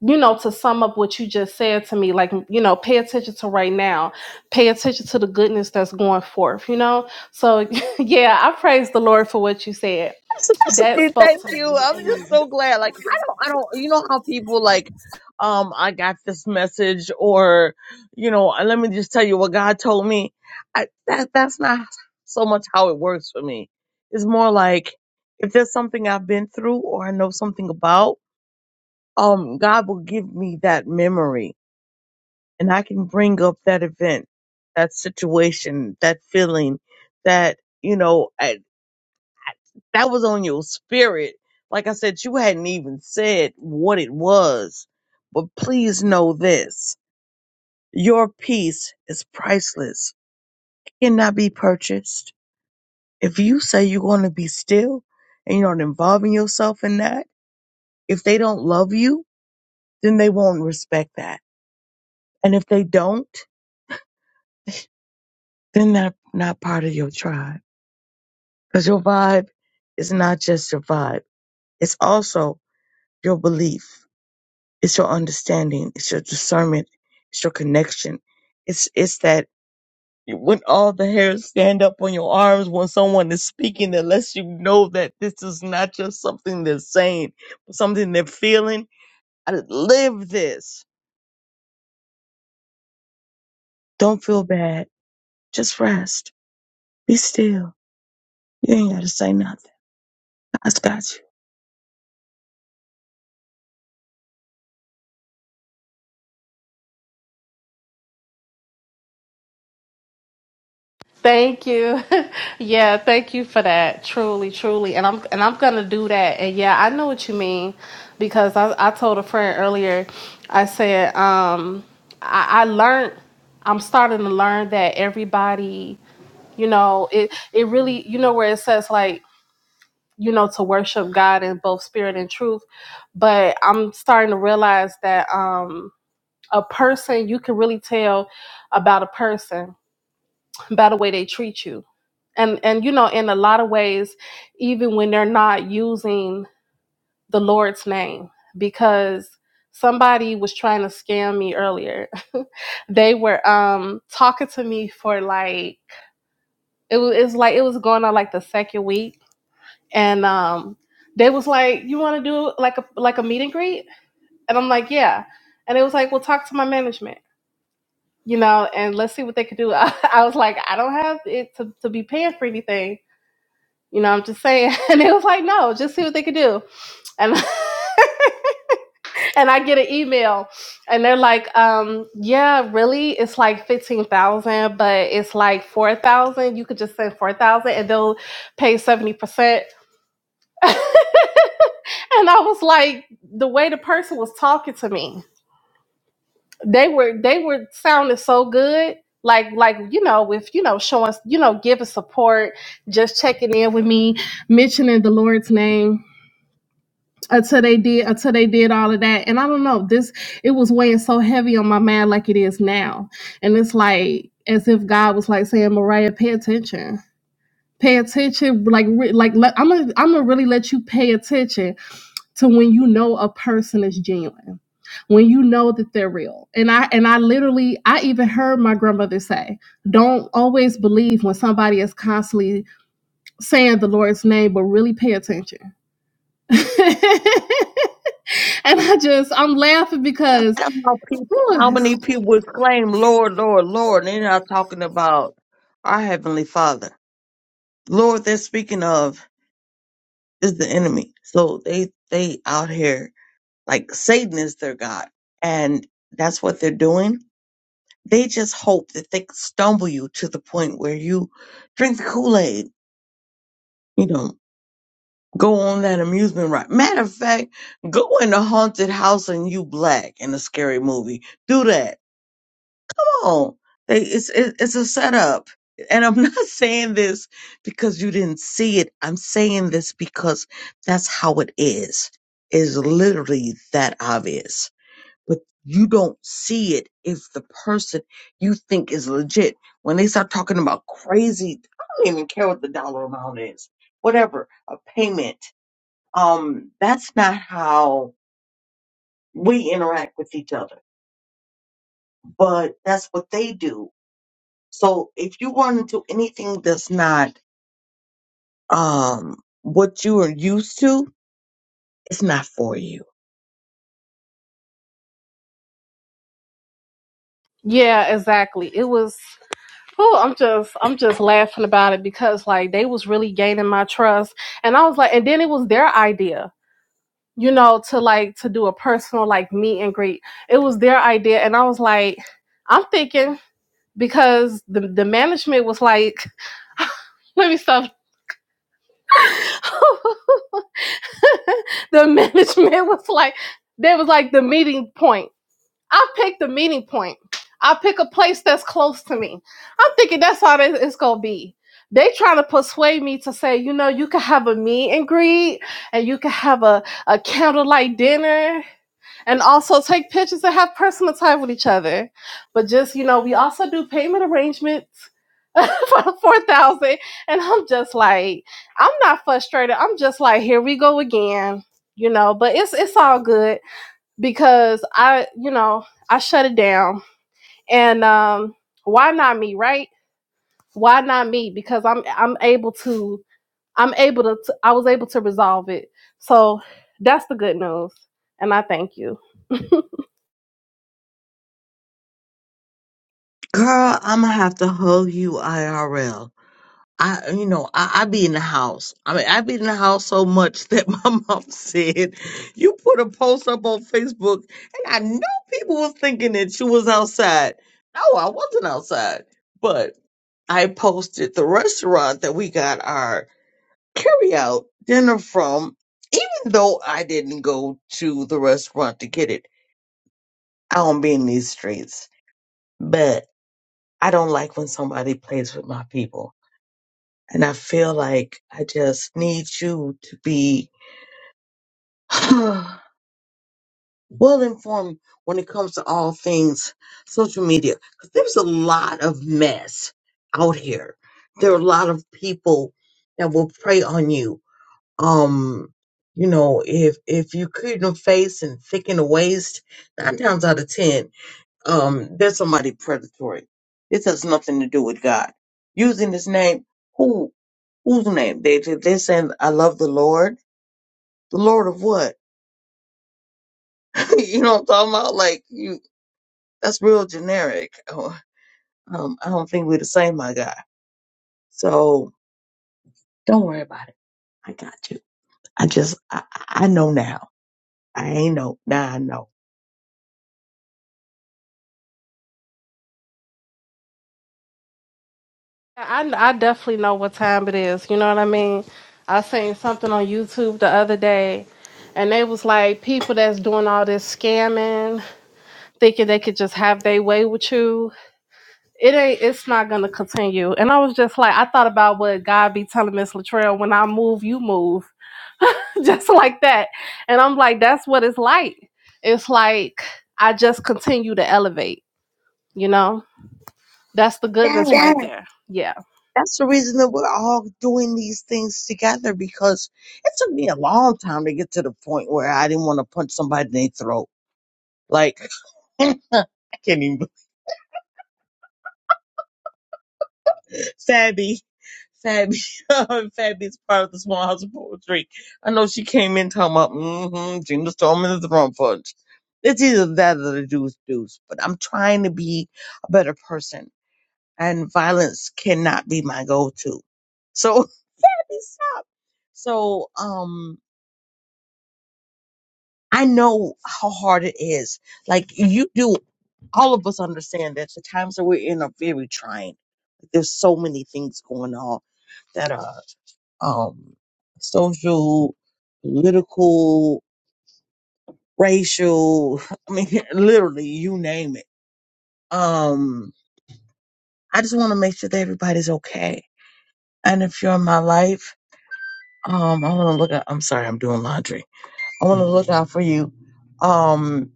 Speaker 5: you know, to sum up what you just said to me, like, you know, pay attention to right now, pay attention to the goodness that's going forth, you know? So, yeah, I praise the Lord for what you said. That
Speaker 2: Hey,
Speaker 5: spoke
Speaker 2: Thank
Speaker 5: to
Speaker 2: you.
Speaker 5: me.
Speaker 2: I'm just
Speaker 5: Amen.
Speaker 2: so glad. Like I don't I don't you know how people like um I got this message or you know, uh, let me just tell you what God told me. I that that's not so much how it works for me. It's more like if there's something I've been through or I know something about, um God will give me that memory and I can bring up that event, that situation, that feeling, that you know that was on your spirit. Like I said, you hadn't even said what it was. But please know this your peace is priceless, it cannot be purchased. If you say you're going to be still and you're not involving yourself in that, if they don't love you, then they won't respect that. And if they don't, then they're not part of your tribe. Because your vibe is not just your vibe, it's also your belief. It's your understanding. It's your discernment. It's your connection. It's it's that when all the hairs stand up on your arms when someone is speaking that lets you know that this is not just something they're saying, but something they're feeling. I live this. Don't feel bad. Just rest. Be still. You ain't gotta say nothing. God's got you.
Speaker 5: Thank you. yeah, thank you for that. Truly, truly. And I'm and I'm gonna do that. And yeah, I know what you mean because I, I told a friend earlier, I said, um, I, I learned I'm starting to learn that everybody You know, it it really you know where it says like you know to worship God in both spirit and truth, but I'm starting to realize that um a person you can really tell about a person by the way they treat you. And and you know in a lot of ways even when they're not using the Lord's name because somebody was trying to scam me earlier. they were um talking to me for like it was, it was like it was going on like the second week and um, they was like, "You want to do like a like a meet and greet?" And I'm like, "Yeah." And it was like, "Well, talk to my management, you know, and let's see what they could do." I, was like, "I don't have it to, to be paying for anything, you know." I'm just saying. And it was like, "No, just see what they could do." And and I get an email, and they're like, um, "Yeah, really? It's like fifteen thousand, but it's like four thousand. You could just send four thousand, and they'll pay seventy percent." And I was like, the way the person was talking to me, they were they were sounding so good. Like like you know, with you know, showing you know, giving support, just checking in with me, mentioning the Lord's name until they did until they did all of that. And I don't know, this it was weighing so heavy on my mind like it is now. And it's like as if God was like saying, Mariah, pay attention. Pay attention, like re- like let, I'm gonna I'm gonna really let you pay attention to when you know a person is genuine when you know that they're real and i and i literally i even heard my grandmother say don't always believe when somebody is constantly saying the lord's name but really pay attention and i just i'm laughing
Speaker 2: I don't
Speaker 5: because
Speaker 2: know how, people,
Speaker 5: ooh,
Speaker 2: how
Speaker 5: it's-
Speaker 2: many people exclaim, Lord, Lord, Lord, and they're not talking about our Heavenly Father. Lord, they're speaking of. is the enemy. So they they out here like Satan is their god, and that's what they're doing. They just hope that they can stumble you to the point where you drink the Kool Aid. You know, go on that amusement ride. Matter of fact, go in a haunted house and you black in a scary movie. Do that people. They, it's it, it's a setup. And I'm not saying this because you didn't see it. I'm saying this because that's how it is. Is literally that obvious. But you don't see it if the person you think is legit. When they start talking about crazy, I don't even care what the dollar amount is. Whatever, a payment. Um, that's not how we interact with each other. But that's what they do So if you run into anything that's not um what you are used to, it's not for you.
Speaker 5: yeah exactly it was Oh, I'm just I'm just laughing about it because like they was really gaining my trust and I was like and then it was their idea you know, to like to do a personal like meet and greet. It was their idea, and I was like, I'm thinking because the the management was like, let me stop. the management was like, there was like the meeting point. I picked the meeting point. I pick a place that's close to me. I'm thinking that's how it's gonna be. They trying to persuade me to say, you know, you can have a meet and greet, and you can have a, a candlelight dinner, and also take pictures and have personal time with each other. But just you know, we also do payment arrangements for the four thousand. dollars. And I'm just like, I'm not frustrated. I'm just like, here we go again, you know. But it's it's all good because I, you know, I shut it down. And um, why not me, right? Why not me? Because I'm I'm able to. I'm able to, t- I was able to resolve it. So that's the good news. And I thank you.
Speaker 2: Girl, I'ma have to hug you IRL. I you know, I, I be in the house. I mean I be in the house so much that my mom said you put a post up on Facebook and I know people was thinking that you was outside. No, I wasn't outside. But I posted the restaurant that we got our carry out dinner from, even though I didn't go to the restaurant to get it. I don't be in these streets, but I don't like when somebody plays with my people. And I feel like I just need you to be well informed when it comes to all things social media. Because there's a lot of mess out here. There are a lot of people that will prey on you um you know if if you couldn't face and thicken the waist nine times out of ten um there's somebody predatory this has nothing to do with god using his name who whose name they they- they're saying i love the lord the lord of what you know what i'm talking about like you that's real generic Oh, um i don't think we're the same my guy so don't worry about it i got you i just i i I know now i ain't know now i know
Speaker 5: I, I definitely know what time it is. You know what I mean? I seen something on YouTube the other day, and they was like people that's doing all this scamming, thinking they could just have their way with you. It ain't. It's not gonna continue. And I was just like, I thought about what God be telling Miss Latrell: when I move, you move, just like that. And I'm like, that's what it's like. It's like I just continue to elevate. You know, that's the goodness right there. Yeah.
Speaker 2: That's the reason that we're all doing these things together because it took me a long time to get to the point where I didn't want to punch somebody in their throat. Like, I can't even. Fabby, Fabby, Fabby's part of the Small House of Poetry. I know she came in talking about, mm-hmm, Gina Storm in the throat punch. It's either that or the deuce deuce, but I'm trying to be a better person, and violence cannot be my go-to. So, stop. So, um, I know how hard it is. Like you do, all of us understand that the times that we're in are very trying. There's so many things going on that are um, social, political, racial. I mean, literally, you name it. Um, I just want to make sure that everybody's okay. And if you're in my life, um, I want to look out. I'm sorry, I'm doing laundry. I want to look out for you. Um,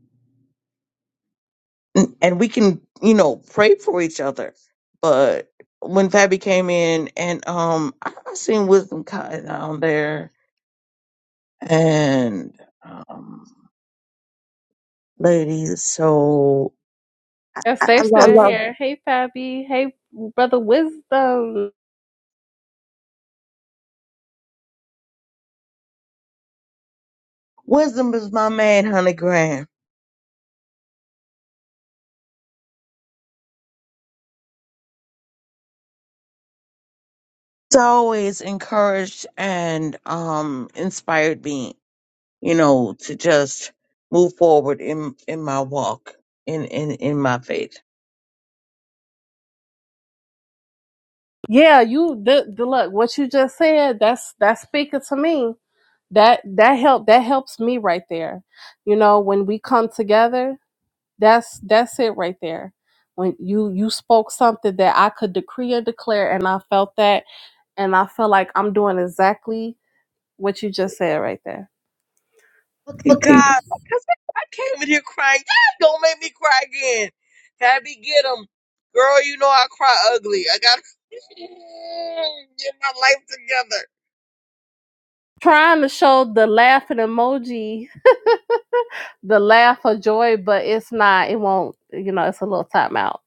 Speaker 2: N- and we can you know pray for each other but when Fabi came in and um I I seen Wisdom Cotton down there and um ladies so I,
Speaker 5: Yes, they're
Speaker 2: I
Speaker 5: I
Speaker 2: love
Speaker 5: still love here. Hey, Fabi. Hey, brother Wisdom.
Speaker 2: Wisdom is my man honey Graham. It's always encouraged and um inspired me you know, to just move forward in in my walk in in in my faith.
Speaker 5: Yeah, you the, the look. What you just said that's that's speaking to me. That that help that helps me right there. You know, when we come together, that's that's it right there. When you you spoke something that I could decree or declare, and I felt that, and I feel like I'm doing exactly what you just said right there.
Speaker 2: Look at God, because I I came in here crying. God, don't make me cry again. Tabby, get him, girl. You know I cry ugly. I got to get my life together.
Speaker 5: Trying to show the laughing emoji the laugh of joy, but it's not. It won't. You know, it's a little timeout.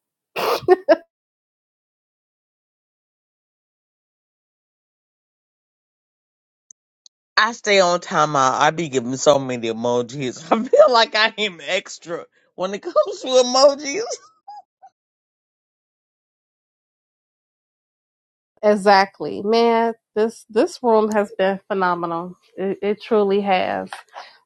Speaker 2: I stay on timeout. I be giving so many emojis. I feel like I am extra when it comes to emojis.
Speaker 5: Exactly, man. This this room has been phenomenal. It, it truly has.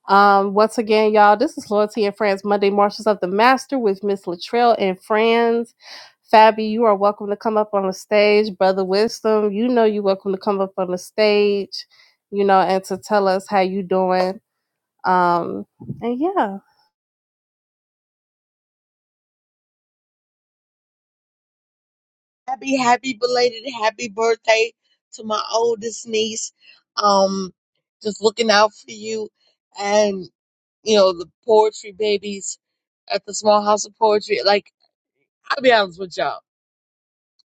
Speaker 5: Um, once again, y'all, this is Loyalty and Friends Monday Marches of the Master with Miss Latrell and Friends. Fabi, you are welcome to come up on the stage. Brother Wisdom, you know you're welcome to come up on the stage, you know, and to tell us how you doing. Um, and yeah.
Speaker 2: Happy, happy belated happy birthday to my oldest niece. Um, just looking out for you, and you know the poetry babies at the small house of poetry. Like I'll be honest with y'all,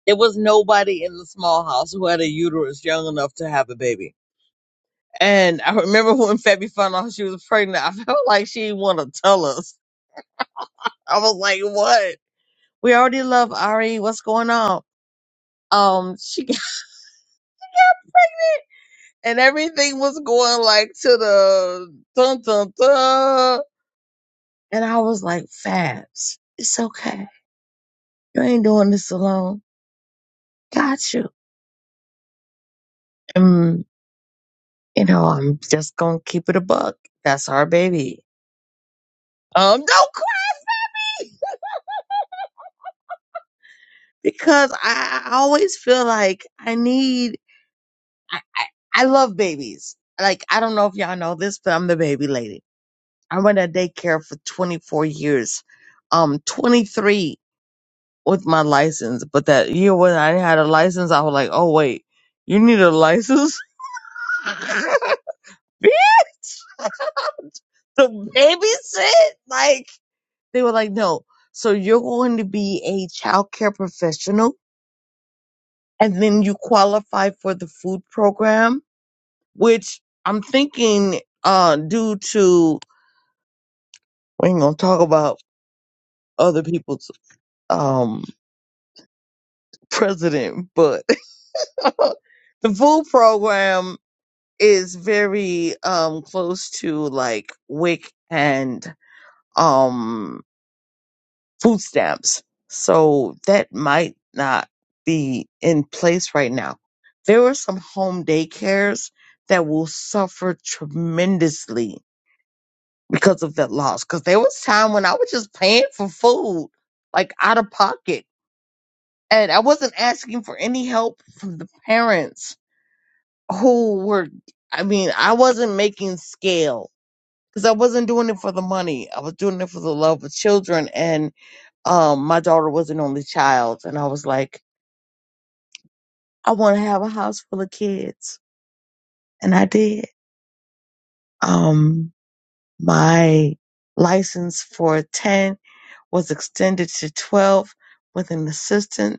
Speaker 2: there was nobody in the small house who had a uterus young enough to have a baby. And I remember when Febby found out she was pregnant, I felt like she didn't want to tell us. I was like, what? We already love Ari. What's going on? Um, she got it, and everything was going like to the dun dun dun, and I was like, Fabs, it's okay. You ain't doing this alone. Got you. And you know, I'm just gonna keep it a buck. That's our baby. Um, don't quit because I, I always feel like I need. I, I I love babies. Like I don't know if y'all know this, but I'm the baby lady I ran a daycare for 24 years, um, 23 with my license. But that year when I had a license, I was like, oh, wait, you need a license? Bitch, to babysit? Like, they were like, no. So you're going to be a childcare professional and then you qualify for the food program, which I'm thinking, uh, due to, we ain't going to talk about other people's, um, president, but the food program is very um close to like WIC and um food stamps. So that might not be in place right now. There are some home daycares that will suffer tremendously because of that loss. Cause there was time when I was just paying for food, like out of pocket. And I wasn't asking for any help from the parents who were I mean, I wasn't making scale because I wasn't doing it for the money. I was doing it for the love of children and um my daughter was an only child and I was like, I want to have a house full of kids. And I did. Um my license for 10 was extended to 12 with an assistant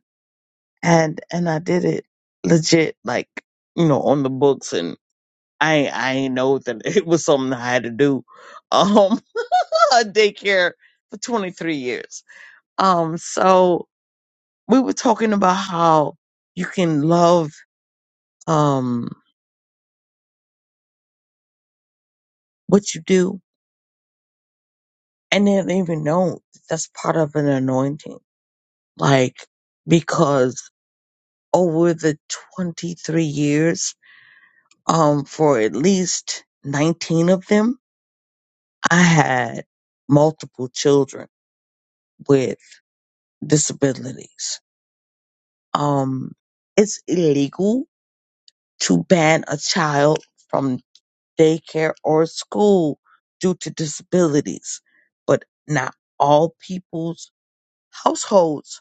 Speaker 2: and and I did it legit like, you know, on the books and I I ain't know that it was something I had to do. Um a daycare for 23 years. Um, so we were talking about how you can love um what you do and then even know that that's part of an anointing. Like because over the 23 years, um, for at least 19 of them, I had multiple children with disabilities. Um, it's illegal to ban a child from daycare, or school due to disabilities, but not all people's households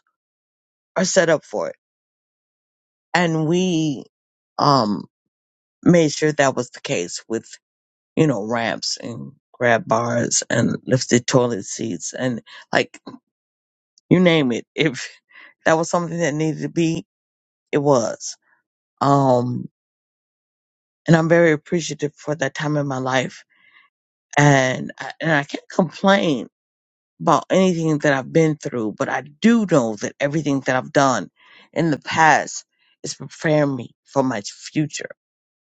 Speaker 2: are set up for it. And we um, made sure that was the case with, you know, ramps and grab bars and lifted toilet seats and like you name it. If that was something that needed to be, it was. Um, and I'm very appreciative for that time in my life. And I, and I can't complain about anything that I've been through, but I do know that everything that I've done in the past is preparing me for my future.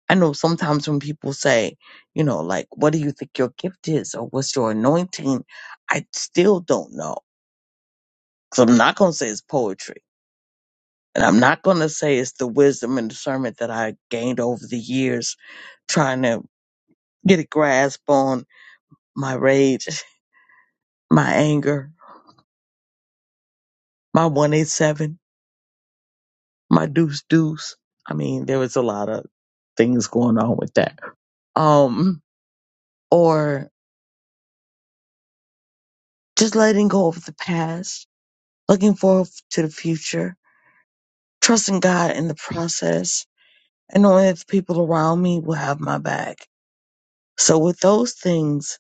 Speaker 2: I know sometimes when people say, you know, like, what do you think your gift is or what's your anointing? I still don't know. So I'm not going to say it's poetry. And I'm not going to say it's the wisdom and discernment that I gained over the years trying to get a grasp on my rage, my anger, my 187 my deuce deuce. I mean, there was a lot of things going on with that. Um, or just letting go of the past, looking forward to the future, trusting God in the process, and knowing that the people around me will have my back. So with those things,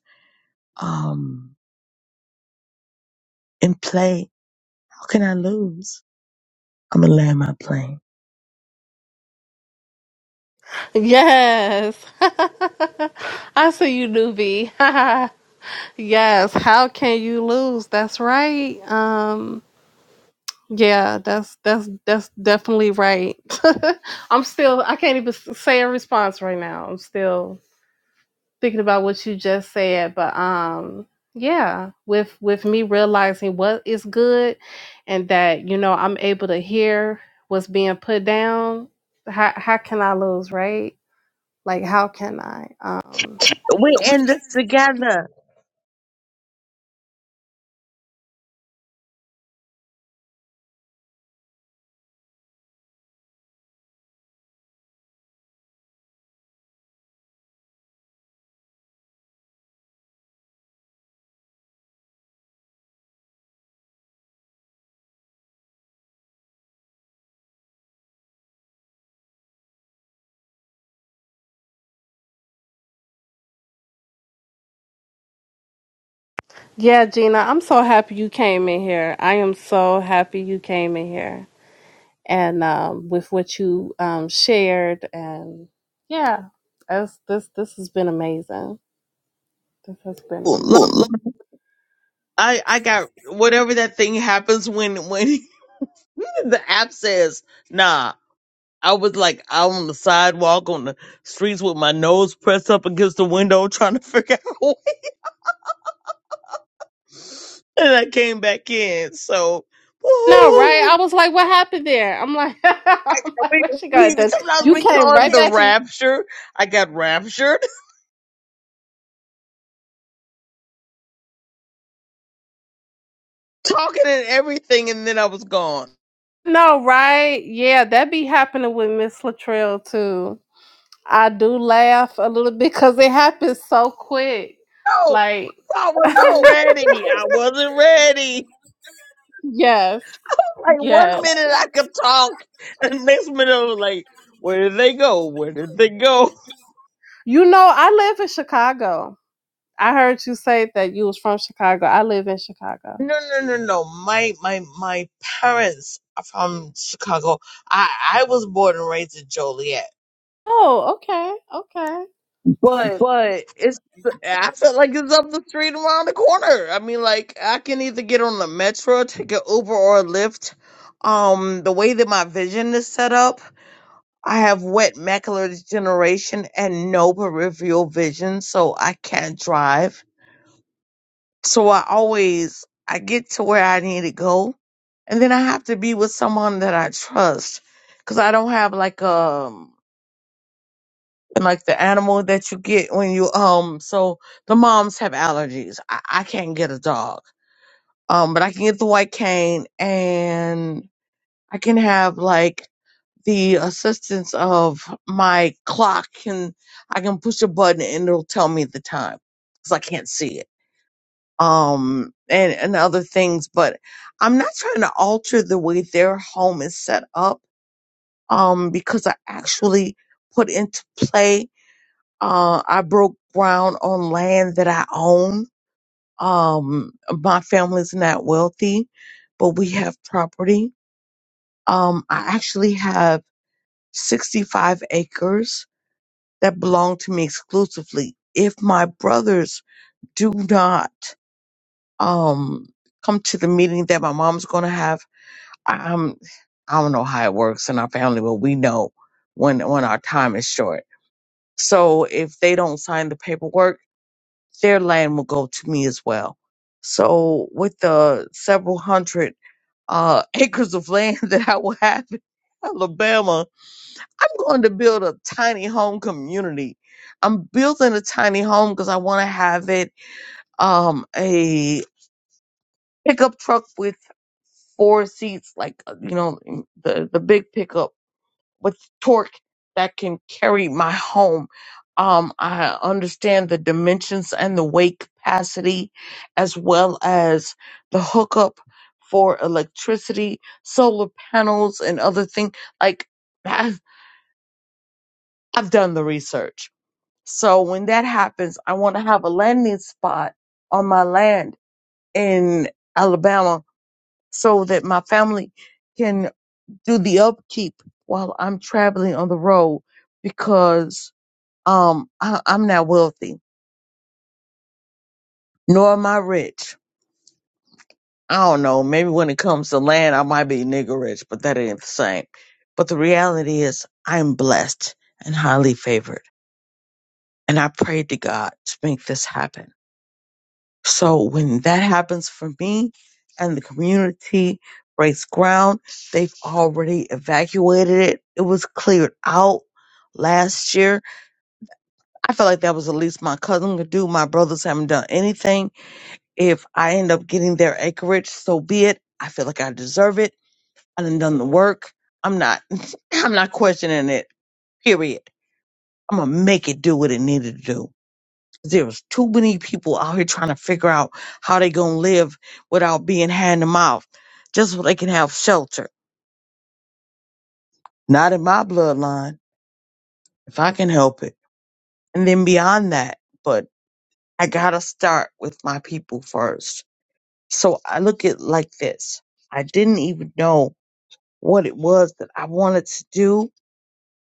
Speaker 2: um, in play, how can I lose? I'm gonna land my plane.
Speaker 5: Yes. I see you, newbie. yes. How can you lose? That's right. Um yeah, that's that's that's definitely right. I'm still I can't even s- say a response right now. I'm still thinking about what you just said, but um yeah, with with me realizing what is good and that, you know, I'm able to hear what's being put down, how how can I lose, right? Like, how can I? Um,
Speaker 2: We in this together.
Speaker 5: Yeah, Gina, I'm so happy you came in here. I am so happy you came in here and um, with what you um, shared and yeah, that's, this this has been amazing. This has been
Speaker 2: Look,
Speaker 5: amazing.
Speaker 2: I, I got whatever that thing happens when when the app says, nah, I was like out on the sidewalk on the streets with my nose pressed up against the window trying to figure out what- and I came back in. So
Speaker 5: No,
Speaker 2: woohoo.
Speaker 5: right? I was like, what happened there? I'm like, I'm like,
Speaker 2: We,
Speaker 5: where she
Speaker 2: we,
Speaker 5: got then?
Speaker 2: sometimes
Speaker 5: You
Speaker 2: we
Speaker 5: came
Speaker 2: call it
Speaker 5: right
Speaker 2: the
Speaker 5: back in.
Speaker 2: rapture. I got raptured talking and everything and then I was gone.
Speaker 5: No, right? Yeah, that be happening with Miss Latrell too. I do laugh a little bit because it happens so quick.
Speaker 2: No,
Speaker 5: Like
Speaker 2: I wasn't ready. I wasn't ready.
Speaker 5: Yes.
Speaker 2: Like one
Speaker 5: Yes.
Speaker 2: minute I could talk and the next minute I was like, where did they go? Where did they go?
Speaker 5: You know, I live in Chicago. I heard you say that you was from Chicago. I live in Chicago.
Speaker 2: No, no, no, no. My my my parents are from Chicago. I I was born and raised in Joliet,
Speaker 5: Oh, okay. Okay.
Speaker 2: but it's I feel like it's up the street around the corner. I mean, like I can either get on the metro, take an Uber or a Lyft. Um, the way that my vision is set up, I have wet macular degeneration and no peripheral vision, so I can't drive. So I always I get to where I need to go, and then I have to be with someone that I trust, because I don't have like um like the animal that you get when you um so the moms have allergies. I, I can't get a dog, um, but I can get the white cane, and I can have like the assistance of my clock, and I can push a button and it'll tell me the time because I can't see it. um and and other things but i'm not trying to alter the way their home is set up um because i actually put into play uh i broke ground on land that i own um my family's not wealthy but we have property um i actually have 65 acres that belong to me exclusively if my brothers do not um come to the meeting that my mom's going to have I- I'm I don't know how it works in our family, but we know when when our time is short. So if they don't sign the paperwork, their land will go to me as well. So with the several hundred uh, acres of land that I will have in Alabama, I'm going to build a tiny home community. I'm building a tiny home because I want to have it um, a pickup truck with four seats, like uh, you know the the big pickup with torque that can carry my home. Um, I understand the dimensions and the weight capacity, as well as the hookup for electricity, solar panels, and other things. Like, I've, I've done the research. So when that happens, I want to have a landing spot on my land in Alabama so that my family can do the upkeep while I'm traveling on the road because Um, I, I'm not wealthy, nor am I rich. I don't know. Maybe when it comes to land, I might be nigger rich, but that ain't the same. But the reality is, I'm blessed and highly favored. And I prayed to God to make this happen. So when that happens for me and the community breaks ground, they've already evacuated it. It was cleared out last year. I felt like that was the least my cousin could do. My brothers haven't done anything If I end up getting their acreage, so be it. I feel like I deserve it. I done done the work. I'm not, I'm not questioning it. Period. I'm gonna make it do what it needed to do. There's too many people out here trying to figure out how they gonna live without being hand to mouth, just so they can have shelter. Not in my bloodline, if I can help it. And then beyond that, but I gotta start with my people first. So I look at it like this. I didn't even know what it was that I wanted to do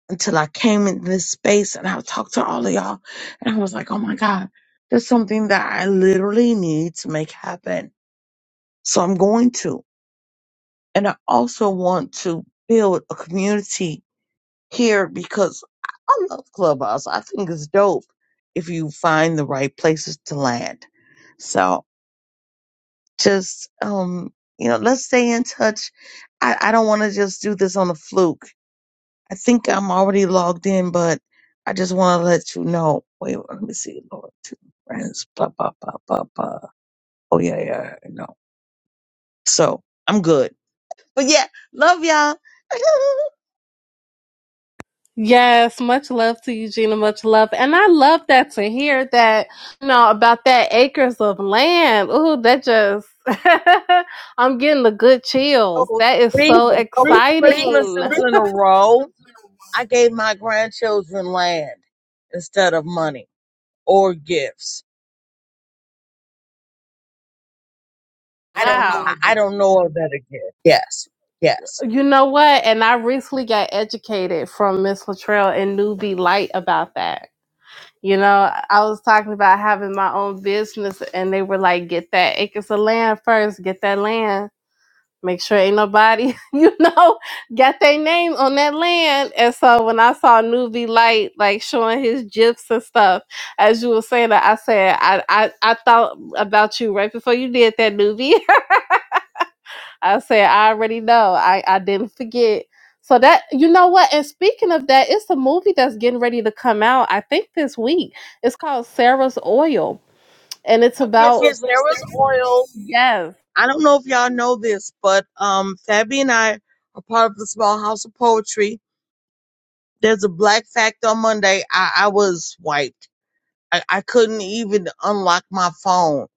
Speaker 2: until I came in this space and I talked to all of y'all and I was like, oh my God, there's something that I literally need to make happen. So I'm going to. And I also want to build a community here because I I love Clubhouse. I think it's dope if you find the right places to land. So just, um, you know, let's stay in touch. I, I don't want to just do this on a fluke. I think I'm already logged in, but I just want to let you know. Wait, let me see. Lord, two friends, blah, blah, blah, blah, blah. Oh, yeah, yeah, yeah, I know. So I'm good. But yeah, love y'all.
Speaker 5: Yes, much love to you, Gina. Much love. And I love that to hear that, you know, about that acres of land. Ooh, that just I'm getting the good chills.
Speaker 2: oh,
Speaker 5: That is
Speaker 2: three,
Speaker 5: so Oh, thank
Speaker 2: three
Speaker 5: exciting. you.
Speaker 2: Christmases in a row, I gave my grandchildren land instead of money or gifts.
Speaker 5: I don't Wow.
Speaker 2: I,
Speaker 5: know
Speaker 2: I
Speaker 5: though.
Speaker 2: don't know a better gift. Yes.
Speaker 5: You know what? And I recently got educated from Miss Latrell and Newbie Light about that. You know, I was talking about having my own business, and they were like, "Get that acres of land first. Get that land. Make sure ain't nobody, you know, got their name on that land." And so when I saw Newbie Light like showing his gifs and stuff, as you were saying that, I said, "I I, I thought about you right before you did that, Newbie." I said, I already know. I, I didn't forget. So that you know what? And speaking of that, it's a movie that's getting ready to come out, I think this week. It's called Sarah's Oil. And it's Oh,
Speaker 2: Okay,
Speaker 5: about
Speaker 2: so
Speaker 5: yes, Miss
Speaker 2: Sarah's oil
Speaker 5: Yes.
Speaker 2: I don't know if y'all know this, but um, Fabi and I are part of the Small House of Poetry. There's a black fact on Monday. I, I was wiped. I, I couldn't even unlock my phone.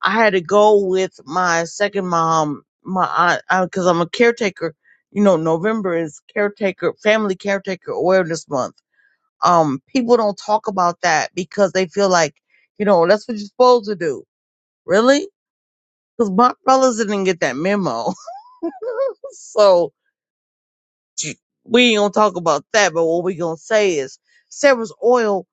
Speaker 2: I had to go with my second mom, my aunt, because I'm a caretaker. You know, November is caretaker, family caretaker awareness month. Um, people don't talk about that because they feel like, you know, that's what you're supposed to do. Really? Because my brothers didn't get that memo. so we ain't gonna talk about that, but what we gonna say is Sarah's oil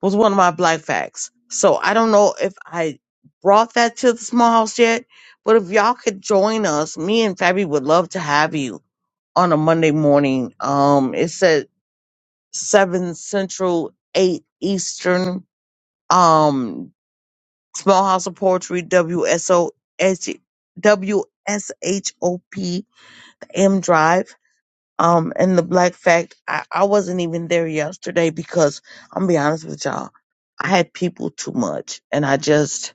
Speaker 2: was one of my black facts. So I don't know if I brought that to the small house yet, but if y'all could join us, me and Fabi would love to have you on a Monday morning. Um it's at seven central, eight eastern, um small house of poetry WSO Drive. Um, and the black fact, I, I wasn't even there yesterday because I'm gonna be honest with y'all, I had people too much and I just,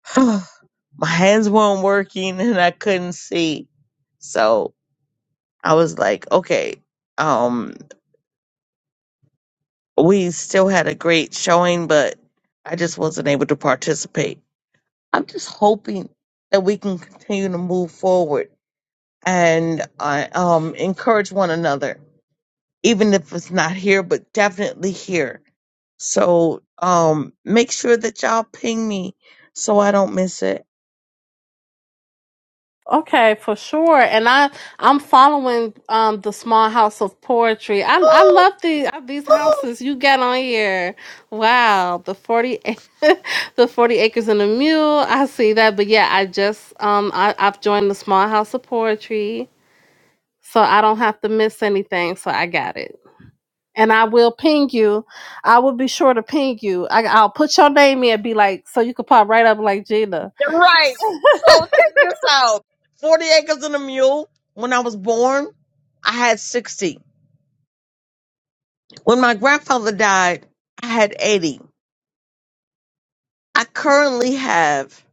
Speaker 2: my hands weren't working and I couldn't see. So I was like, okay, um, we still had a great showing, but I just wasn't able to participate. I'm just hoping that we can continue to move forward and uh, um, encourage one another even if it's not here, but definitely here. So um, make sure that y'all ping me so I don't miss it.
Speaker 5: Okay, for sure. And I I'm following um the small house of poetry. I I love these these Woo! houses you got on here. Wow, the 40 ac- the 40 acres and a mule. I see that. But yeah, I just um I I've joined the small house of poetry so I don't have to miss anything. So I got it. And I will ping you. I will be sure to ping you. I, I'll put your name in and be like, so you could pop right up like Gina.
Speaker 2: Right. So check this out. 40 acres and a mule. When I was born, I had 60. When my grandfather died, I had 80. I currently have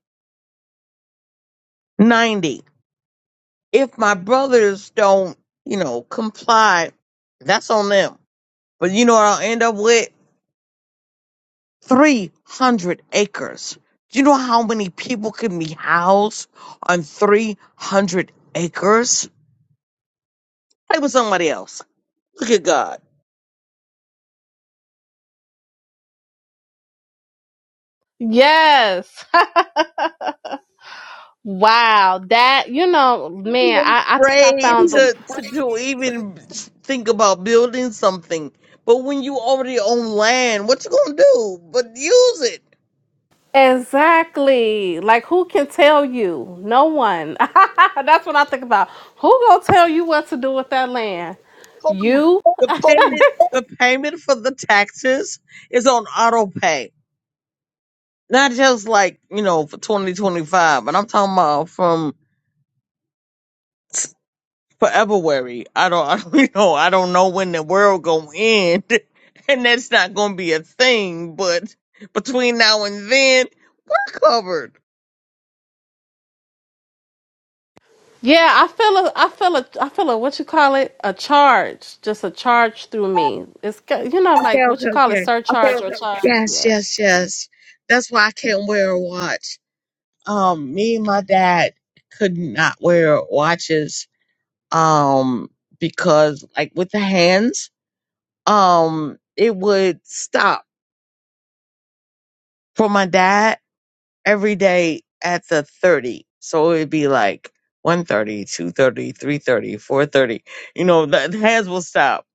Speaker 2: 90. If my brothers don't, you know, comply, that's on them. But you know what I'll end up with? 300 acres. Do you know how many people can be housed on 300 acres? Play with somebody else. Look at God.
Speaker 5: Yes. Wow. That, you know, man, I, I think I
Speaker 2: Afraid
Speaker 5: found the.
Speaker 2: to, to, to even think about building something. But when you already own land, what you gonna do? But use it.
Speaker 5: Exactly. Like, who can tell you? No one. That's what I think about. Who gonna tell you what to do with that land?
Speaker 2: Hold on.
Speaker 5: You.
Speaker 2: The payment, the payment for the taxes is on auto pay. Not just like, you know, for 2025, but I'm talking about from forever worry. I don't, I don't you know. I don't know when the world gonna end, and that's not gonna be a thing. But between now and then, we're covered.
Speaker 5: Yeah, I feel a, I feel a, I feel a, what you call it, a charge, just a charge through me. It's, ca- you know,
Speaker 2: Okay,
Speaker 5: like what
Speaker 2: okay,
Speaker 5: you call it, Okay,
Speaker 2: okay.
Speaker 5: surcharge or okay, okay. charge.
Speaker 2: Yes,
Speaker 5: Yeah.
Speaker 2: yes, yes. That's why I can't wear a watch. Um, me and my dad could not wear watches. Um, because like with the hands, um, it would stop for my dad. every day at the 30. So it'd be like one thirty, two thirty, three thirty, four thirty. You know, the the hands will stop.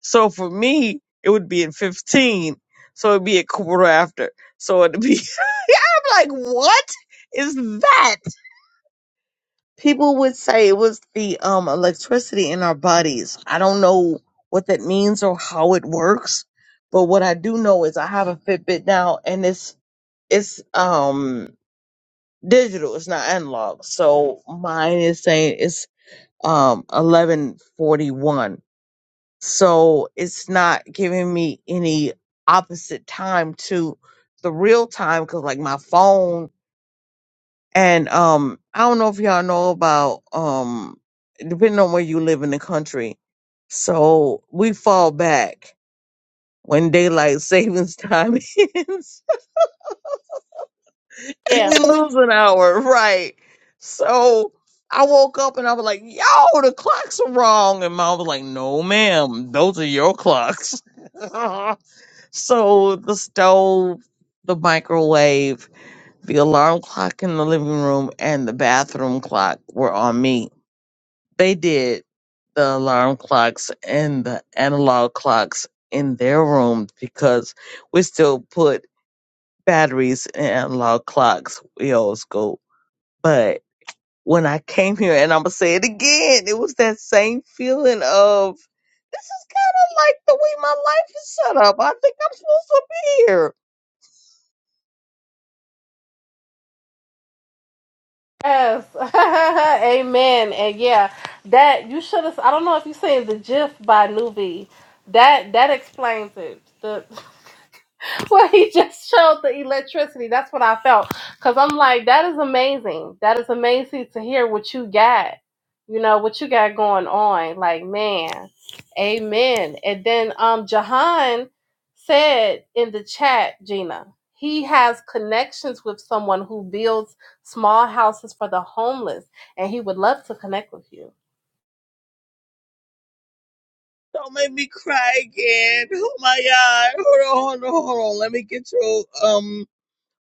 Speaker 2: So for me, it would be at 15. So it'd be a quarter after. So it'd be, I'm like, what is that? People would say it was the um, electricity in our bodies. I don't know what that means or how it works. But what I do know is I have a Fitbit now and it's, it's, um, digital. It's not analog. So mine is saying it's um eleven forty one. So it's not giving me any opposite time to the real time because like my phone and um I don't know if y'all know about um depending on where you live in the country. So we fall back when daylight savings time ends.
Speaker 5: Yeah.
Speaker 2: we lose an hour, right? So I woke up and I was like, "Yo, the clocks are wrong," and mom was like, "No, ma'am, those are your clocks." so the stove, the microwave, the alarm clock in the living room, and the bathroom clock were on me. They did the alarm clocks and the analog clocks in their rooms because we still put batteries in analog clocks. We always go, but when I came here, and I'm gonna say it again. It was that same feeling of this is kind of like the way my life is set up. I think I'm supposed to be here.
Speaker 5: Yes. Amen. And yeah, that you should have. I don't know if you seen the GIF by Nuvi. That that explains it. Well, he just showed the electricity. That's what I felt. Because I'm like, that is amazing. That is amazing to hear what you got, you know, what you got going on. Like, man, amen. And then um, Jahan said in the chat, Gina, he has connections with someone who builds small houses for the homeless, and he would love to connect with you.
Speaker 2: Don't make me cry again. Oh my god! Hold on, hold on, hold on. Let me get you um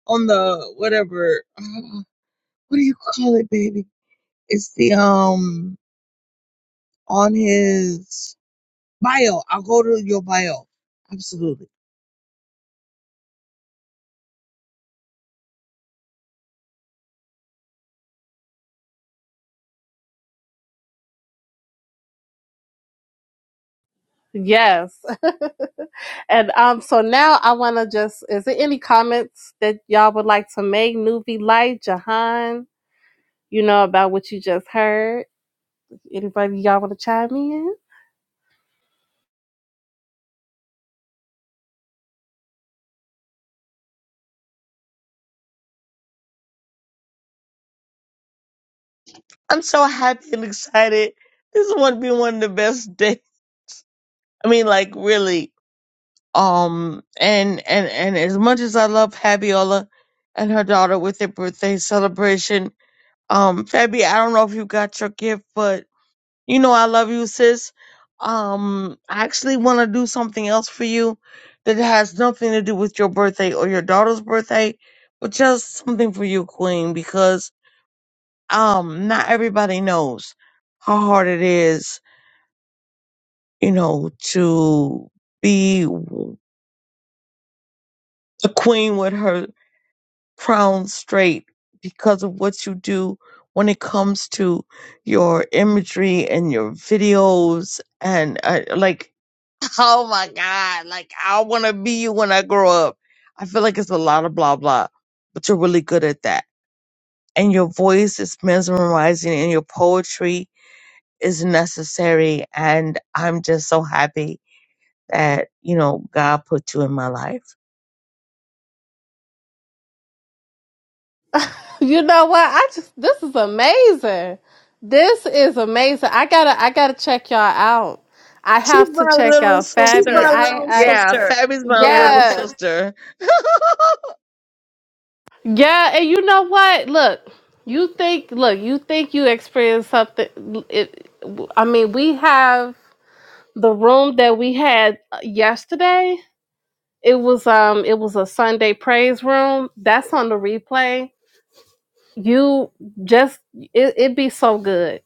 Speaker 2: on the whatever. Uh, what do you call it, baby? It's the um on his bio. I'll go to your bio. Absolutely.
Speaker 5: Yes. And um, so now I want to just, is there any comments that y'all would like to make? Nuvi Light, Jahan, you know, about what you just heard? Anybody y'all want to chime in?
Speaker 2: I'm so happy and excited. This is going to be one of the best days. I mean, like really. Um, and and and as much as I love Fabiola and her daughter with their birthday celebration, um, Fabi, I don't know if you got your gift, but you know I love you, sis. Um, I actually want to do something else for you that has nothing to do with your birthday or your daughter's birthday, but just something for you, Queen, because um, not everybody knows how hard it is, you know, to be. a queen with her crown straight because of what you do when it comes to your imagery and your videos and uh, like oh my god like i want to be you when i grow up i feel like it's a lot of blah blah but you're really good at that and your voice is mesmerizing and your poetry is necessary and i'm just so happy that you know god put you in my life
Speaker 5: You know what? I just, this is amazing. This is amazing. I gotta, I gotta check y'all out. I
Speaker 2: She's
Speaker 5: have to
Speaker 2: my
Speaker 5: check
Speaker 2: little
Speaker 5: out Keep Fabi.
Speaker 2: sister.
Speaker 5: I, I,
Speaker 2: Yeah, Fabby's my little
Speaker 5: yes,
Speaker 2: sister.
Speaker 5: Yeah, and you know what? Look, you think, look, you think you experienced something. It, I mean, we have the room that we had uh, yesterday. It was um, it was a Sunday praise room. That's on the replay. You just, it, it be so good.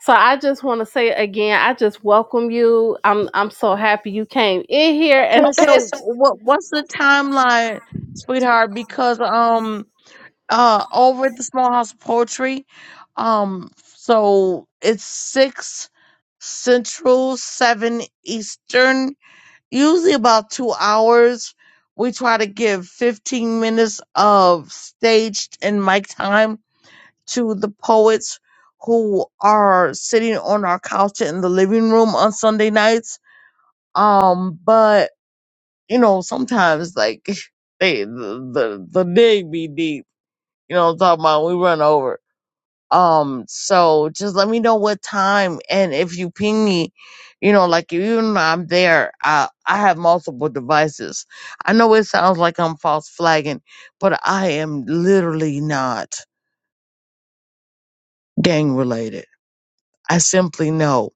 Speaker 5: So I just want to say again, I just welcome you. I'm I'm so happy you came in here
Speaker 2: okay,
Speaker 5: and
Speaker 2: so what what's the timeline, sweetheart? Because um uh over at the Small House of Poetry, um so it's six central, seven eastern, usually about two hours. We try to give fifteen minutes of staged and mic time to the poets who are sitting on our couch in the living room on Sunday nights. Um, but you know, sometimes like they the the, the dig be deep. You know, what I'm talking about we run over. Um, so just let me know what time and if you ping me, you know, like even if I'm there, I I have multiple devices. I know it sounds like I'm false flagging, but I am literally not gang related. I simply know.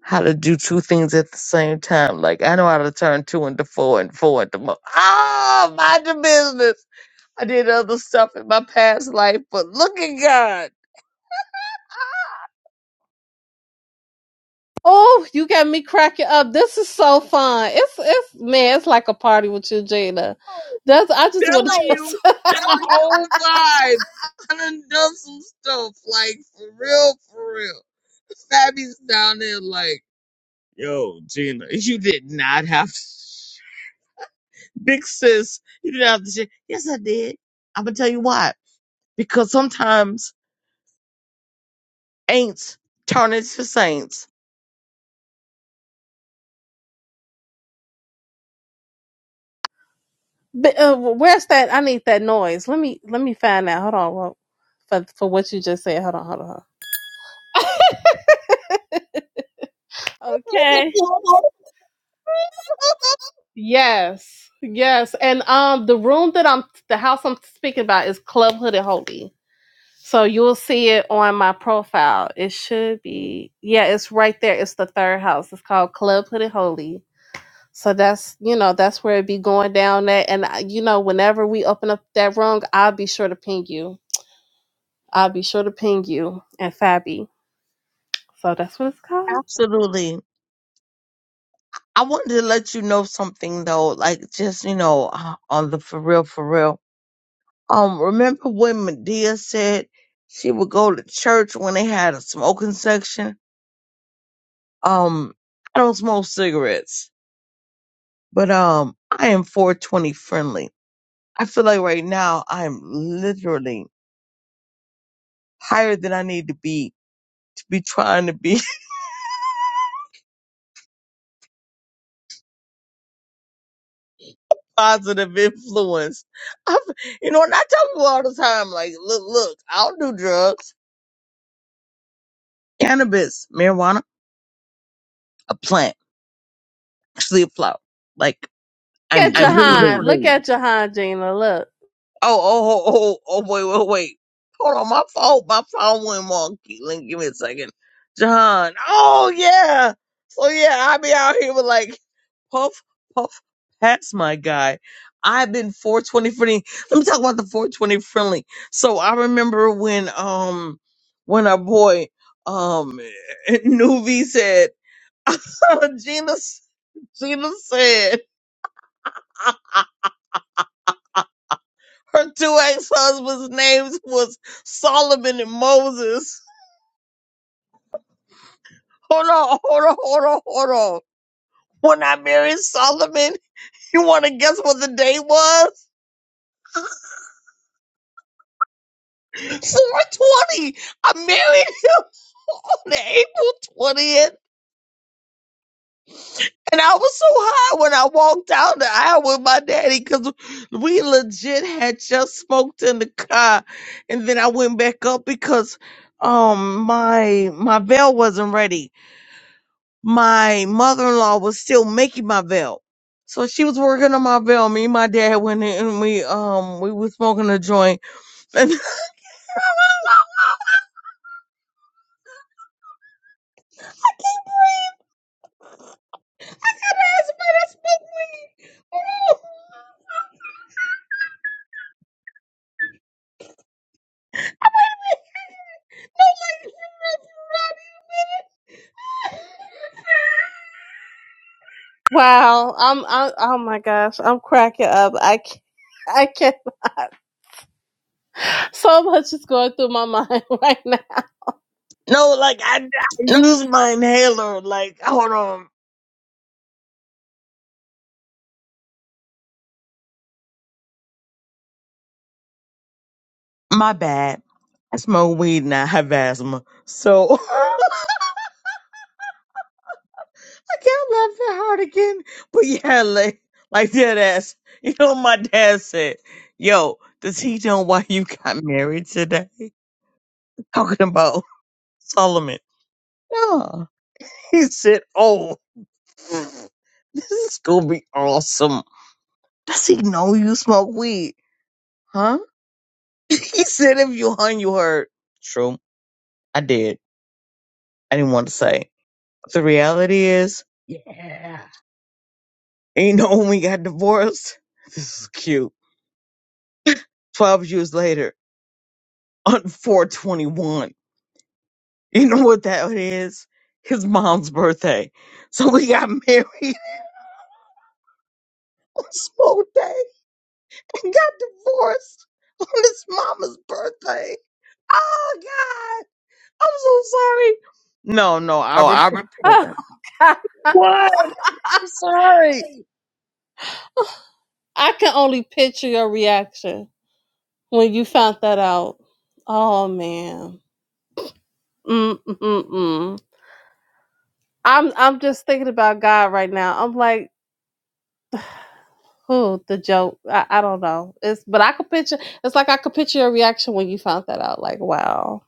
Speaker 2: how to do two things at the same time. Like I know how to turn two into four and four into mo- ah mind your business. I did other stuff in my past life, but look at God.
Speaker 5: Oh, you got me cracking up. This is so fun. It's it's man, it's like a party with you, Jada.
Speaker 2: Oh,
Speaker 5: That's I just want to
Speaker 2: telling
Speaker 5: just.
Speaker 2: you, I'm a whole vibe. I done done some stuff like for real, for real. Fabby's down there like, yo, Gina, you did not have to. Big sis, you didn't have to. Say, yes, I did. I'm gonna tell you why. Because sometimes Aints turn into saints.
Speaker 5: But, uh, where's that? I need that noise. Let me let me find out. Hold on, well, for for what you just said. Hold on, hold on. Hold on. Okay. Yes, yes, and um, the room that I'm, the house I'm speaking about is Club Hooded Holy. So you'll see it on my profile. It should be, yeah, it's right there. It's the third house. It's called Club Hooded Holy So that's you know that's where it be going down at, and I- you know whenever we open up that room, I'll be sure to ping you. I'll be sure to ping you and Fabi. So that's what it's called. Look
Speaker 2: Absolutely. I wanted to let you know something though, like just you know, uh, on the for real, for real. Um, remember when Medea said she would go to church when they had a smoking section? Um, I don't smoke cigarettes, but um, I am 420 friendly. I feel like right now I am literally higher than I need to be to be trying to be positive influence. I've, you know, and I tell people all the time, like, look, look, I don't do drugs. Cannabis, marijuana, a plant, actually a flower. Like,
Speaker 5: at
Speaker 2: I'm
Speaker 5: And you Jahan.
Speaker 2: literally
Speaker 5: Look the at Jahan, Gina. Look.
Speaker 2: oh, oh, oh, oh, oh, wait, wait, wait. Hold on, my phone, my phone went wonky. Let me give me a second. John. Oh yeah. So yeah, I be out here with like puff, puff, pats my guy. I've been 420 friendly. Let me talk about the 420 friendly. So I remember when um when our boy um Nuvi said Gina Gina said Her two ex-husbands' names was Solomon and Moses. Hold on, hold on, hold on, hold on. When I married Solomon, you want to guess what the date was? 420. I married him on April 20th. And I was so high when I walked down the aisle with my daddy because we legit had just smoked in the car. And then I went back up because um my my veil wasn't ready. my mother-in-law was still making my belt. So she was working on my belt. Me and my dad went in and we um we was smoking a joint. And I can't breathe. I gotta ask if I smoke weed. Oh.
Speaker 5: Wow. I'm. I, oh my gosh. I'm cracking up. I can't. I can't. So much is going through my mind right now.
Speaker 2: no, like I, I use my inhaler. Like hold on, my bad. I smoke weed and I have asthma. So can't love that hard again. But yeah, like, like that ass. You know, what my dad said, "Yo, does he know why you got married today?" Talking about Solomon. No, he said, "Oh, this is gonna be awesome." Does he know you smoke weed? Huh? he said, "If you hung, you heard." True, I did. I didn't want to say. The reality is, yeah. And you know when we got divorced? This is cute. Twelve years later. on 421. You know what that is? His mom's birthday. So we got married on Smoke Day and got divorced on his mama's birthday. Oh God. I'm so sorry. No, no, I repent for
Speaker 5: Oh
Speaker 2: that.
Speaker 5: God.
Speaker 2: What? I'm sorry.
Speaker 5: I can only picture your reaction when you found that out. Oh man. Mm mm mm. I'm I'm just thinking about God right now. I'm like, who the joke? I, I don't know. It's but I could picture. It's like I could picture your reaction when you found that out. Like, wow.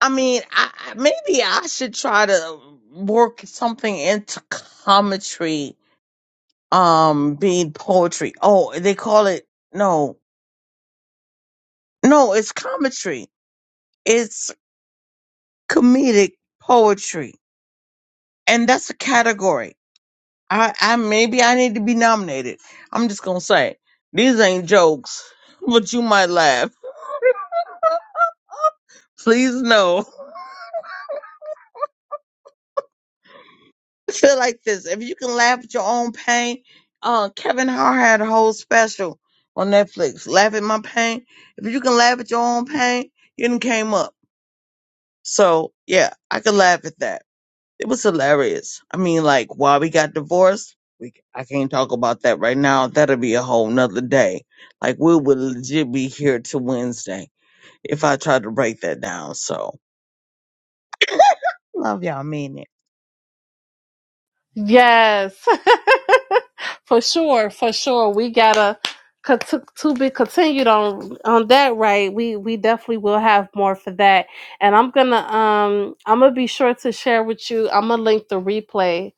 Speaker 2: I mean, I, I- maybe I should try to work something into commentary, um, being poetry. Oh, they call it, no, no, it's commentary It's comedic poetry, and that's a category. I, I maybe I need to be nominated. I'm just gonna say these ain't jokes, but you might laugh. Please know. I feel like this. If you can laugh at your own pain, uh, Kevin Hart had a whole special on Netflix, "Laugh at My Pain." If you can laugh at your own pain, you done came up. So yeah, I can laugh at that. It was hilarious. I mean, like why we got divorced. We I can't talk about that right now. That'll be a whole nother day. Like we would legit be here till Wednesday if I tried to break that down. So love y'all, mean it.
Speaker 5: Yes, for sure, for sure. We gotta co- to, to be continued on on that. Right. We we definitely will have more for that. And I'm gonna um I'm gonna be sure to share with you. I'm gonna link the replay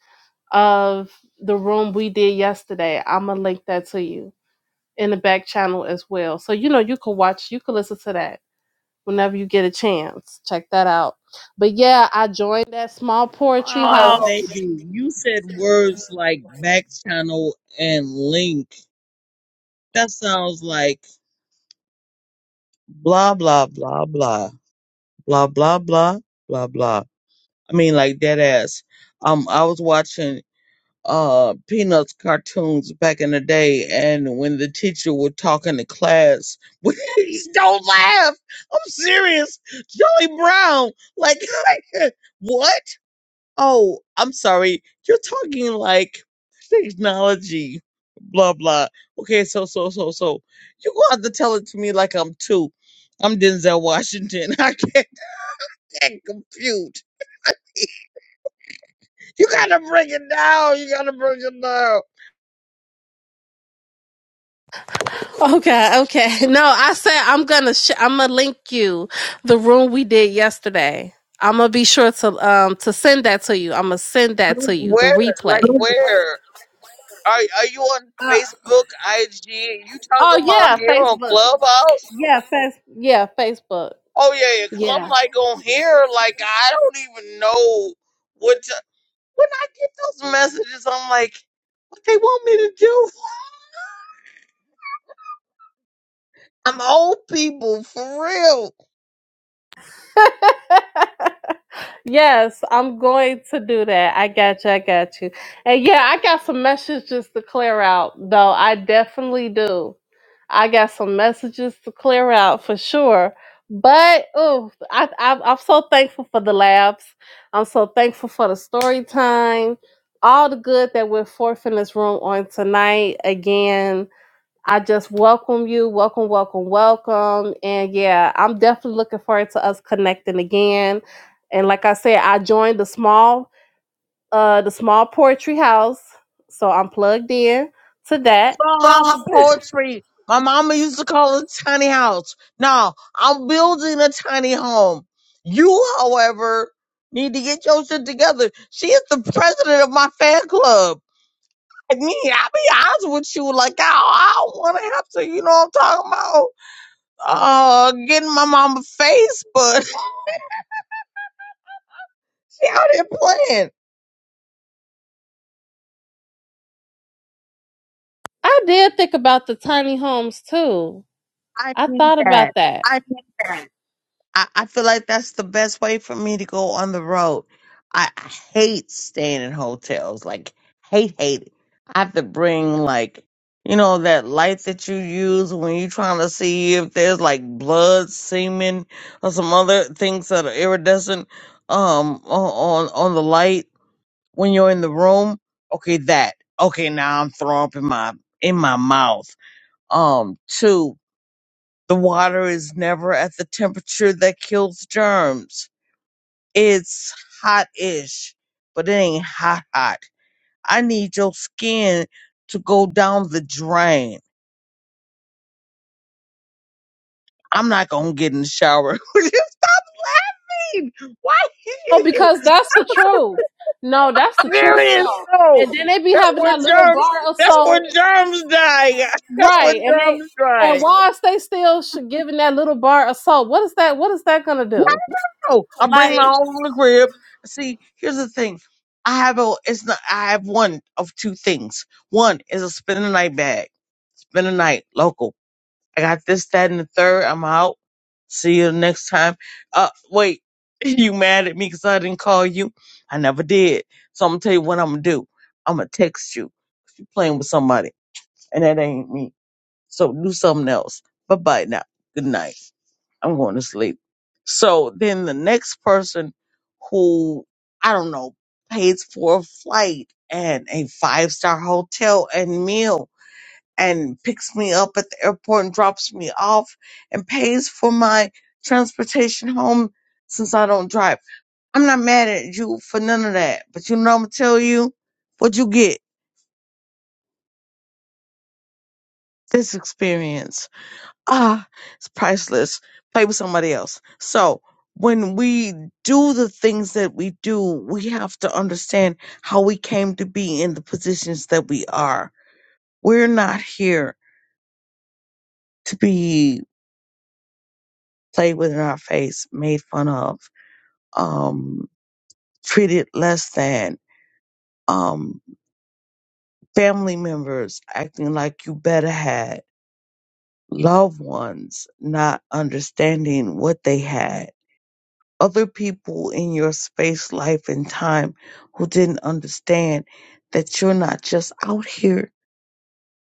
Speaker 5: of the room we did yesterday. I'm gonna link that to you in the back channel as well. So you know you can watch, you can listen to that whenever you get a chance. Check that out. But yeah, I joined that small poetry
Speaker 2: Oh
Speaker 5: house. Oh.
Speaker 2: baby, you said words like back channel and link. That sounds like blah blah blah blah blah blah blah blah blah. I mean, like dead ass. Um, I was watching. uh peanuts cartoons back in the day and when the teacher would talk in the class please don't laugh i'm serious Joey brown like what oh i'm sorry you're talking like technology blah blah okay so so so so you gonna have to tell it to me like i'm two i'm denzel washington i can't, can't compute you gotta bring it down you gotta bring it down
Speaker 5: Okay, okay. No, I said I'm gonna sh- I'm gonna link you the room we did yesterday. I'm gonna be sure to um to send that to you. I'm gonna send that to you the
Speaker 2: Where?
Speaker 5: replay.
Speaker 2: Like where? Are are you on
Speaker 5: Uh,
Speaker 2: Facebook, IG? You talking
Speaker 5: oh
Speaker 2: about
Speaker 5: yeah,
Speaker 2: here on
Speaker 5: Facebook.
Speaker 2: Clubhouse?
Speaker 5: Yeah, face- yeah, Facebook.
Speaker 2: Oh yeah, yeah. Cause I'm
Speaker 5: Yeah.
Speaker 2: like on here, like I don't even know what. To, when I get those messages, I'm like, what they want me to do? I'm old people for real.
Speaker 5: Yes, I'm going to do that. I got you. I got you. And yeah, I got some messages to clear out, though. I definitely do. I got some messages to clear out for sure. But oh, I, I, I'm so thankful for the labs. I'm so thankful for the story time. All the good that went forth in this room on tonight. Again, I just welcome you. Welcome, welcome, welcome. And yeah, I'm definitely looking forward to us connecting again. And like I said, I joined the small uh the small poetry house. So I'm plugged in to that.
Speaker 2: little house of poetry. My mama used to call it tiny house. Now I'm building a tiny home. You, however, need to get your shit together. She is the president of my fan club. I mean, I'll be honest with you, like I, I don't want to have to, you know what I'm talking about? Uh, getting my mama face, but she out here playing.
Speaker 5: I did think about the tiny homes too.
Speaker 2: I
Speaker 5: I
Speaker 2: need
Speaker 5: thought
Speaker 2: that.
Speaker 5: about that.
Speaker 2: I, I feel like that's the best way for me to go on the road. I, I hate staying in hotels, like hate, hate it. I have to bring like, you know, that light that you use when you're trying to see if there's like blood, semen, or some other things that are iridescent, um, on on on the light when you're in the room. Okay, that. Okay, now I'm throwing up in my in my mouth. Um, two. The water is never at the temperature that kills germs. It's hot-ish, but it ain't hot hot. I need your skin to go down the drain. I'm not gonna get in the shower. Would Stop laughing. Why
Speaker 5: Oh,
Speaker 2: are
Speaker 5: because that's the truth. No, that's the truth
Speaker 2: you serious?
Speaker 5: though.
Speaker 2: No,
Speaker 5: And then they be
Speaker 2: that's
Speaker 5: having
Speaker 2: where
Speaker 5: that little
Speaker 2: germs.
Speaker 5: bar or
Speaker 2: That's where
Speaker 5: so
Speaker 2: germs die. That's where
Speaker 5: right, and they
Speaker 2: germs
Speaker 5: and
Speaker 2: die.
Speaker 5: whilst they still sh- giving that little bar of salt, what is that? What is that gonna do?
Speaker 2: Oh, I bring
Speaker 5: Like,
Speaker 2: my own in the crib. See, here's the thing. I have a it's not I have one of two things. One is a spend the night bag, spend the night local. I got this, that, and the third. I'm out. See you next time. Uh wait, you mad at me because I didn't call you? I never did. So I'm gonna tell you what I'm gonna do. I'm gonna text you. You playing with somebody, and that ain't me. So do something else. Bye bye now. Good night. I'm going to sleep. So then the next person who, I don't know, pays for a flight and a five star hotel and meal and picks me up at the airport and drops me off and pays for my transportation home since I don't drive. I'm not mad at you for none of that, but you know I'm gonna tell you what you get this experience. ah, it's priceless. Play with somebody else. So when we do the things that we do, we have to understand how we came to be in the positions that we are. We're not here to be played with in our face, made fun of, um, treated less than, um, family members acting like you better had, loved ones not understanding what they had other people in your space, life, and time who didn't understand that you're not just out here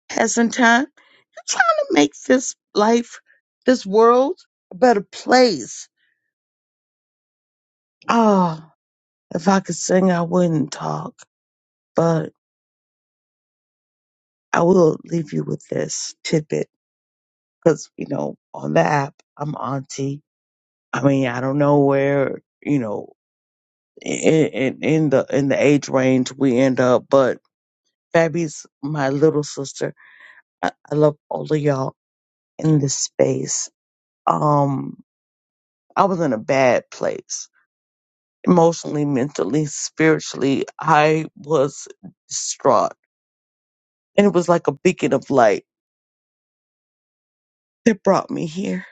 Speaker 2: passing time. You're trying to make this life, this world, a better place. Ah, if I could sing, I wouldn't talk, but I will leave you with this tidbit because, you know, on the app, I'm auntie. I mean, I don't know where, you know, in, in, in the in the age range we end up, but Fabby's my little sister I, I love all of y'all in this space. Um, I was in a bad place emotionally, mentally, spiritually. I was distraught, and it was like a beacon of light that brought me here.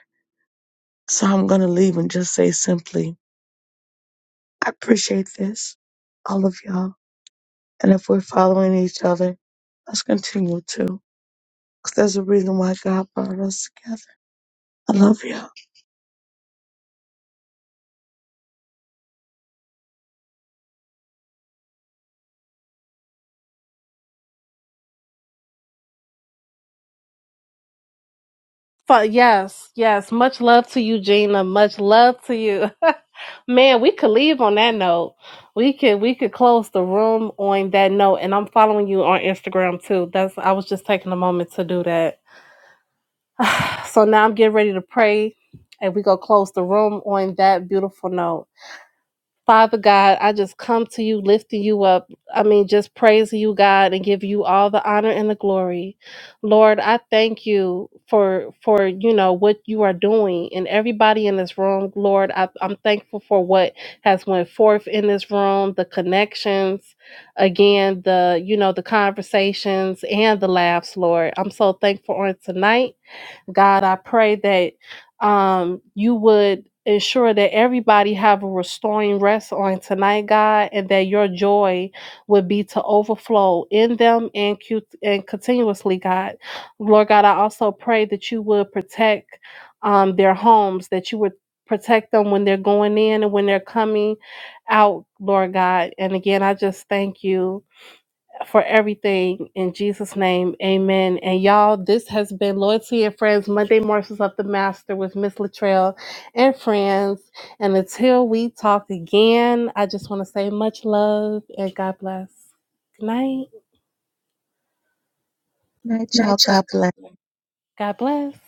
Speaker 2: So I'm gonna leave and just say simply, I appreciate this, all of y'all. And if we're following each other, let's continue to, 'cause there's a reason why God brought us together. I love y'all.
Speaker 5: fu- yes, yes. Much love to you, Gina. Much love to you. Man, we could leave on that note. We could we could close the room on that note. And I'm following you on Instagram too. That's I was just taking a moment to do that. so now I'm getting ready to pray, and we go close the room on that beautiful note. Father God, I just come to you, lifting you up. I mean, just praising you, God, and give you all the honor and the glory. Lord, I thank you for for you know what you are doing and everybody in this room. Lord, I, I'm thankful for what has went forth in this room, the connections, again, the you know the conversations and the laughs. Lord, I'm so thankful on tonight. God, I pray that um, you would ensure that everybody have a restoring rest on tonight, God, and that your joy would be to overflow in them and, cu- and continuously, God. Lord God, I also pray that you would protect um, their homes, that you would protect them when they're going in and when they're coming out, Lord God. And again, I just thank you for everything. In Jesus' name, amen. And y'all, this has been Loyalty and Friends Monday Morsels of the Master with Miss Latrell and friends. And until we talk again, I just want to say much love and God bless. Good night.
Speaker 2: Night, y'all. God bless.
Speaker 5: God bless.